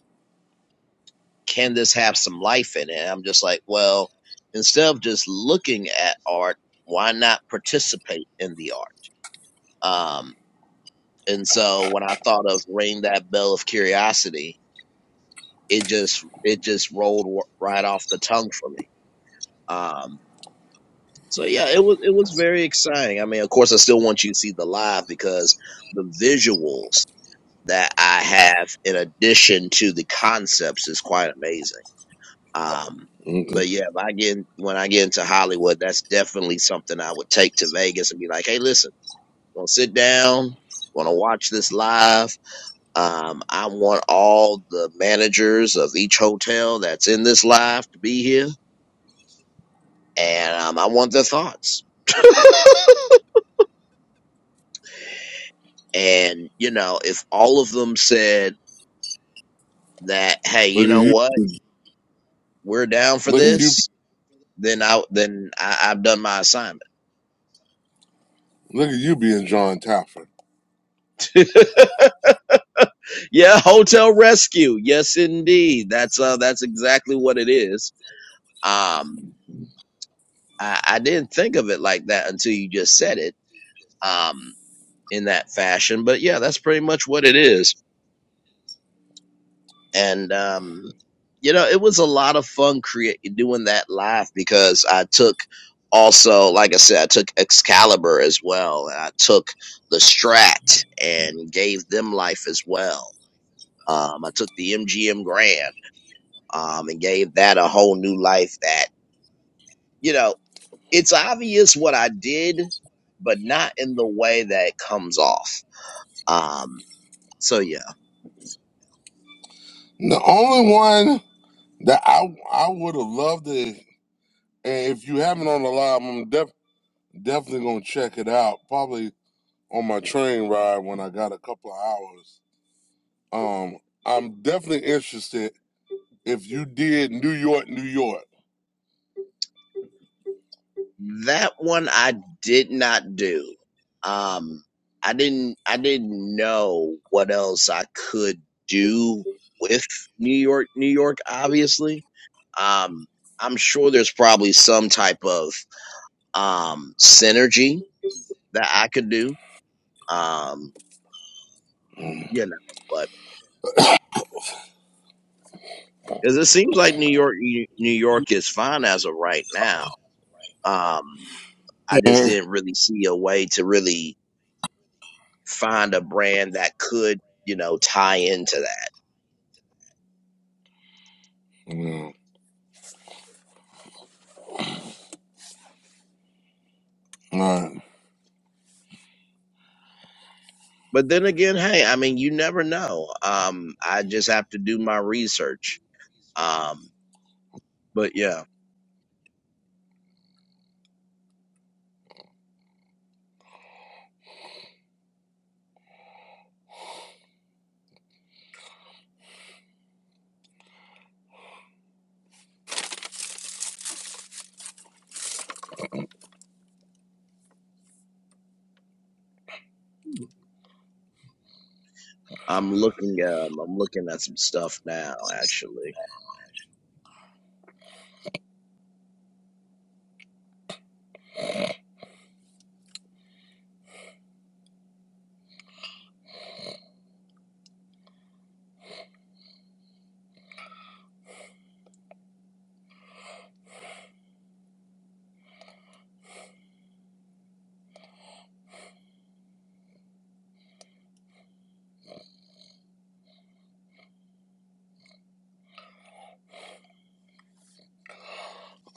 Speaker 1: can this have some life in it? And I'm just like, well, instead of just looking at art, why not participate in the art? Um, and so when I thought of ring that bell of curiosity, it just it just rolled w- right off the tongue for me. Um, so yeah, it was it was very exciting. I mean, of course, I still want you to see the live because the visuals. that I have in addition to the concepts is quite amazing. Um,
Speaker 4: Okay.
Speaker 1: but yeah, if I get when I get into Hollywood, that's definitely something I would take to Vegas and be like, hey, listen, gonna sit down, wanna watch this live. Um, I want all the managers of each hotel that's in this live to be here, and um, I want their thoughts. and you know, if all of them said that, hey,
Speaker 4: Look
Speaker 1: you
Speaker 4: at
Speaker 1: know
Speaker 4: you.
Speaker 1: what, we're down for
Speaker 4: Look at you
Speaker 1: this then I then I, I've done my assignment.
Speaker 4: Look at you being John Taffer.
Speaker 1: yeah, hotel rescue. Yes, indeed. That's uh that's exactly what it is. Um, I, I didn't think of it like that until you just said it. Um, in that fashion, but yeah, that's pretty much what it is. And um, you know, it was a lot of fun create doing that live because I took also, like I said, I took Excalibur as well, and I took the Strat and gave them life as well Um, I took the MGM Grand um, and gave that a whole new life. That you know, it's obvious what I did, but not in the way that it comes off. Um, so yeah,
Speaker 4: The only one that I I would have loved it, and if you haven't on the live, I'm def, definitely gonna check it out. Probably on my train ride when I got a couple of hours. Um, I'm definitely interested if you did New York, New York.
Speaker 1: that one I did not do. Um, I didn't. I didn't know what else I could do with New York. New York, obviously. Um, I'm sure there's probably some type of um synergy that I could do Um, you know, but because it seems like New York, New York is fine as of right now. Um, I just
Speaker 4: Mhm.
Speaker 1: didn't really see a way to really find a brand that could, you know, tie into that.
Speaker 4: yeah. All right.
Speaker 1: But then again, hey, I mean, you never know. Um, I just have to do my research. Um, but yeah, I'm looking, um, I'm looking at some stuff now, actually.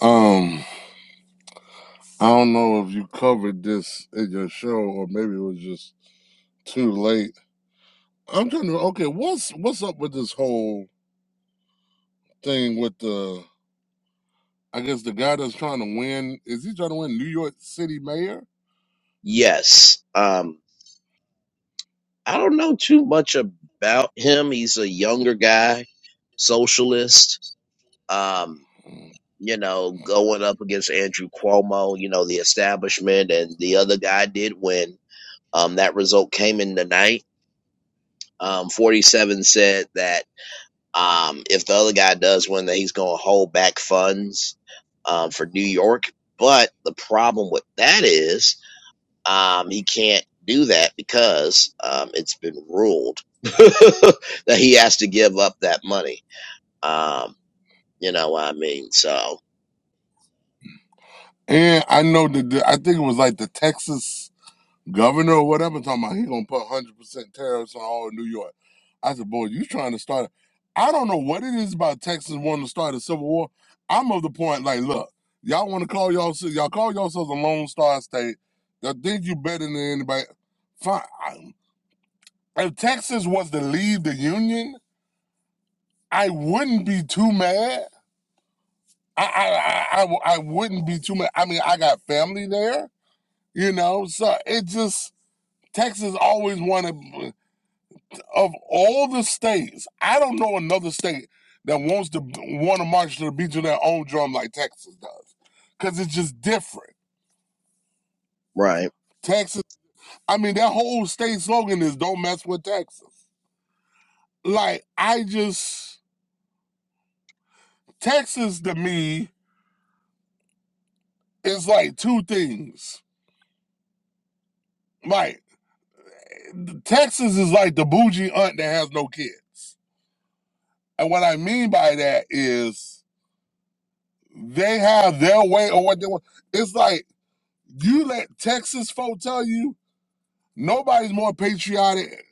Speaker 4: Um, I don't know if you covered this in your show or maybe it was just too late. I'm trying to okay, what's what's up with this whole thing with the I guess the guy that's trying to win is he trying to win New York City mayor?
Speaker 1: Yes. Um. I don't know too much about him. He's a younger guy, socialist, um, you know, going up against Andrew Cuomo, you know, the establishment, and the other guy did win. Um, that result came in tonight. Um, 47 said that um, if the other guy does win, that he's going to hold back funds um, for New York. But the problem with that is um, he can't do that because um, it's been ruled that he has to give up that money. Um, you know what I mean? So,
Speaker 4: And I know that the, I think it was like the Texas governor or whatever talking about he gonna put hundred percent tariffs on all of New York. I said, boy, you trying to start? a-" I don't know what it is about Texas wanting to start a civil war. I'm of the point like, look, y'all want to call y'all y'all call yourselves a Lone Star State. Y'all think you better than anybody? Fine. I- If Texas was to leave the Union, I wouldn't be too mad I I I, I w- I wouldn't be too much. I mean, I got family there, you know. So it just Texas always wanted of all the states. I don't know another state that wants to want to march to the beat to their own drum like Texas does, because it's just different.
Speaker 1: right.
Speaker 4: Texas. I mean, that whole state slogan is "Don't mess with Texas." Like I just Texas to me is like two things. Like Texas is like the bougie aunt that has no kids And what I mean by that is they have their way or what they want. It's like you let Texas folk tell you nobody's more patriotic.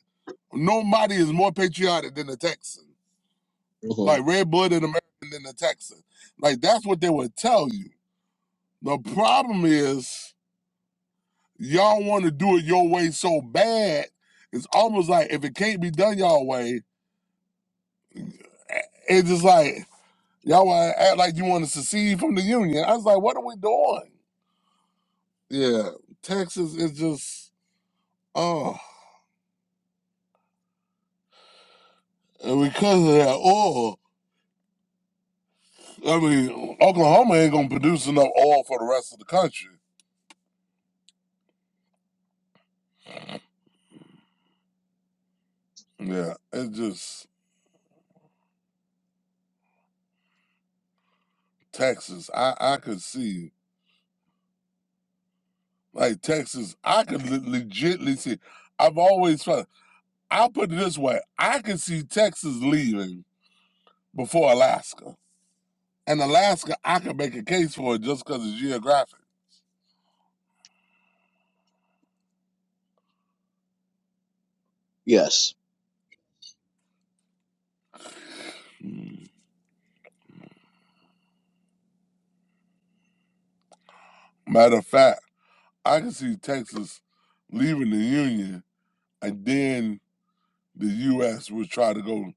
Speaker 4: Nobody is more patriotic than the Texan.
Speaker 1: hmm
Speaker 4: Like red blooded American than the Texan. Like that's what they would tell you. The problem is y'all want to do it your way so bad. It's almost like if it can't be done y'all way, eh, it's just like y'all want to act like you want to secede from the union. I was like, what are we doing? yeah, Texas is just oh, and because of that oil, I mean, Oklahoma ain't gonna produce enough oil for the rest of the country. Yeah, it's just Texas. I I could see like Texas. I could le- legitly see. I've always felt. I'll put it this way: I could see Texas leaving before Alaska, and Alaska, I could make a case for it just because it's geographic.
Speaker 1: Yes.
Speaker 4: Mm. Matter of fact, I could see Texas leaving the Union and then the U.S. would try to go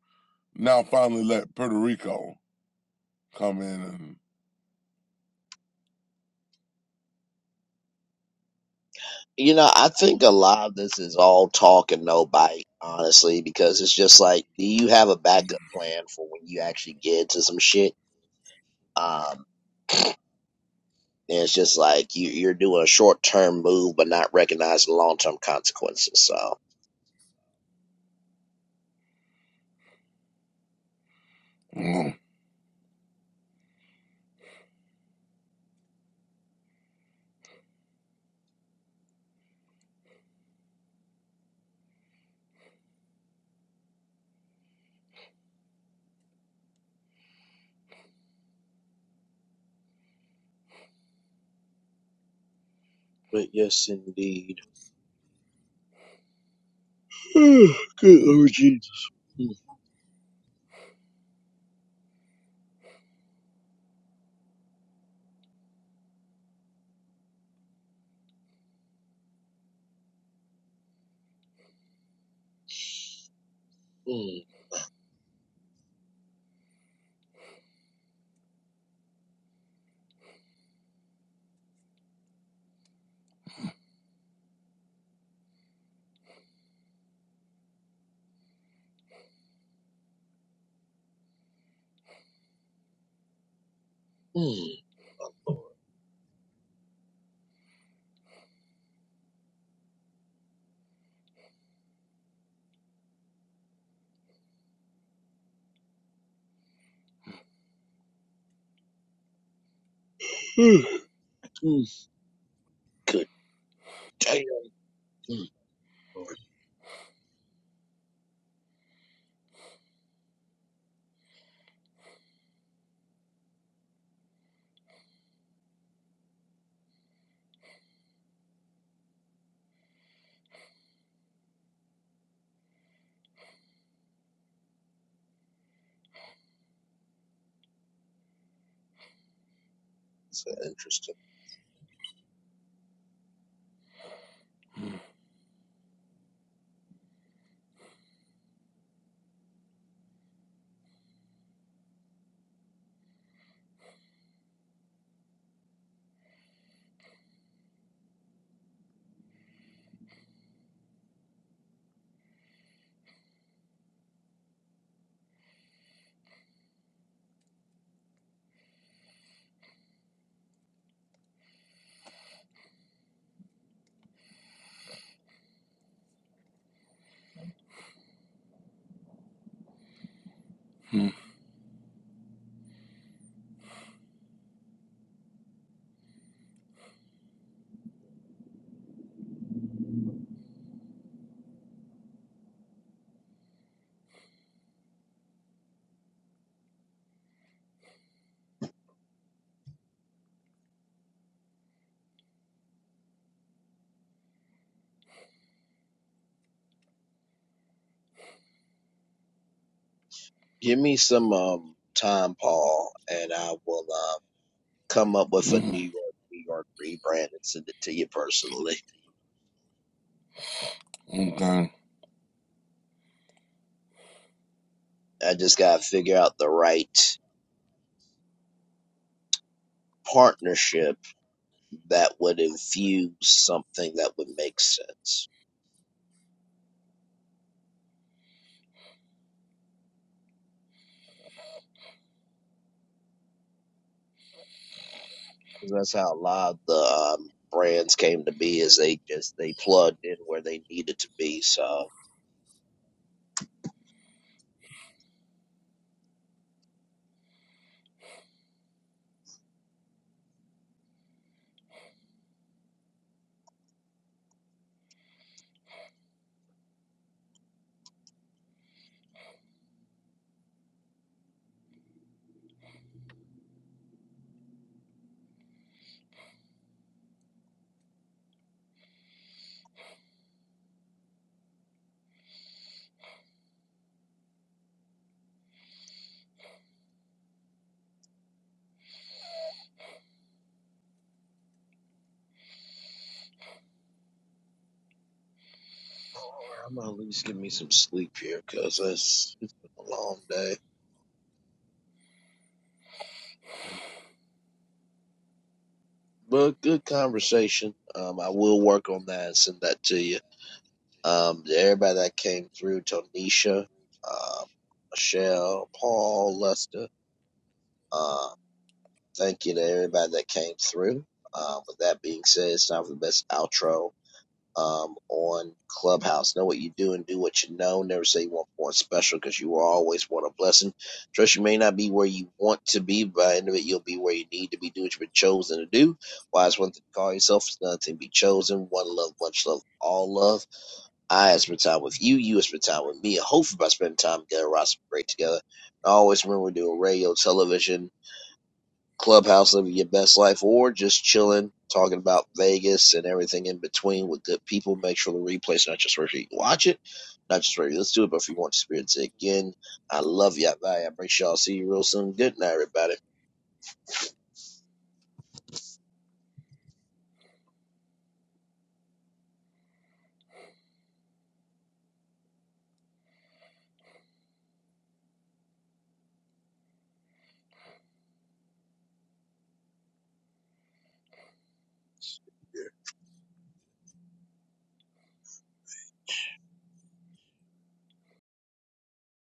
Speaker 4: now finally let Puerto Rico come in
Speaker 1: You know, I think a lot of this is all talk and no bite, honestly, because it's just like, do you have a backup plan for when you actually get into some shit? Um, and it's just like you, you're doing a short term move, but not recognizing long term consequences. So,
Speaker 4: and.
Speaker 1: but yes, indeed. Oh, Good Lord Jesus. Mm, mm, mm, my Lord. Mm, mm, Good damn. Mm, Lord, that's so interesting.
Speaker 4: mm,
Speaker 1: Give me some um time, Paul, and I will uh, come up with a
Speaker 4: mm,
Speaker 1: New York, New York rebrand and send it to you personally.
Speaker 4: mm, okay.
Speaker 1: I just gotta figure out the right partnership that would infuse something that would make sense. 'Cause that's how a lot of the um, brands came to be is they just they plugged in where they needed to be. So I'm gonna at least give me some sleep here, cause it's it's been a long day. But good conversation. Um, I will work on that and send that to you. Um, to everybody that came through, Tonisha, um, Michelle, Paul, Lester. Um, thank you to everybody that came through. Um, with that being said, it's time for the best outro. um, on Clubhouse. Know what you do and do what you know. Never say you want one special because you are always want a blessing. Trust you may not be where you want to be, but by the end of it, you'll be where you need to be. Do what you've been chosen to do. Wise one thing to call yourself is nothing to be chosen. One love, much love, all love. I have spent time with you. You have spent time with me. And hopefully, by spending time together, we're also great together. I always remember doing radio, television clubhouse living your best life or just chilling, talking about Vegas and everything in between with good people. Make sure the replay's not just for you can watch it, not just for you let's do it, but if you want to experience it again, I love y'all. Bye. I appreciate y'all. See you real soon. Good night, everybody.